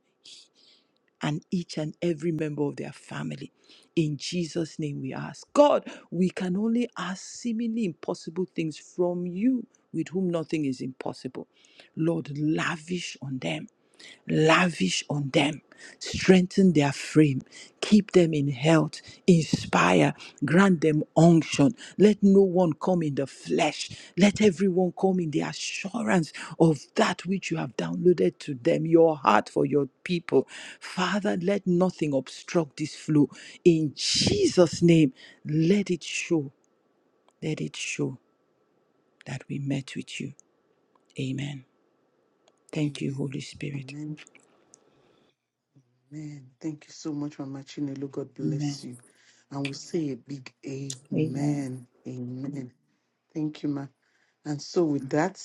and each and every member of their family. In Jesus' name we ask. God, we can only ask seemingly impossible things from you, with whom nothing is impossible. Lord, lavish on them lavish on them, strengthen their frame, keep them in health, inspire, grant them unction. Let no one come in the flesh, let everyone come in the assurance of that which you have downloaded to them, your heart for your people. Father, let nothing obstruct this flow. In Jesus' name, let it show, let it show that we met with you. Amen. Thank you, Holy Spirit.
Amen. Amen. Thank you so much, Mama Chinelo. God
Amen.
bless you. And we say a big amen.
Amen.
Amen. Thank you, Ma. And so, with that,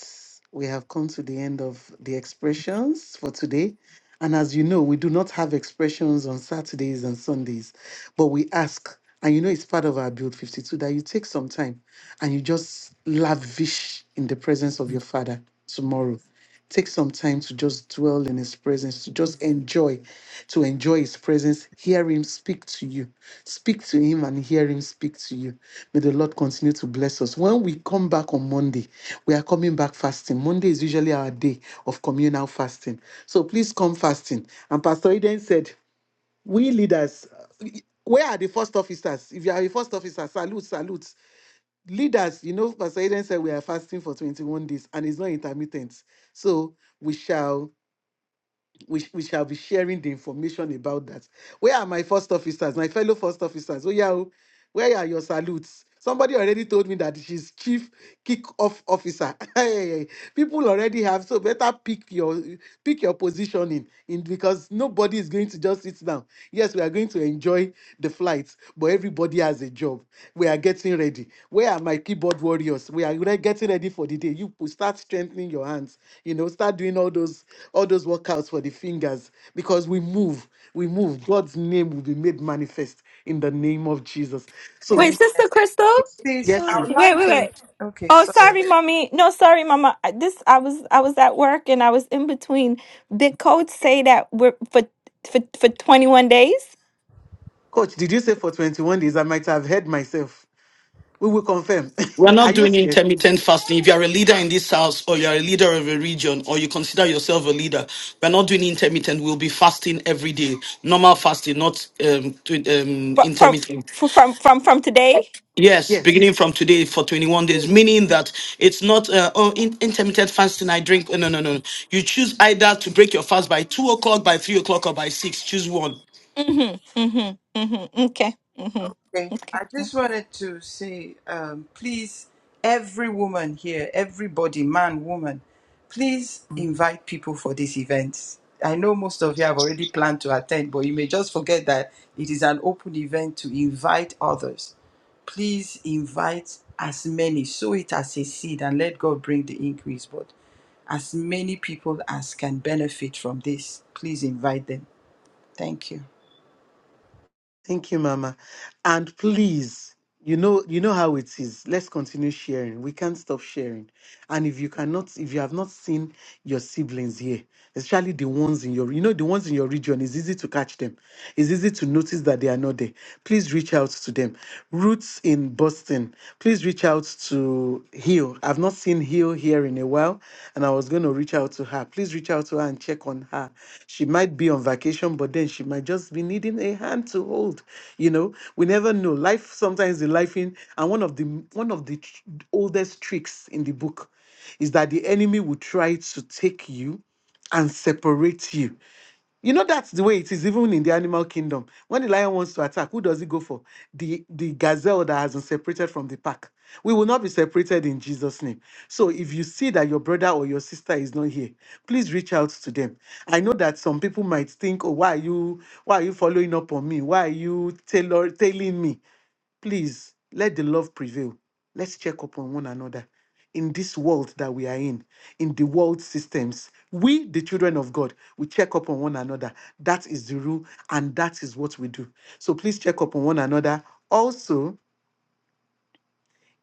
we have come to the end of the expressions for today. And as you know, we do not have expressions on Saturdays and Sundays, but we ask, and you know, it's part of our Build 52 that you take some time and you just lavish in the presence of your Father tomorrow. Take some time to just dwell in His presence, to just enjoy, to enjoy His presence. Hear Him speak to you. Speak to Him and hear Him speak to you. May the Lord continue to bless us. When we come back on Monday, we are coming back fasting. Monday is usually our day of communal fasting. So please come fasting. And Pastor Eden said, We leaders, uh, where are the first officers? If you are a first officer, salute, salute leaders, you know, Pastor Eden said we are fasting for 21 days and it's not intermittent. So we shall we, sh- we shall be sharing the information about that. Where are my first officers, my fellow first officers? Oh, yeah, oh, where are your salutes? Somebody already told me that she's chief kick-off officer. [LAUGHS] Hey, people already have, so better pick your pick your positioning in because nobody is going to just sit down. Yes, we are going going to enjoy the flight, but everybody has a job. We are getting ready. Where are my keyboard warriors? We are re- getting ready for the day. You pu- start strengthening your hands. You know, start doing all those all those workouts for the fingers because we move. We move. God's name will be made manifest in the name of Jesus. So
Wait, Sister Crystal?
Please,
yes,
I
mm.
would
Wait,
like
wait,
to.
wait.
Okay,
Oh,
sorry.
sorry, mommy. No, sorry, mama. I- This I was I was at work and I was in between. Did codes say that we're for for for 21 days?
coach, did you say for 21 days? I might have heard myself. We will confirm.
We're
[LAUGHS] are
not
you
doing
scared?
intermittent fasting. If you're a leader in this house or you're a leader of a region or you consider yourself a leader, we're not doing intermittent. We'll be fasting every day. Normal fasting, not um, tw- um,
From from
intermittent.
from from, from today?
Yes,
Yes.
beginning from today for 21 days, meaning that it's not, uh, oh, in- intermittent fasting, I drink. oh, No, no, no. You choose either to break your fast by 2 o'clock, by 3 o'clock, or by 6. Choose one.
Mhm. Mhm. Mhm. Okay. Mhm.
Okay, I just wanted to say, um, please, every woman here, everybody, man, woman, please invite people for this event. I know most of you have already planned to attend, but you may just forget that it is an open event to invite others. Please invite as many, sow it as a seed, and let God bring the increase. But as many people as can benefit from this, please.
Thank you, Mama. And please, you know, you know how it is. Let's continue sharing. We can't stop sharing. And if you cannot, if you have not seen your siblings here, especially the ones in your, you know, the ones in your region, it's easy to catch them. It's easy to notice that they are not there. Please reach out to them. Roots in Boston. Please reach out to Hill. Hill. I've not seen Hill here in a while, and I was going to reach out to her. Please reach out to her and check on her. She might be on vacation, but then she might just be needing a hand to hold. You know, we never know. Life sometimes the life in, and one of the one of the tr- oldest tricks in the book is that the enemy will try to take you and separate you. You know that's the way it is even in the animal kingdom. When the lion wants to attack, who does it go for? The the gazelle that has been separated from the pack. We will not be separated in Jesus' name. So if you see that your brother or your sister is not here, please reach out to them. I know that some people might think, "Oh, why are you why are you following up on me? Why are you tailor tailing me?" please let the love prevail. Let's check up on one another in this world that we are in, in the world systems. We, the children of God, we check up on one another. That is the rule, and that is what we do. So please check up on one another. Also,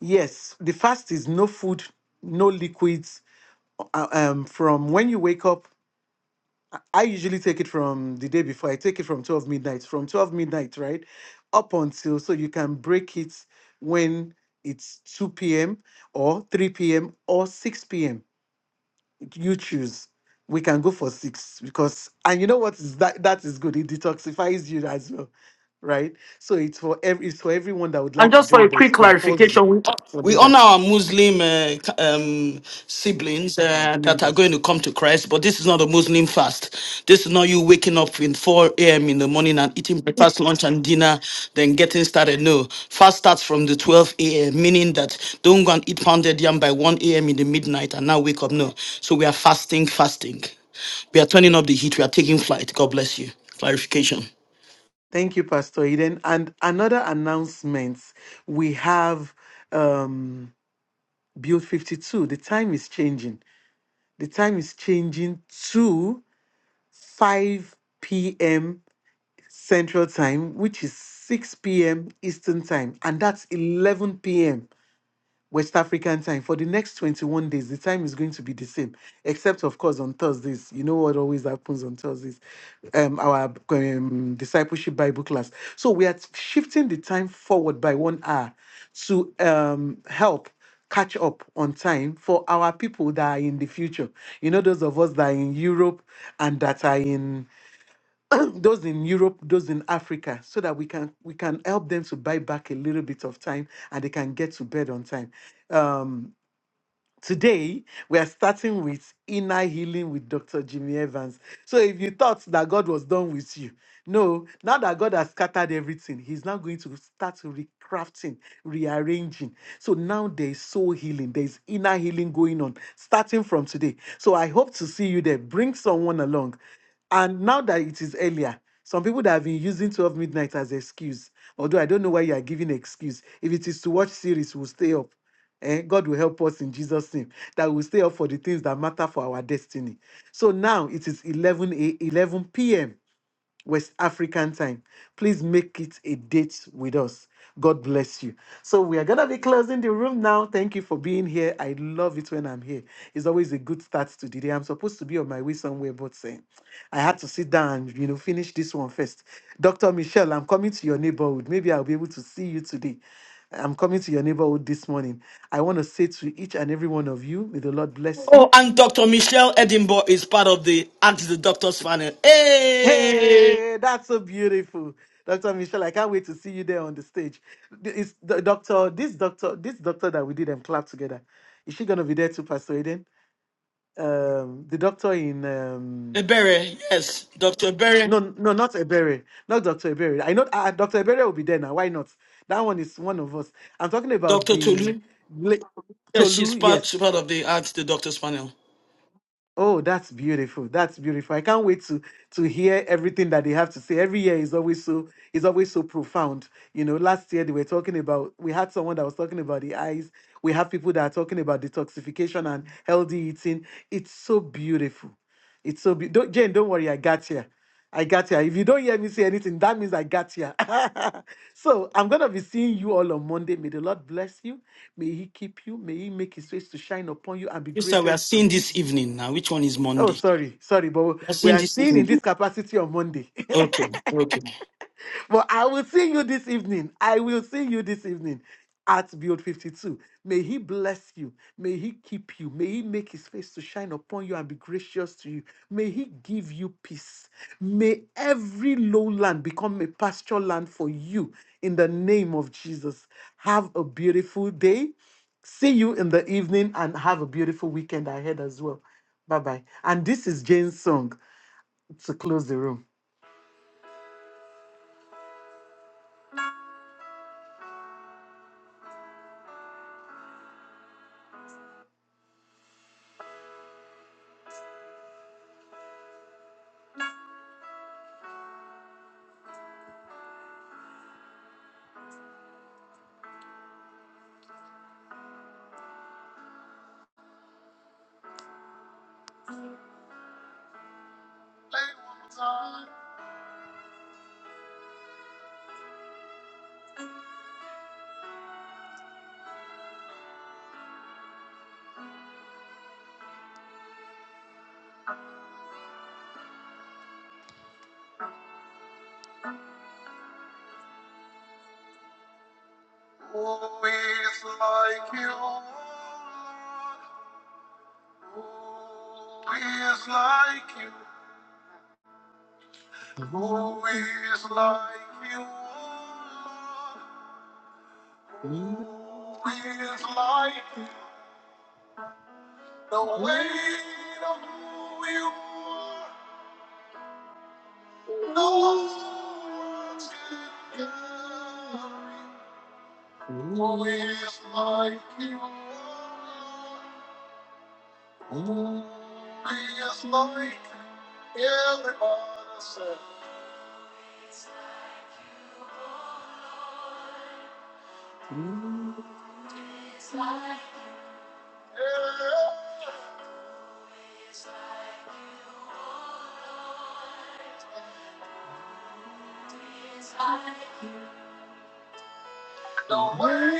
yes, the fast is no food, no liquids. uh, Um, from when you wake up I usually take it from the day before. I take it from 12 midnight, from 12 midnight, right? Up until so you can break it when it's 2 p.m. or 3 p.m. or 6 p.m. You choose. We can go for six because and you know what is that that is good. It detoxifies you as well. Right? So it's for every it's for everyone that would like to join, but it's compulsory for
We honor
leaders,
our Muslim uh, um, siblings uh, that are going
members.
to come to Christ, but this is not a Muslim fast. This is not you waking up in 4 a.m. in the morning and eating breakfast, lunch, and dinner, then getting started. No, fast starts from the 12 a.m., meaning that don't go and eat pounded yam by 1 a.m. in the midnight and now wake up. No. So we are fasting, fasting. We are turning up the heat. We are taking flight. God bless you. Clarification.
Thank you, Pastor Eden. And another announcement we have. Um, Build 52. The time is changing. The time is changing to 5 p.m. Central Time, which is 6 p.m. Eastern Time, and that's 11 p.m. West African time for the next 21 days. The time is going to be the same, except of course on Thursdays. You know what always happens on Thursdays, um, our um, discipleship Bible class. So we are shifting the time forward by one hour to um, help catch up on time for our people that are in the future. You know, those of us that are in Europe and that are in [CLEARS THROAT] those in Europe, those in Africa, so that we can we can help them to buy back a little bit of time and they can get to bed on time. Um, Today, we are starting with inner healing with Dr. Jimmy Evans. So, if you thought that God was done with you, no, now that God has scattered everything, He's now going to start recrafting, rearranging. So, now there is soul healing, there is inner healing going on starting from today. So, I hope to see you there. Bring someone along. And now that it is earlier, some people that have been using 12 midnight as excuse, although I don't know why you are giving excuse. If it is to watch series, we'll stay up. And God will help us in Jesus' name that we will stay up for the things that matter for our destiny. So now it is 11, a- 11 p.m. West African time. Please make it a date with us. God bless you. So we are gonna be closing the room now. Thank you for being here. I love it when I'm here. It's always a good start to the day. I'm supposed to be on my way somewhere, but eh, I had to sit down and you know finish this one first. Dr. Michelle, I'm coming to your neighborhood. Maybe I'll be able to see you today. I'm coming to your neighborhood this morning. I want to say to each and every one of you, may the Lord bless you.
Oh, and
Hey, that's so beautiful. Dr. Michelle, I can't wait to see you there on the stage. Th- Is the doctor, this doctor, this doctor that we did and clap together, is she gonna be there too, Pastor Eden? Um, the doctor in um
Dr. Berry,
no, no, not Ebere, not Dr. Ebere. I know uh, Dr. Ebere will be there now. Why not? That one is one of us. I'm talking about
Dr.
the
Tolu.
la-
Yes,
Tolu,
she's part, she's
yes.
part of the arts, the doctor's panel.
Oh, that's beautiful. That's beautiful. I can't wait to to hear everything that they have to say. Every year is always so is always so profound. You know, last year they were talking about we had someone that was talking about the eyes. We have people that are talking about detoxification and healthy eating. It's so beautiful. It's so be- don't, Jane, don't worry, I got here. I got here. If you don't hear me say anything, that means I got here. [LAUGHS] so I'm gonna be seeing you all on Monday. May the Lord bless you. May He keep you. May He make His face to shine upon you and be
Mister, we are
gracious to
seeing
you.
this evening now. Which one is
Oh,
Monday?
sorry, sorry, but
We are
we
seeing
are
this. evening.
seeing in this capacity on Monday. [LAUGHS]
Okay, okay.
but I will see you this evening. I will see you this evening at Build 52. May He bless you. May He keep you. May He make His face to shine upon you and be gracious to you. May He give you peace. May every lowland become a pasture land for you in the name of Jesus. Have a beautiful day. See you in the evening and have a beautiful weekend ahead as well. Bye bye. And this is Jane's song to close the room. Who is like you, Lord? Who is like you? Who is like you, Lord? Who is like you? The weight of who you are, no words can carry. Who is like you, Lord? Mm, It's like everybody said. Yeah. Wait,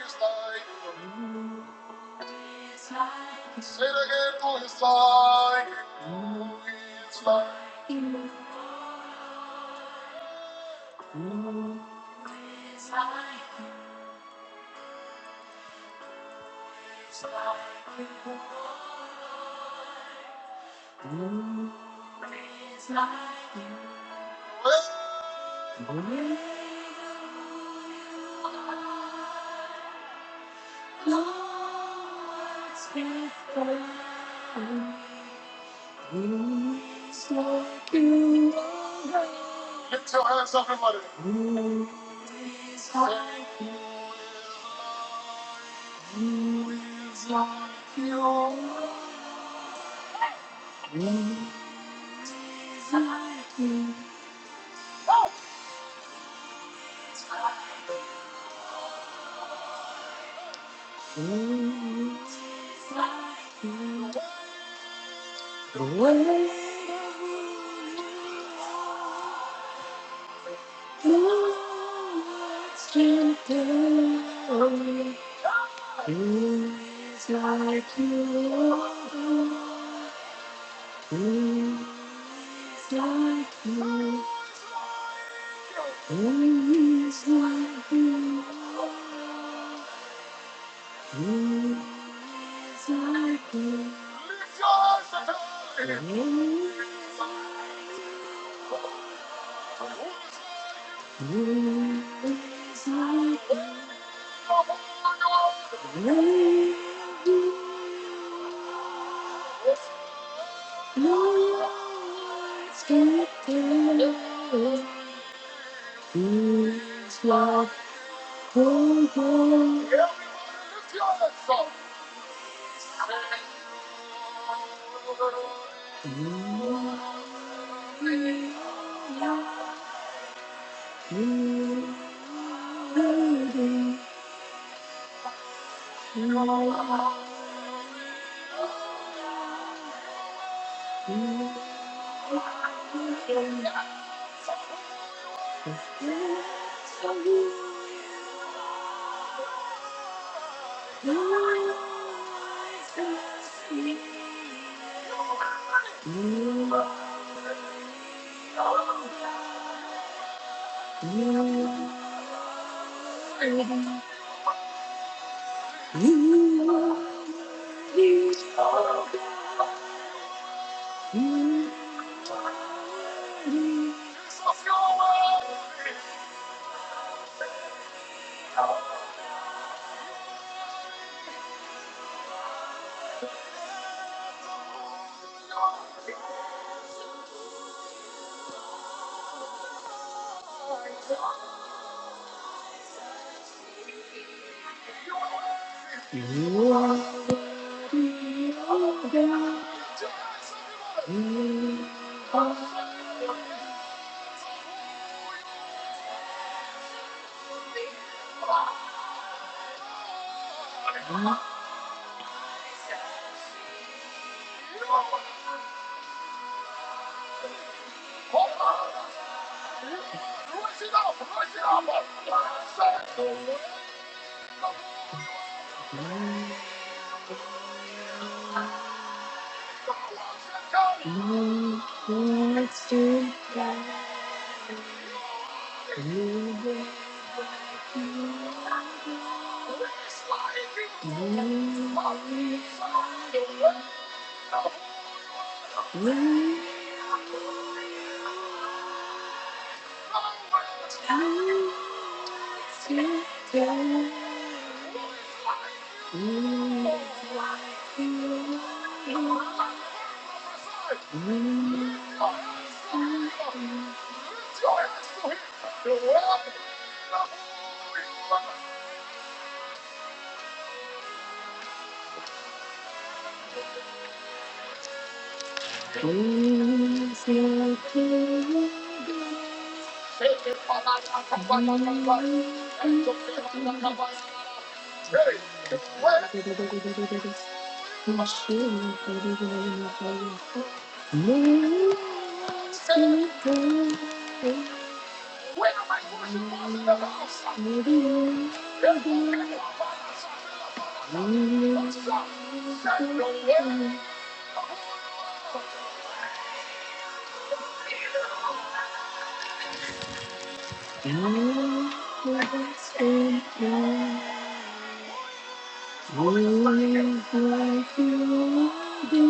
it's like. Say it again, oh, it's like. It's like. Well, Lift your hands up, everybody. Mhm. Lift your hands up, everybody. Mhm. It's like. Mhm. Mhm. Jesus, you're worthy. You are. Thank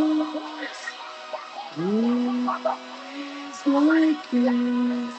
you. Who is like you?